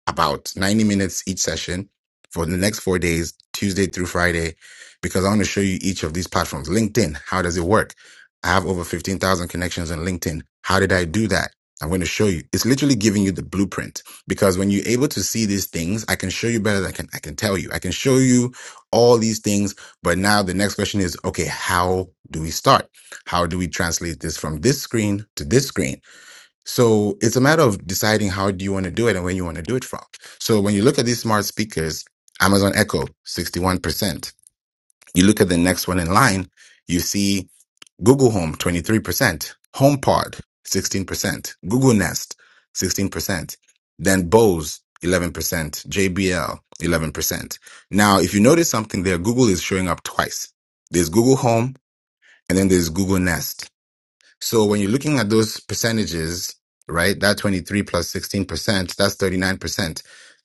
about 90 minutes each session for the next four days, Tuesday through Friday, because I want to show you each of these platforms. LinkedIn, how does it work? I have over 15,000 connections on LinkedIn. How did I do that? I'm going to show you. It's literally giving you the blueprint because when you're able to see these things, I can show you better than I can, I can tell you. I can show you all these things. But now the next question is, okay, how do we start? How do we translate this from this screen to this screen? So it's a matter of deciding how do you want to do it and where you want to do it from. So when you look at these smart speakers, Amazon Echo, 61%. You look at the next one in line, you see Google Home, 23%, HomePod, 16%, Google Nest, 16%, then Bose, 11%, JBL, 11%. Now, if you notice something there, Google is showing up twice. There's Google Home and then there's Google Nest. So when you're looking at those percentages, right, that 23 16%, that's 39%.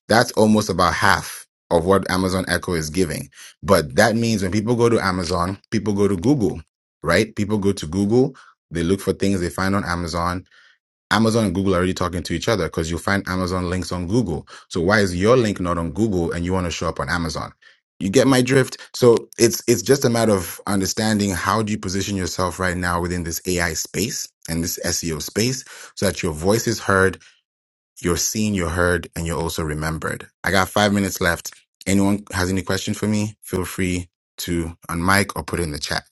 That's almost about half of what Amazon Echo is giving. But that means when people go to Amazon, people go to Google, right? People go to Google, they look for things they find on Amazon, Amazon and Google are already talking to each other because you'll find Amazon links on Google. So why is your link not on Google and you want to show up on Amazon? You get my drift? So it's it's just a matter of understanding how do you position yourself right now within this AI space and this SEO space so that your voice is heard, you're seen, you're heard, and you're also remembered. I got five minutes left. Anyone has any question for me? Feel free to unmic or put it in the chat.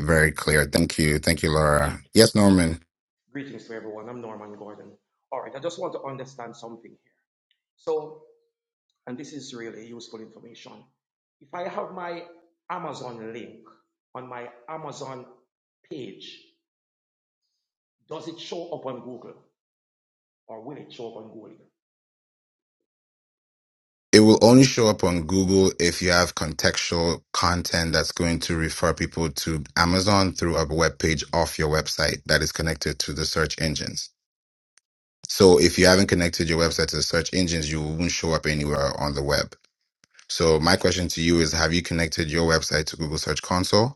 Very clear. Thank you. Thank you, Laura. Great. Yes, Norman. Greetings to everyone. I'm Norman Gordon. All right, I just want to understand something here. So, and this is really useful information. If I have my Amazon link on my Amazon page, does it show up on Google or will it show up on Google? it will only show up on Google if you have contextual content that's going to refer people to Amazon through a web page off your website that is connected to the search engines. So if you haven't connected your website to the search engines, you won't show up anywhere on the web. So my question to you is have you connected your website to Google Search Console?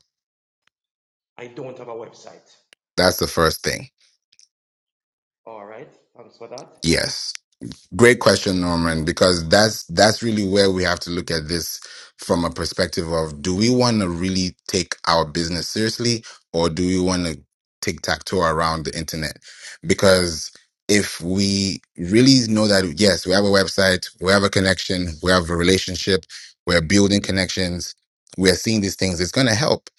I don't have a website. That's the first thing. All right, thanks for that. Yes. Great question, Norman, because that's that's really where we have to look at this from a perspective of do we want to really take our business seriously or do we want to tic tac toe around the internet? Because if we really know that yes, we have a website, we have a connection, we have a relationship, we're building connections, we're seeing these things, it's gonna help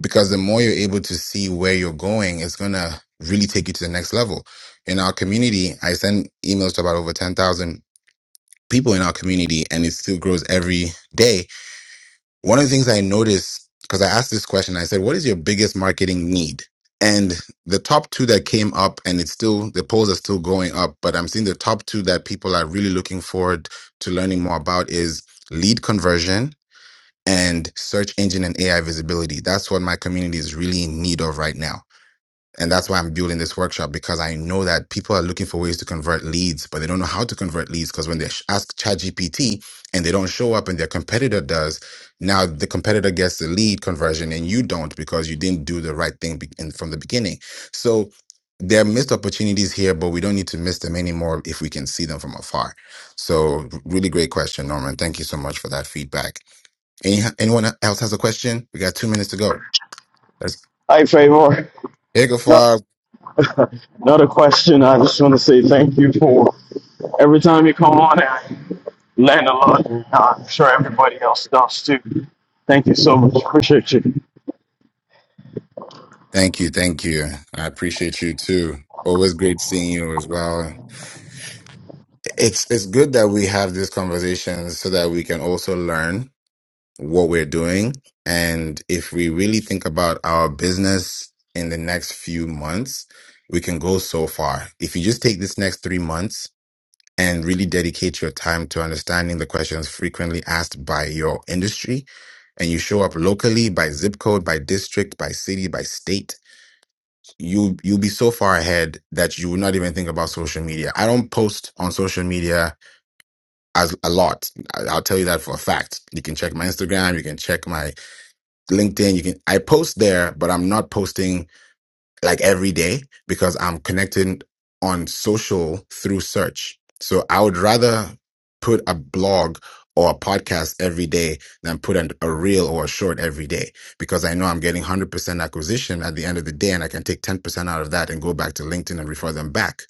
because the more you're able to see where you're going, it's gonna really take you to the next level in our community. I send emails to about over 10,000 people in our community and it still grows every day. One of the things I noticed, because I asked this question, I said, what is your biggest marketing need? And the top two that came up and it's still, the polls are still going up, but I'm seeing the top two that people are really looking forward to learning more about is lead conversion and search engine and AI visibility. That's what my community is really in need of right now and that's why I'm building this workshop because I know that people are looking for ways to convert leads, but they don't know how to convert leads because when they sh- ask ChatGPT and they don't show up and their competitor does, now the competitor gets the lead conversion and you don't because you didn't do the right thing be- in, from the beginning. So there are missed opportunities here, but we don't need to miss them anymore if we can see them from afar. So really great question, Norman. Thank you so much for that feedback. Any, anyone else has a question? We got two minutes to go. Let's, Hi, Favor. hey, No- go Another question. I just want to say thank you for every time you come on and I learn a lot. and I'm sure everybody else does too. Thank you so much. Appreciate you. Thank you, thank you. I appreciate you too. Always great seeing you as well. It's it's good that we have these conversations so that we can also learn what we're doing. And if we really think about our business in the next few months, we can go so far. If you just take this next three months and really dedicate your time to understanding the questions frequently asked by your industry, and you show up locally by zip code, by district, by city, by state, you you'll be so far ahead that you will not even think about social media. I don't post on social media as a lot. I- I'll tell you that for a fact. You can check my Instagram, you can check my LinkedIn, you can I post there, but I'm not posting like every day because I'm connected on social through search. So I would rather put a blog or a podcast every day than put an, a reel or a short every day because I know I'm getting 100% acquisition at the end of the day and I can take 10% out of that and go back to LinkedIn and refer them back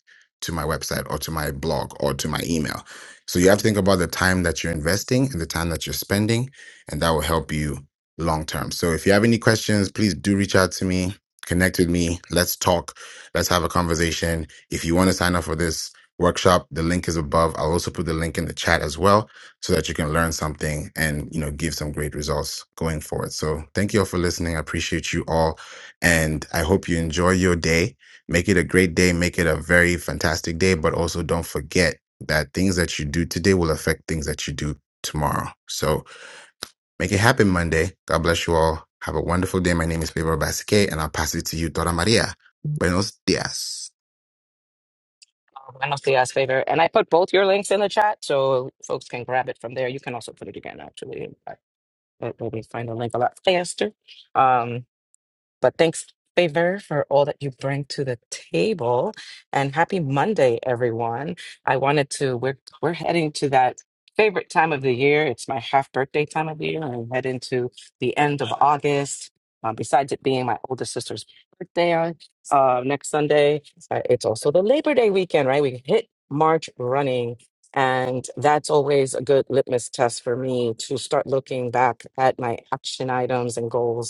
to my website or to my blog or to my email. So you have to think about the time that you're investing and the time that you're spending and that will help you long term. So if you have any questions, please do reach out to me connect with me. Let's talk. Let's have a conversation. If you want to sign up for this workshop, the link is above. I'll also put the link in the chat as well so that you can learn something and, you know, give some great results going forward. So thank you all for listening. I appreciate you all. And I hope you enjoy your day. Make it a great day. Make it a very fantastic day. But also don't forget that things that you do today will affect things that you do tomorrow. So Make it happen Monday. God bless you all. Have a wonderful day. My name is Pedro Basque, and I'll pass it to you, Dora Maria. Buenos dias. Buenos dias, favor. And I put both your links in the chat so folks can grab it from there. You can also put it again, actually. I- It will be find the link a lot faster. Um, but thanks, Favor, for all that you bring to the table. And happy Monday, everyone. I wanted to, we're, we're heading to that favorite time of the year. It's my half birthday time of the year. and I head into the end of August. Um, besides it being my older sister's birthday on uh, next Sunday, uh, it's also the Labor Day weekend, right? We hit March running. And that's always a good litmus test for me to start looking back at my action items and goals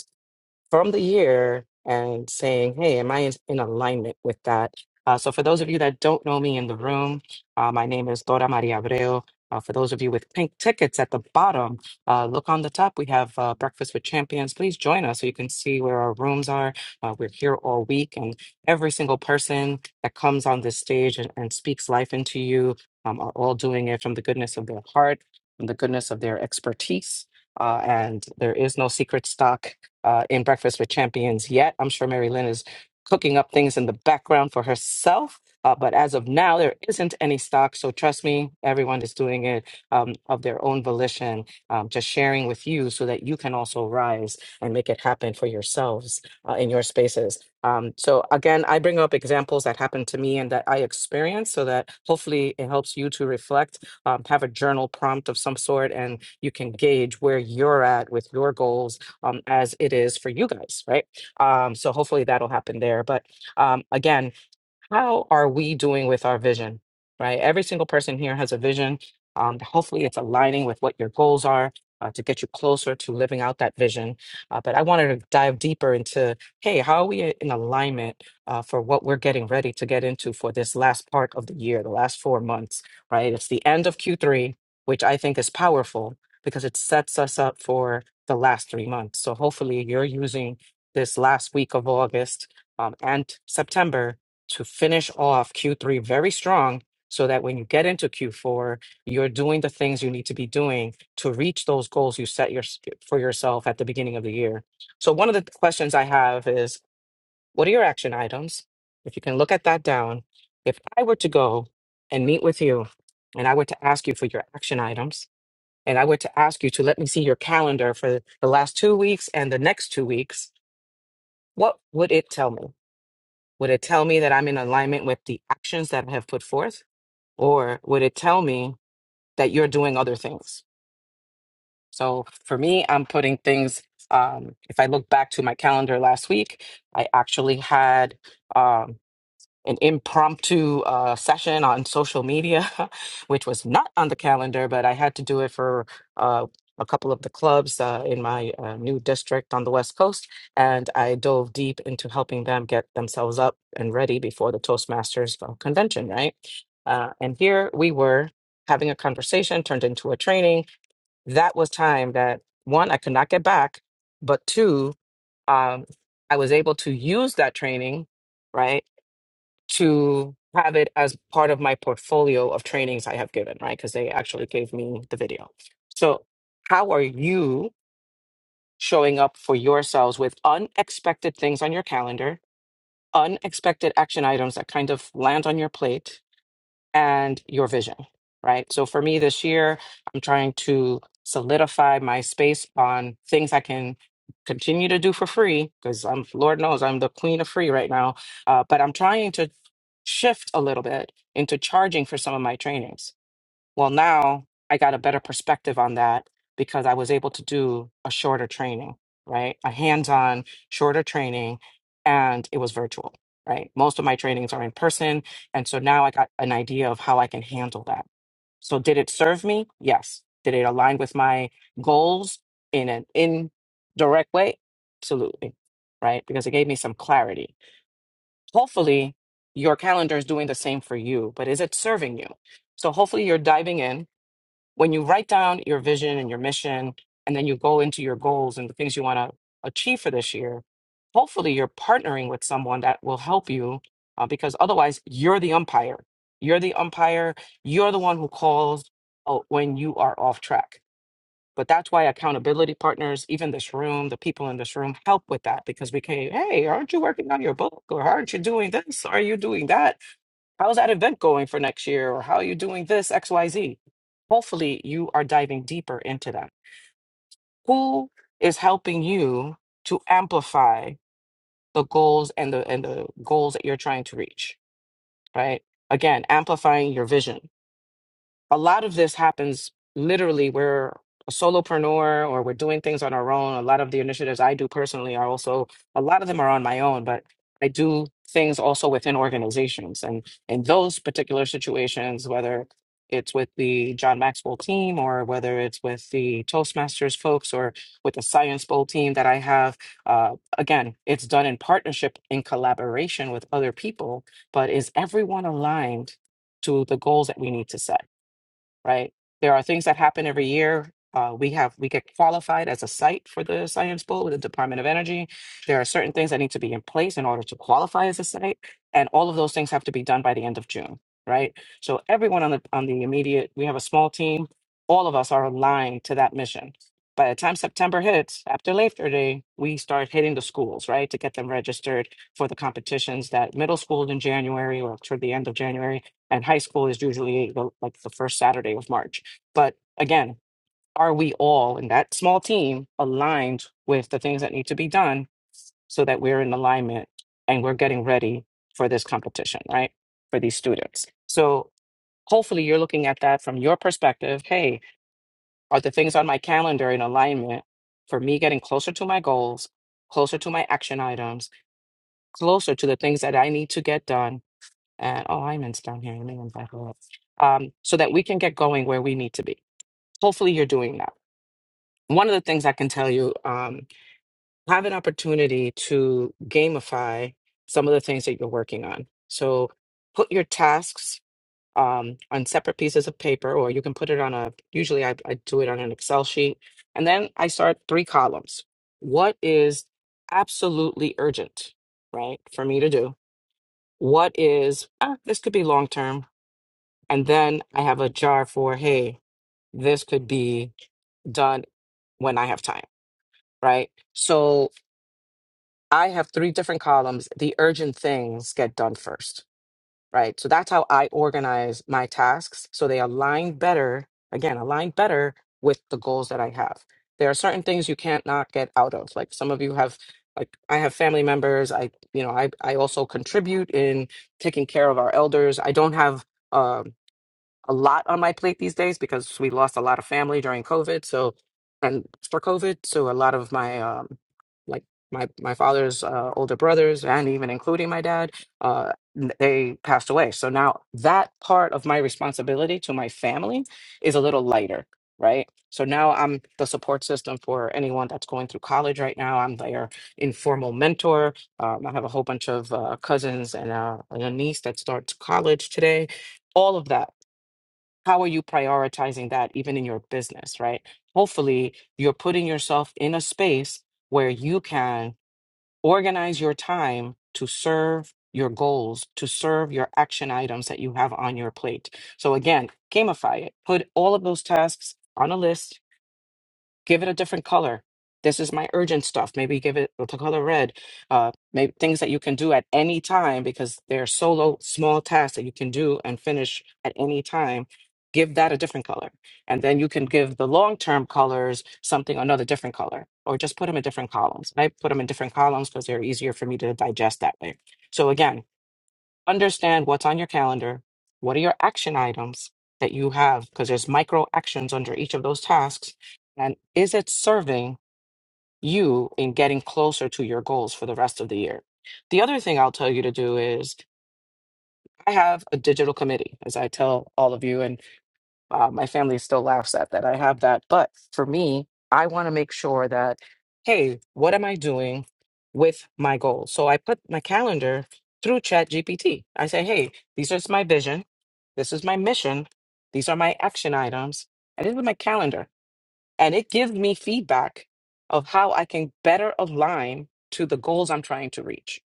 from the year and saying, hey, am I in, in alignment with that? Uh, so, for those of you that don't know me in the room, uh, my name is Dora Maria Abreu. Uh, for those of you with pink tickets at the bottom, uh, look on the top. We have uh, Breakfast with Champions. Please join us so you can see where our rooms are. Uh, we're here all week, and every single person that comes on this stage and, and speaks life into you um, are all doing it from the goodness of their heart, from the goodness of their expertise. Uh, and there is no secret stock uh, in Breakfast with Champions yet. I'm sure Mary Lynn is cooking up things in the background for herself. Uh, but as of now, there isn't any stock. So trust me, everyone is doing it um, of their own volition, um, just sharing with you so that you can also rise and make it happen for yourselves uh, in your spaces. Um, so again, I bring up examples that happened to me and that I experienced so that hopefully it helps you to reflect, um, have a journal prompt of some sort, and you can gauge where you're at with your goals um, as it is for you guys, right? Um, so hopefully that'll happen there. But um, again, how are we doing with our vision right every single person here has a vision um, hopefully it's aligning with what your goals are uh, to get you closer to living out that vision uh, but i wanted to dive deeper into hey how are we in alignment uh, for what we're getting ready to get into for this last part of the year the last four months right it's the end of q3 which i think is powerful because it sets us up for the last three months so hopefully you're using this last week of august um, and september to finish off Q3 very strong so that when you get into Q4, you're doing the things you need to be doing to reach those goals you set your, for yourself at the beginning of the year. So, one of the questions I have is what are your action items? If you can look at that down, if I were to go and meet with you and I were to ask you for your action items, and I were to ask you to let me see your calendar for the last two weeks and the next two weeks, what would it tell me? Would it tell me that I'm in alignment with the actions that I have put forth? Or would it tell me that you're doing other things? So for me, I'm putting things, um, if I look back to my calendar last week, I actually had um, an impromptu uh, session on social media, which was not on the calendar, but I had to do it for uh, a couple of the clubs uh, in my uh, new district on the West Coast. And I dove deep into helping them get themselves up and ready before the Toastmasters uh, convention, right? Uh, and here we were having a conversation turned into a training. That was time that one, I could not get back, but two, um, I was able to use that training, right? to have it as part of my portfolio of trainings I have given, right? Because they actually gave me the video. So, how are you showing up for yourselves with unexpected things on your calendar, unexpected action items that kind of land on your plate? and your vision, right? So for me this year, I'm trying to solidify my space on things I can continue to do for free because I'm, Lord knows, I'm the queen of free right now. Uh, but I'm trying to shift a little bit into charging for some of my trainings well, now I got a better perspective on that because I was able to do a shorter training, right? A hands on, shorter training, and it was virtual, right? Most of my trainings are in person. And so now I got an idea of how I can handle that. So, did it serve me? Yes. Did it align with my goals in an indirect way? Absolutely, right? Because it gave me some clarity. Hopefully, your calendar is doing the same for you, but is it serving you? So, hopefully, you're diving in when you write down your vision and your mission, and then you go into your goals and the things you want to achieve for this year, hopefully you're partnering with someone that will help you uh, because otherwise you're the umpire. You're the umpire. You're the one who calls uh, when you are off track. But that's why accountability partners, even this room, the people in this room help with that because we can, hey, aren't you working on your book? Or aren't you doing this? Are you doing that? How's that event going for next year? Or how are you doing this, XYZ? Hopefully, you are diving deeper into that. Who is helping you to amplify the goals and the and the goals that you're trying to reach, right? Again, amplifying your vision a lot of this happens literally we're a solopreneur or we're doing things on our own a lot of the initiatives i do personally are also a lot of them are on my own but i do things also within organizations and in those particular situations whether it's with the john maxwell team or whether it's with the toastmasters folks or with the science bowl team that i have uh, again it's done in partnership in collaboration with other people but is everyone aligned to the goals that we need to set right? There are things that happen every year. Uh, we have we get qualified as a site for the Science Bowl with the Department of Energy. There are certain things that need to be in place in order to qualify as a site, and all of those things have to be done by the end of June, right? So everyone on the on the immediate, we have a small team. All of us are aligned to that mission. By the time September hits, after Labor Day, we start hitting the schools, right, to get them registered for the competitions. That middle school in January or toward the end of January, and high school is usually the, like the first Saturday of March. But again, are we all in that small team aligned with the things that need to be done so that we're in alignment and we're getting ready for this competition, right? For these students. So hopefully you're looking at that from your perspective. Hey, are the things on my calendar in alignment for me getting closer to my goals, closer to my action items, closer to the things that I need to get done? and oh, Iman's down here. Let me invite her up. Um, so that we can get going where we need to be. Hopefully, you're doing that. One of the things I can tell you, um, have an opportunity to gamify some of the things that you're working on. So put your tasks um, on separate pieces of paper, or you can put it on a. Usually, I, I do it on an Excel sheet, and then I start three columns. What is absolutely urgent, right, for me to do? What is ah, this could be long term And then I have a jar for, hey, this could be done when I have time, right? So I have three different columns. The urgent things get done first, right? So that's how I organize my tasks. So they align better, again, align better with the goals that I have. There are certain things you can't not get out of. Like some of you have, like I have family members. I, you know, I, I also contribute in taking care of our elders. I don't have um, a lot on my plate these days because we lost a lot of family during COVID. So, and for COVID, so a lot of my um, like my my father's uh, older brothers and even including my dad, uh, n- they passed away. So now that part of my responsibility to my family is a little lighter, right? So now I'm the support system for anyone that's going through college right now. I'm their informal mentor. Um, I have a whole bunch of uh, cousins and, uh, and a niece that starts college today. All of that how are you prioritizing that even in your business, right? Hopefully, you're putting yourself in a space where you can organize your time to serve your goals, to serve your action items that you have on your plate. So, again, gamify it, put all of those tasks on a list give it a different color. This is my urgent stuff. Maybe give it the color red. Uh, maybe things that you can do at any time because they're solo small tasks that you can do and finish at any time. Give that a different color, and then you can give the long term colors something another different color, or just put them in different columns. I put them in different columns because they're easier for me to digest that way. So again, understand what's on your calendar, what are your action items that you have, because there's micro actions under each of those tasks, and is it serving you in getting closer to your goals for the rest of the year? The other thing I'll tell you to do is I have a digital committee, as I tell all of you, and uh, my family still laughs at that. I have that. But for me, I want to make sure that, hey, what am I doing with my goals? So I put my calendar through Chat GPT. I say, hey, these are my vision. This is my mission. These are my action items. And this is my calendar and it gives me feedback of how I can better align to the goals I'm trying to reach.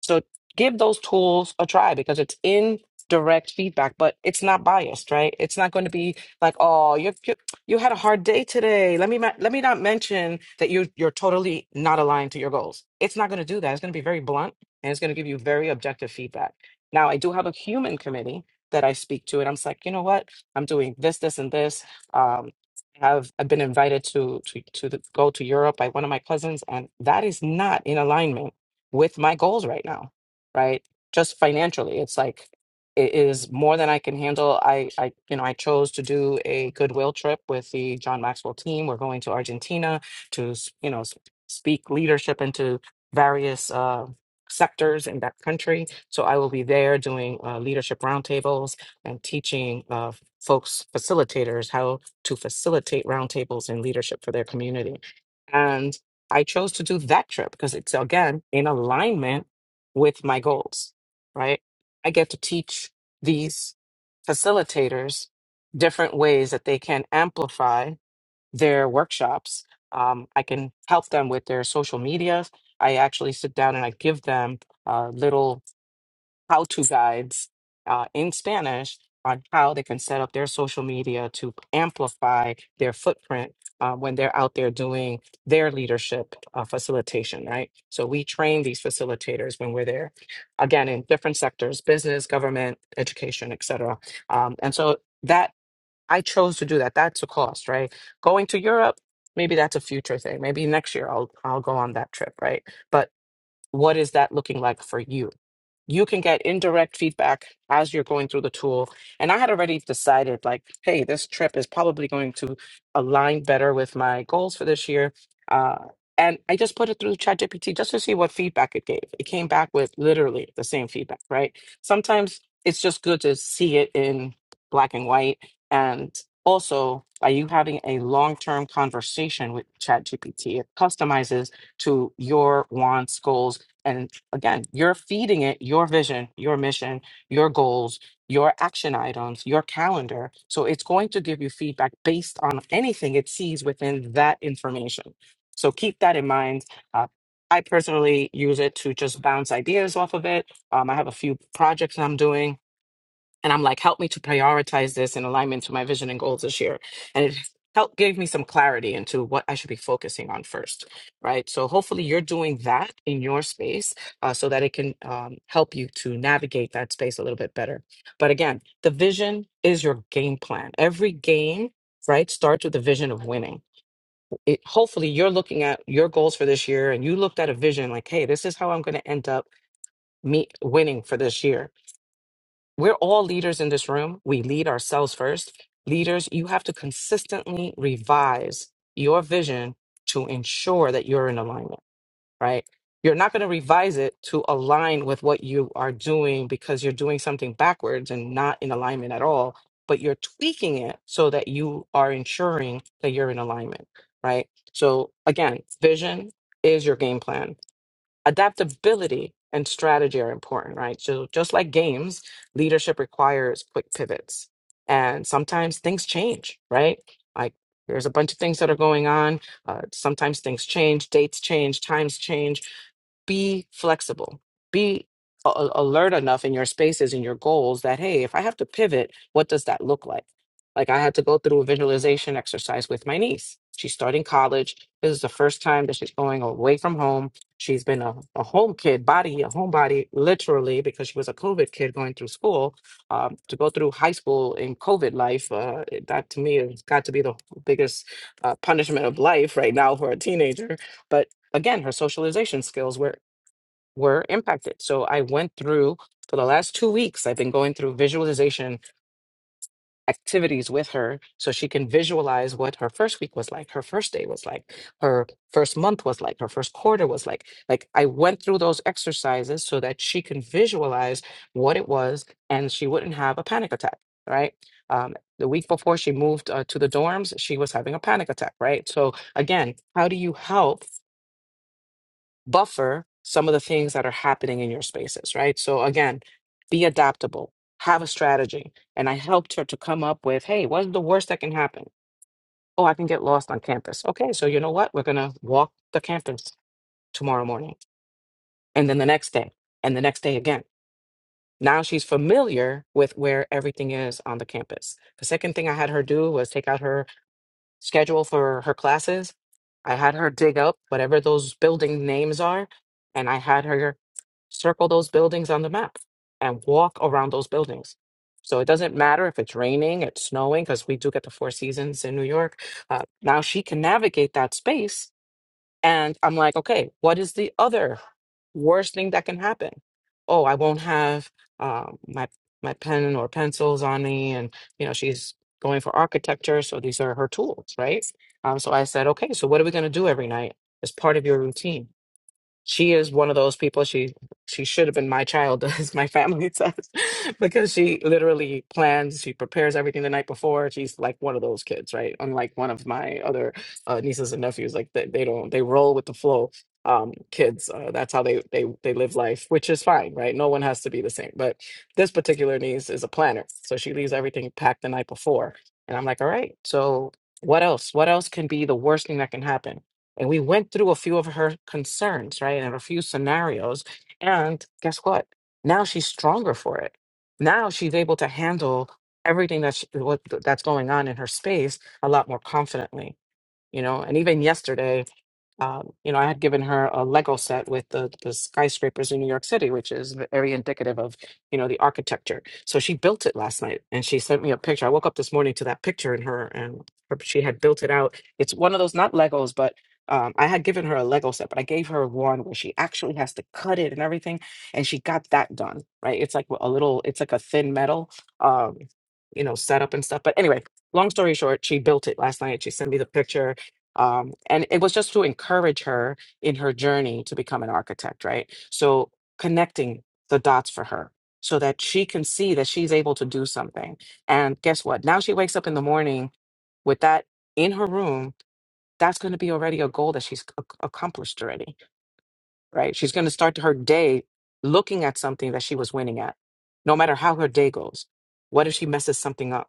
So give those tools a try because it's in direct feedback, but it's not biased, right? It's not going to be like, oh, you you, you had a hard day today. Let me ma- let me not mention that you you're totally not aligned to your goals. It's not going to do that. It's going to be very blunt and it's going to give you very objective feedback. Now, I do have a human committee that I speak to, and I'm just like, you know what? I'm doing this, this, and this. um, have I've been invited to to to the, go to Europe by one of my cousins, and that is not in alignment with my goals right now, right? Just financially, it's like it is more than I can handle. I I you know I chose to do a goodwill trip with the John Maxwell team. We're going to Argentina to s- you know s- speak leadership into various. Uh, sectors in that country so i will be there doing uh, leadership roundtables and teaching uh, folks facilitators how to facilitate roundtables and leadership for their community. And I chose to do that trip because it's again in alignment with my goals, right? I get to teach these facilitators different ways that they can amplify their workshops. Um, I can help them with their social media. I actually sit down and I give them uh, little how to guides uh, in Spanish on how they can set up their social media to amplify their footprint uh, when they're out there doing their leadership uh, facilitation, right? So we train these facilitators when we're there, again, in different sectors business, government, education, et cetera. Um, and so that I chose to do that. That's a cost, right? Going to Europe, maybe that's a future thing. Maybe next year I'll, I'll go on that trip, right? But what is that looking like for you? you can get indirect feedback as you're going through the tool. And I had already decided, like, hey, this trip is probably going to align better with my goals for this year. Uh, and I just put it through ChatGPT just to see what feedback it gave. It came back with literally the same feedback, right? Sometimes it's just good to see it in black and white. And also, are you having a long term conversation with ChatGPT? It customizes to your wants, goals, and again, you're feeding it your vision, your mission, your goals, your action items, your calendar. So it's going to give you feedback based on anything it sees within that information. So keep that in mind. Uh, I personally use it to just bounce ideas off of it. Um, I have a few projects I'm doing and I'm like, help me to prioritize this in alignment to my vision and goals this year. And it helped gave me some clarity into what I should be focusing on first, right? So hopefully you're doing that in your space uh, so that it can um, help you to navigate that space a little bit better. But again, the vision is your game plan. Every game, right, starts with the vision of winning. It, hopefully you're looking at your goals for this year and you looked at a vision like, hey, this is how I'm going to end up me winning for this year we're all leaders in this room. We lead ourselves first. Leaders, you have to consistently revise your vision to ensure that you're in alignment, right? You're not going to revise it to align with what you are doing because you're doing something backwards and not in alignment at all, but you're tweaking it so that you are ensuring that you're in alignment, right? So, again, vision is your game plan adaptability and strategy are important, right? So just like games, leadership requires quick pivots. And sometimes things change, right? Like there's a bunch of things that are going on. Uh, sometimes things change, dates change, times change. Be flexible. Be a- a- alert enough in your spaces and your goals that, hey, if I have to pivot, what does that look like? Like I had to go through a visualization exercise with my niece. She's starting college. This is the first time that she's going away from home She's been a, a home kid, body, a homebody, literally, because she was a COVID kid going through school. Um, to go through high school in COVID life, uh, it- that to me has got to be the biggest uh, punishment of life right now for a teenager. But again, her socialization skills were were impacted. So I went through for the last two weeks. I've been going through visualization activities with her so she can visualize what her first week was like, her first day was like, her first month was like, her first quarter was like. Like I went through those exercises so that she can visualize what it was and she wouldn't have a panic attack, right? Um, the week before she moved uh, to the dorms, she was having a panic attack, right? So again, how do you help? buffer some of the things that are happening in your spaces, right? So again, be adaptable, have a strategy. And I helped her to come up with, hey, what's the worst that can happen? Oh, I can get lost on campus. Okay, so you know what? We're gonna walk the campus tomorrow morning and then the next day and the next day again. Now she's familiar with where everything is on the campus. The second thing I had her do was take out her schedule for her classes. I had her dig up whatever those building names are, and I had her circle those buildings on the map and walk around those buildings. So it doesn't matter if it's raining, it's snowing, because we do get the four seasons in New York. Uh, now she can navigate that space. And I'm like, okay, what is the other worst thing that can happen? Oh, I won't have um, my my pen or pencils on me, and you know she's going for architecture, so these are her tools, right? Um, so I said, okay, so what are we going to do every night as part of your routine? she is one of those people she she should have been my child as my family says because she literally plans she prepares everything the night before she's like one of those kids right unlike one of my other uh, nieces and nephews like they, they don't they roll with the flow um kids uh, that's how they they they live life which is fine right no one has to be the same but this particular niece is a planner so she leaves everything packed the night before and i'm like all right so what else what else can be the worst thing that can happen and we went through a few of her concerns, right? And a few scenarios. And guess what? Now she's stronger for it. Now she's able to handle everything that she, what, that's going on in her space a lot more confidently, you know? And even yesterday, um, you know, I had given her a Lego set with the, the skyscrapers in New York City, which is very indicative of, you know, the architecture. So she built it last night and she sent me a picture. I woke up this morning to that picture in her and her, she had built it out. It's one of those, not Legos, but um, I had given her a Lego set, but I gave her one where she actually has to cut it and everything. And she got that done, right? It's like a little, it's like a thin metal, um, you know, setup and stuff. But anyway, long story short, she built it last night. She sent me the picture um, and it was just to encourage her in her journey to become an architect right so connecting the dots for her so that she can see that she's able to do something and guess what now she wakes up in the morning with that in her room that's going to be already a goal that she's ac- accomplished already right she's going to start her day looking at something that she was winning at no matter how her day goes what if she messes something up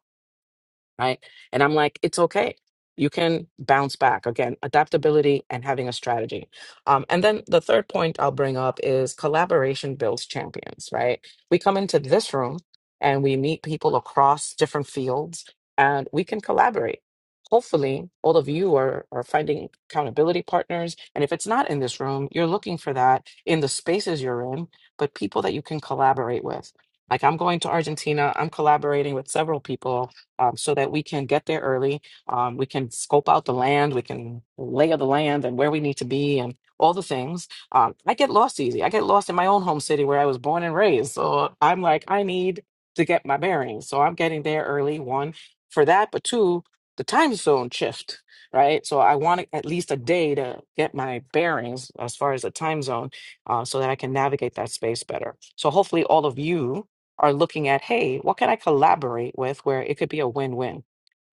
right? And I'm like, it's okay. You can bounce back. Again, adaptability and having a strategy. Um, and then the third point I'll bring up is collaboration builds champions, right? We come into this room and we meet people across different fields and we can collaborate. Hopefully, all of you are, are finding accountability partners. And if it's not in this room, you're looking for that in the spaces you're in, but people that you can collaborate with. Like I'm going to Argentina, I'm collaborating with several people um, so that we can get there early. Um, we can scope out the land, we can layer the land and where we need to be and all the things. Um, I get lost easy. I get lost in my own home city where I was born and raised. So I'm like, I need to get my bearings. So I'm getting there early, one, for that, but two, the time zone shift, right? So I want at least a day to get my bearings as far as the time zone uh, so that I can navigate that space better. So hopefully all of you are looking at, hey, what can I collaborate with where it could be a win-win,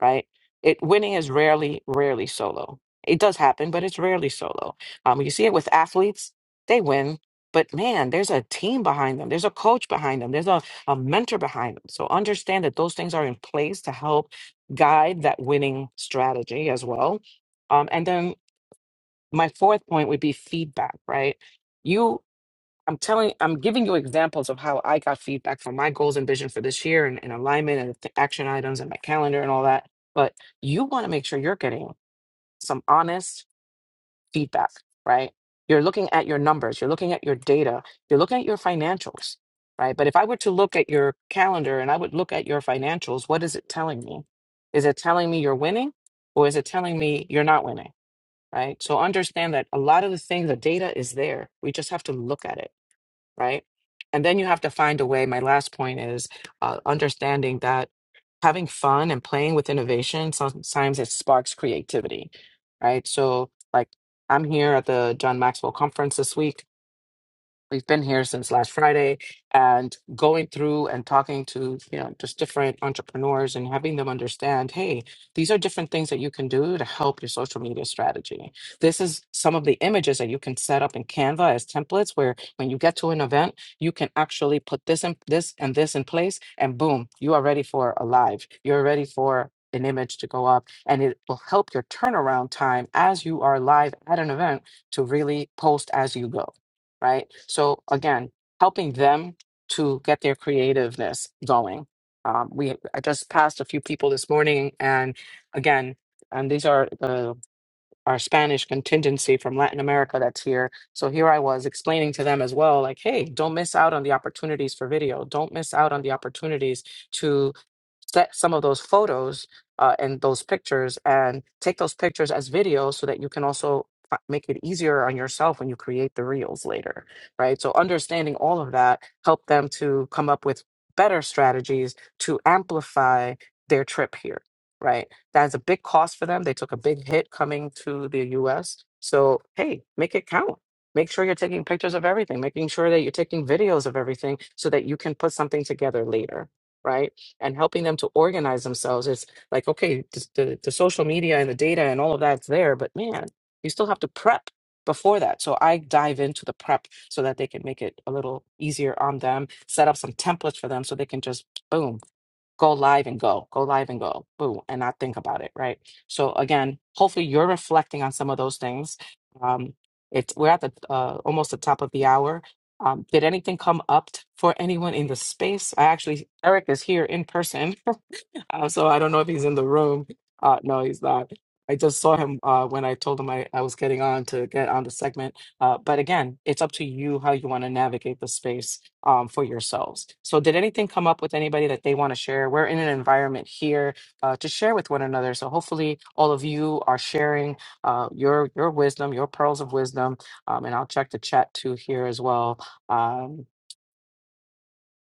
right? It winning is rarely, rarely solo. It does happen, but it's rarely solo. Um, you see it with athletes, they win, but man, there's a team behind them, there's a coach behind them, there's a, a mentor behind them. So understand that those things are in place to help guide that winning strategy as well. Um, and then my fourth point would be feedback, right? I'm telling, I'm giving you examples of how I got feedback from my goals and vision for this year and, and alignment and the action items and my calendar and all that. But you want to make sure you're getting some honest feedback, right? You're looking at your numbers, you're looking at your data, you're looking at your financials, right? But if I were to look at your calendar and I would look at your financials, what is it telling me? Is it telling me you're winning or is it telling me you're not winning, right? So understand that a lot of the things, the data is there. We just have to look at it right? And then you have to find a way. My last point is uh, understanding that having fun and playing with innovation sometimes it sparks creativity, right? So, like, I'm here at the John Maxwell conference this week We've been here since last Friday and going through and talking to, you know, just different entrepreneurs and having them understand, hey, these are different things that you can do to help your social media strategy. This is some of the images that you can set up in Canva as templates where when you get to an event, you can actually put this and this and this in place and boom, you are ready for a live. You're ready for an image to go up and it will help your turnaround time as you are live at an event to really post as you go right? So again, helping them to get their creativeness going. Um, we I just passed a few people this morning, and again, and these are uh, our Spanish contingency from Latin America that's here. So here I was explaining to them as well, like, hey, don't miss out on the opportunities for video. Don't miss out on the opportunities set some of those photos uh, and those pictures and take those pictures as videos so that you can also fi- make it easier on yourself when you create the reels later right so understanding all of that help them to come up with better strategies to amplify their trip here right that's a big cost for them they took a big hit coming to the us so hey make it count make sure you're taking pictures of everything making sure that you're taking videos of everything so that you can put something together later right and helping them to organize themselves. It's like, okay, the, the, the social media and the data and all of that's there, but man, you still have to prep before that. So I dive into the prep so that they can make it a little easier on them, set up some templates for them so they can just boom go live and go, go live and go, boo, and not think about it, right? So again, hopefully you're reflecting on some of those things. Um, it's we're at the uh, almost the top of the hour. Um, did anything come up t- for anyone in the space? I actually Eric is here in person. Uh, so I don't know if he's in the room. Uh, no, he's not. I just saw him uh, when I told him I, I was getting on to get on the segment. Uh, but again, it's up to you how you want to navigate the space um, for yourselves. So, did anything come up with anybody that they want to share? We're in an environment here uh, to share with one another. So, hopefully, all of you are sharing uh, your your wisdom, your pearls of wisdom. Um, and I'll check the chat too here as well. Um,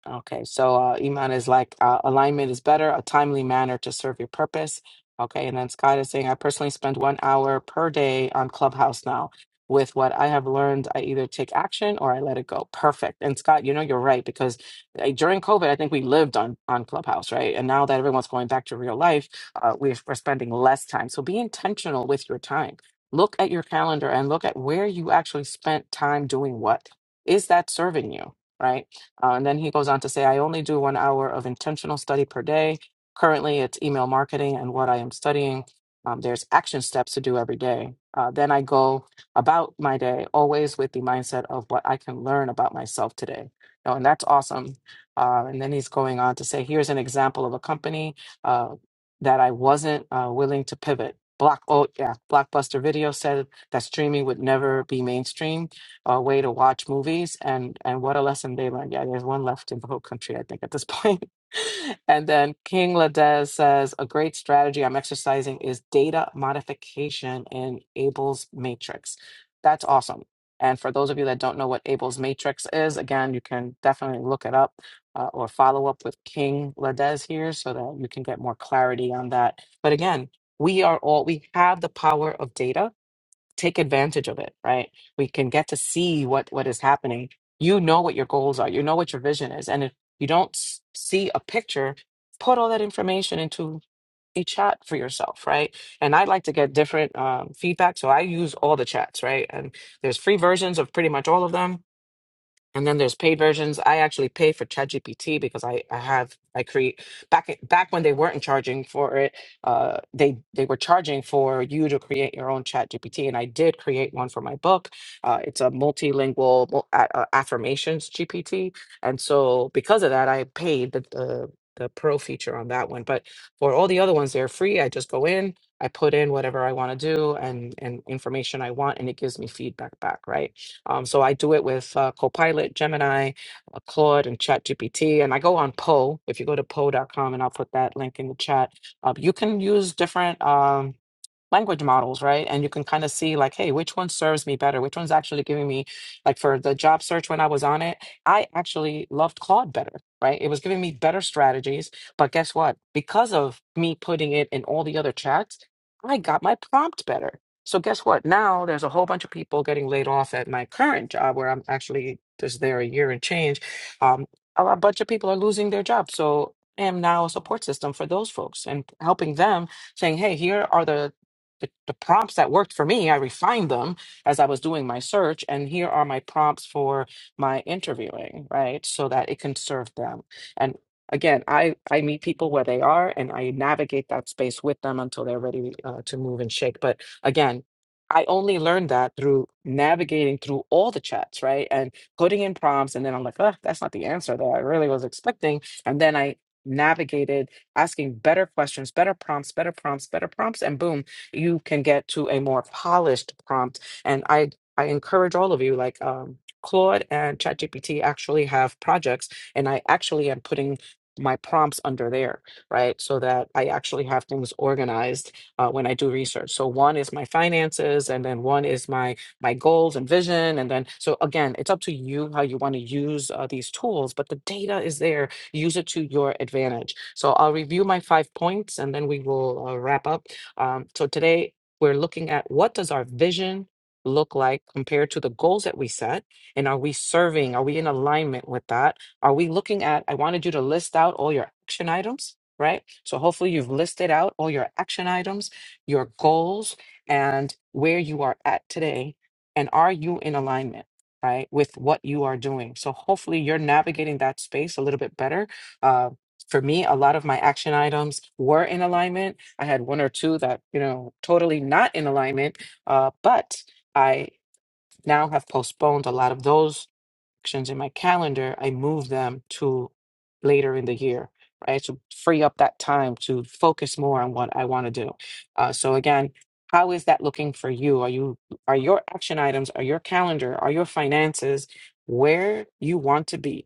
Okay, so uh, Iman is like uh, alignment is better, a timely manner to serve your purpose. Okay, and then Scott is saying, I personally spend one hour per day on Clubhouse now. With what I have learned, I either take action or I let it go. Perfect. And Scott, you know you're right because uh, during COVID, I think we lived on on Clubhouse, right? And now that everyone's going back to real life, uh, we- we're spending less time. So be intentional with your time. Look at your calendar and look at where you actually spent time doing what. Is that serving you? right? Uh, and then he goes on to say, I only do one hour of intentional study per day. Currently, it's email marketing and what I am studying. Um, there's action steps to do every day. Uh, then I go about my day always with the mindset of what I can learn about myself today. You know, and that's awesome. Uh, and then he's going on to say, here's an example of a company uh, that I wasn't uh, willing to pivot. Block, oh yeah, Blockbuster Video said that streaming would never be mainstream uh, way to watch movies and and what a lesson they learned. Yeah, there's one left in the whole country, I think, at this point. and then King Ladez says a great strategy I'm exercising is data modification in Abel's matrix. That's awesome. And for those of you that don't know what Abel's matrix is, again, you can definitely look it up uh, or follow up with King Ladez here so that you can get more clarity on that. But again, we are all we have the power of data take advantage of it right we can get to see what what is happening you know what your goals are you know what your vision is and if you don't s- see a picture put all that information into a chat for yourself right and i like to get different um, feedback so i use all the chats right and there's free versions of pretty much all of them and then there's paid versions. I actually pay for ChatGPT because I, I have I create back back when they weren't charging for it, uh, they they were charging for you to create your own ChatGPT, and I did create one for my book. Uh, it's a multilingual mul- a- uh, affirmations GPT, and so because of that, I paid the, the the pro feature on that one. But for all the other ones, they're free. I just go in, I put in whatever I want to do and and information I want, and it gives me feedback back, right? Um, so I do it with uh, Copilot, Gemini, uh, Claude, and ChatGPT. And I go on Poe. If you go to Poe.com, and I'll put that link in the chat. Uh, you can use different. Um, language models, right? And you can kind of see like, hey, which one serves me better? Which one's actually giving me like for the job search when I was on it, I actually loved Claude better, right? It was giving me better strategies, but guess what? Because of me putting it in all the other chats, I got my prompt better. So guess what? Now there's a whole bunch of people getting laid off at my current job where I'm actually just there a year and change. Um, a a bunch of people are losing their jobs. So I am now a support system for those folks and helping them saying, hey, here are the the, the prompts that worked for me. I refined them as I was doing my search, and here are my prompts for my interviewing, right? So that it can serve them. And again, I I meet people where they are, and I navigate that space with them until they're ready uh, to move and shake. But again. I only learned that through navigating through all the chats, right? And putting in prompts. And then I'm like, oh, that's not the answer that I really was expecting. And then I navigated asking better questions, better prompts, better prompts, better prompts, and boom, you can get to a more polished prompt. And I I encourage all of you, like um, Claude and ChatGPT, actually have projects, and I actually am putting my prompts under there, right? So that I actually have things organized uh, when I do research. So one is my finances, and then one is my my goals and vision, and then so again, it's up to you how you want to use uh, these tools, but the data is there. Use it to your advantage. So I'll review my five points, and then we will uh, wrap up um, so today we're looking at what does our vision look like compared to the goals that we set and are we serving are we in alignment with that are we looking at i wanted you to list out all your action items right so hopefully you've listed out all your action items your goals and where you are at today and are you in alignment right with what you are doing so hopefully you're navigating that space a little bit better uh, for me a lot of my action items were in alignment I had one or two that, you know, totally not in alignment, uh, but I now have postponed a lot of those actions in my calendar. I move them to later in the year, right? To free up that time to focus more on what I want to do. Uh, so again, how is that looking for you? Are you are your action items, are your calendar, are your finances where you want to be?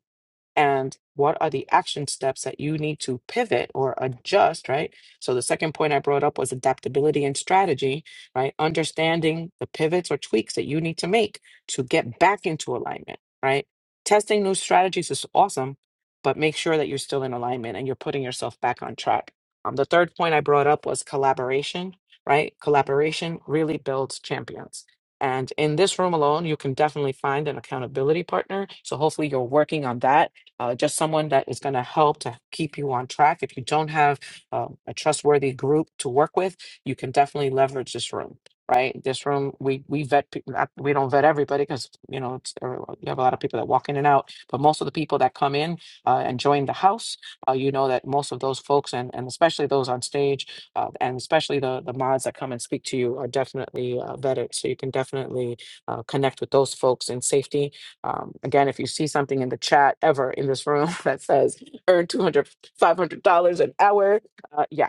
and what are the action steps that you need to pivot or adjust, right? So the second point I brought up was adaptability and strategy, right? Understanding the pivots or tweaks that you need to make to get back into alignment, right? Testing new strategies is awesome, but make sure that you're still in alignment and you're putting yourself back on track. Um, the third point I brought up was collaboration, right? Collaboration really builds champions. And in this room alone, you can definitely find an accountability partner. So hopefully you're working on that uh, just someone that is going to help to keep you on track. If you don't have um, a trustworthy group to work with, you can definitely leverage this room. Right, this room we we vet pe- not- we don't vet everybody because you know it's, uh, you have a lot of people that walk in and out, but most of the people that come in uh, and join the house, uh, you know that most of those folks and and especially those on stage uh, and especially the the mods that come and speak to you are definitely uh, vetted, so you can definitely uh, connect with those folks in safety um, again, if you see something in the chat ever in this room that says earn two hundred five hundred dollars an hour, uh, yeah,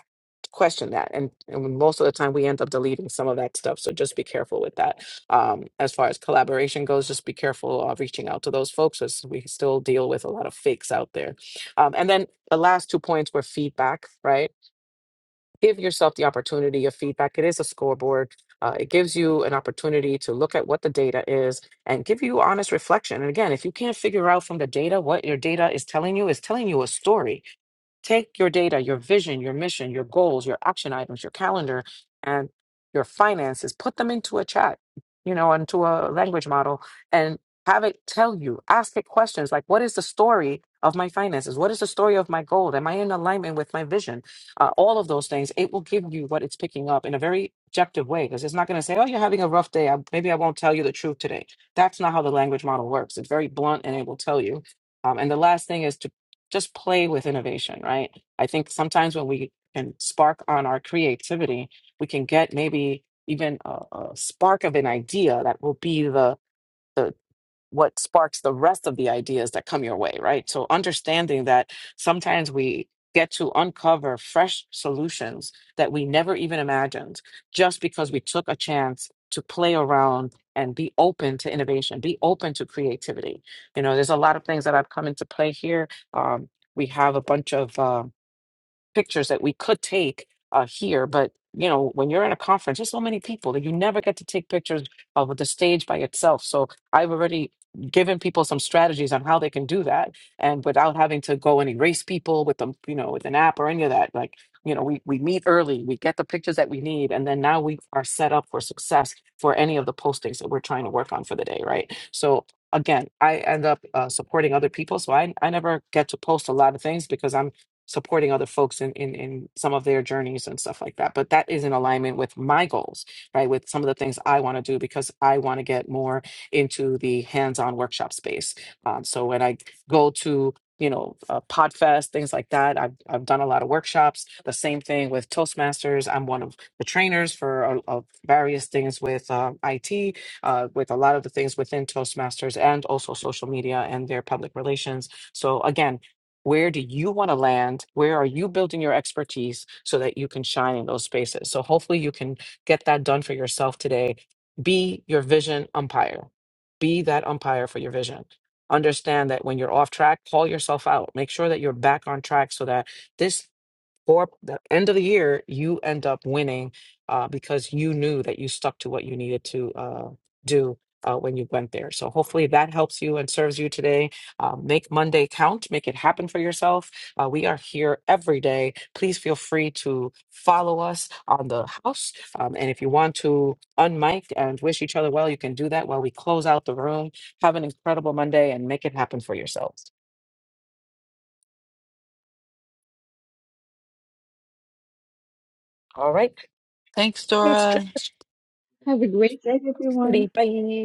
question that. And, and most of the time, we end up deleting some of that stuff. So just be careful with that. Um, as far as collaboration goes, just be careful of reaching out to those folks as we still deal with a lot of fakes out there. Um, and then the last two points were feedback, right? give yourself the opportunity of feedback. It is a scoreboard. Uh, it gives you an opportunity to look at what the data is and give you honest reflection. And again, if you can't figure out from the data what your data is telling you, it's telling you a story. Take your data, your vision, your mission, your goals, your action items, your calendar, and your finances, put them into a chat, you know, into a language model and have it tell you, ask it questions like, what is the story of my finances? What is the story of my goal? Am I in alignment with my vision? Uh, all of those things, it will give you what it's picking up in a very objective way because it's not going to say, oh, you're having a rough day. I, maybe I won't tell you the truth today. That's not how the language model works. It's very blunt and it will tell you. Um, and the last thing is just play with innovation, right? I think sometimes when we can spark on our creativity, we can get maybe even a, a spark of an idea that will be the the what sparks the rest of the ideas that come your way, right? So understanding that sometimes we get to uncover fresh solutions that we never even imagined just because we took a chance to play around and be open to innovation, be open to creativity. You know, there's a lot of things that have come into play here. Um, we have a bunch of uh, pictures that we could take uh, here. But you know, when you're in a conference, there's so many people that you never get to take pictures of the stage by itself. So I've already given people some strategies on how they can do that, and without having to go and erase people with them, you know, with an app or any of that. Like you know, we we meet early, we get the pictures that we need, and then now we are set up for success for any of the postings that we're trying to work on for the day, right? So. Again, I end up uh, supporting other people, so I, I never get to post a lot of things because I'm supporting other folks in, in in some of their journeys and stuff like that but that is in alignment with my goals right with some of the things i want to do because i want to get more into the hands-on workshop space um, so when i go to you know uh, podfest things like that I've, I've done a lot of workshops the same thing with toastmasters i'm one of the trainers for uh, uh, various things with uh, it uh, with a lot of the things within toastmasters and also social media and their public relations so again where do you want to land? Where are you building your expertise so that you can shine in those spaces? So hopefully you can get that done for yourself today. Be your vision umpire. Be that umpire for your vision. Understand that when you're off track, call yourself out. Make sure that you're back on track so that this or the end of the year, you end up winning uh, because you knew that you stuck to what you needed to uh, do uh, when you went there. So hopefully that helps you and serves you today. Uh, make Monday count, make it happen for yourself. Uh, we are here every day. Please feel free to follow us on the house. Um, and if you want to unmic and wish each other well, you can do that while we close out the room. Have an incredible Monday and make it happen for yourselves. All right. Thanks, It's Dora. Trash Have a great day, everyone. Committee. Bye.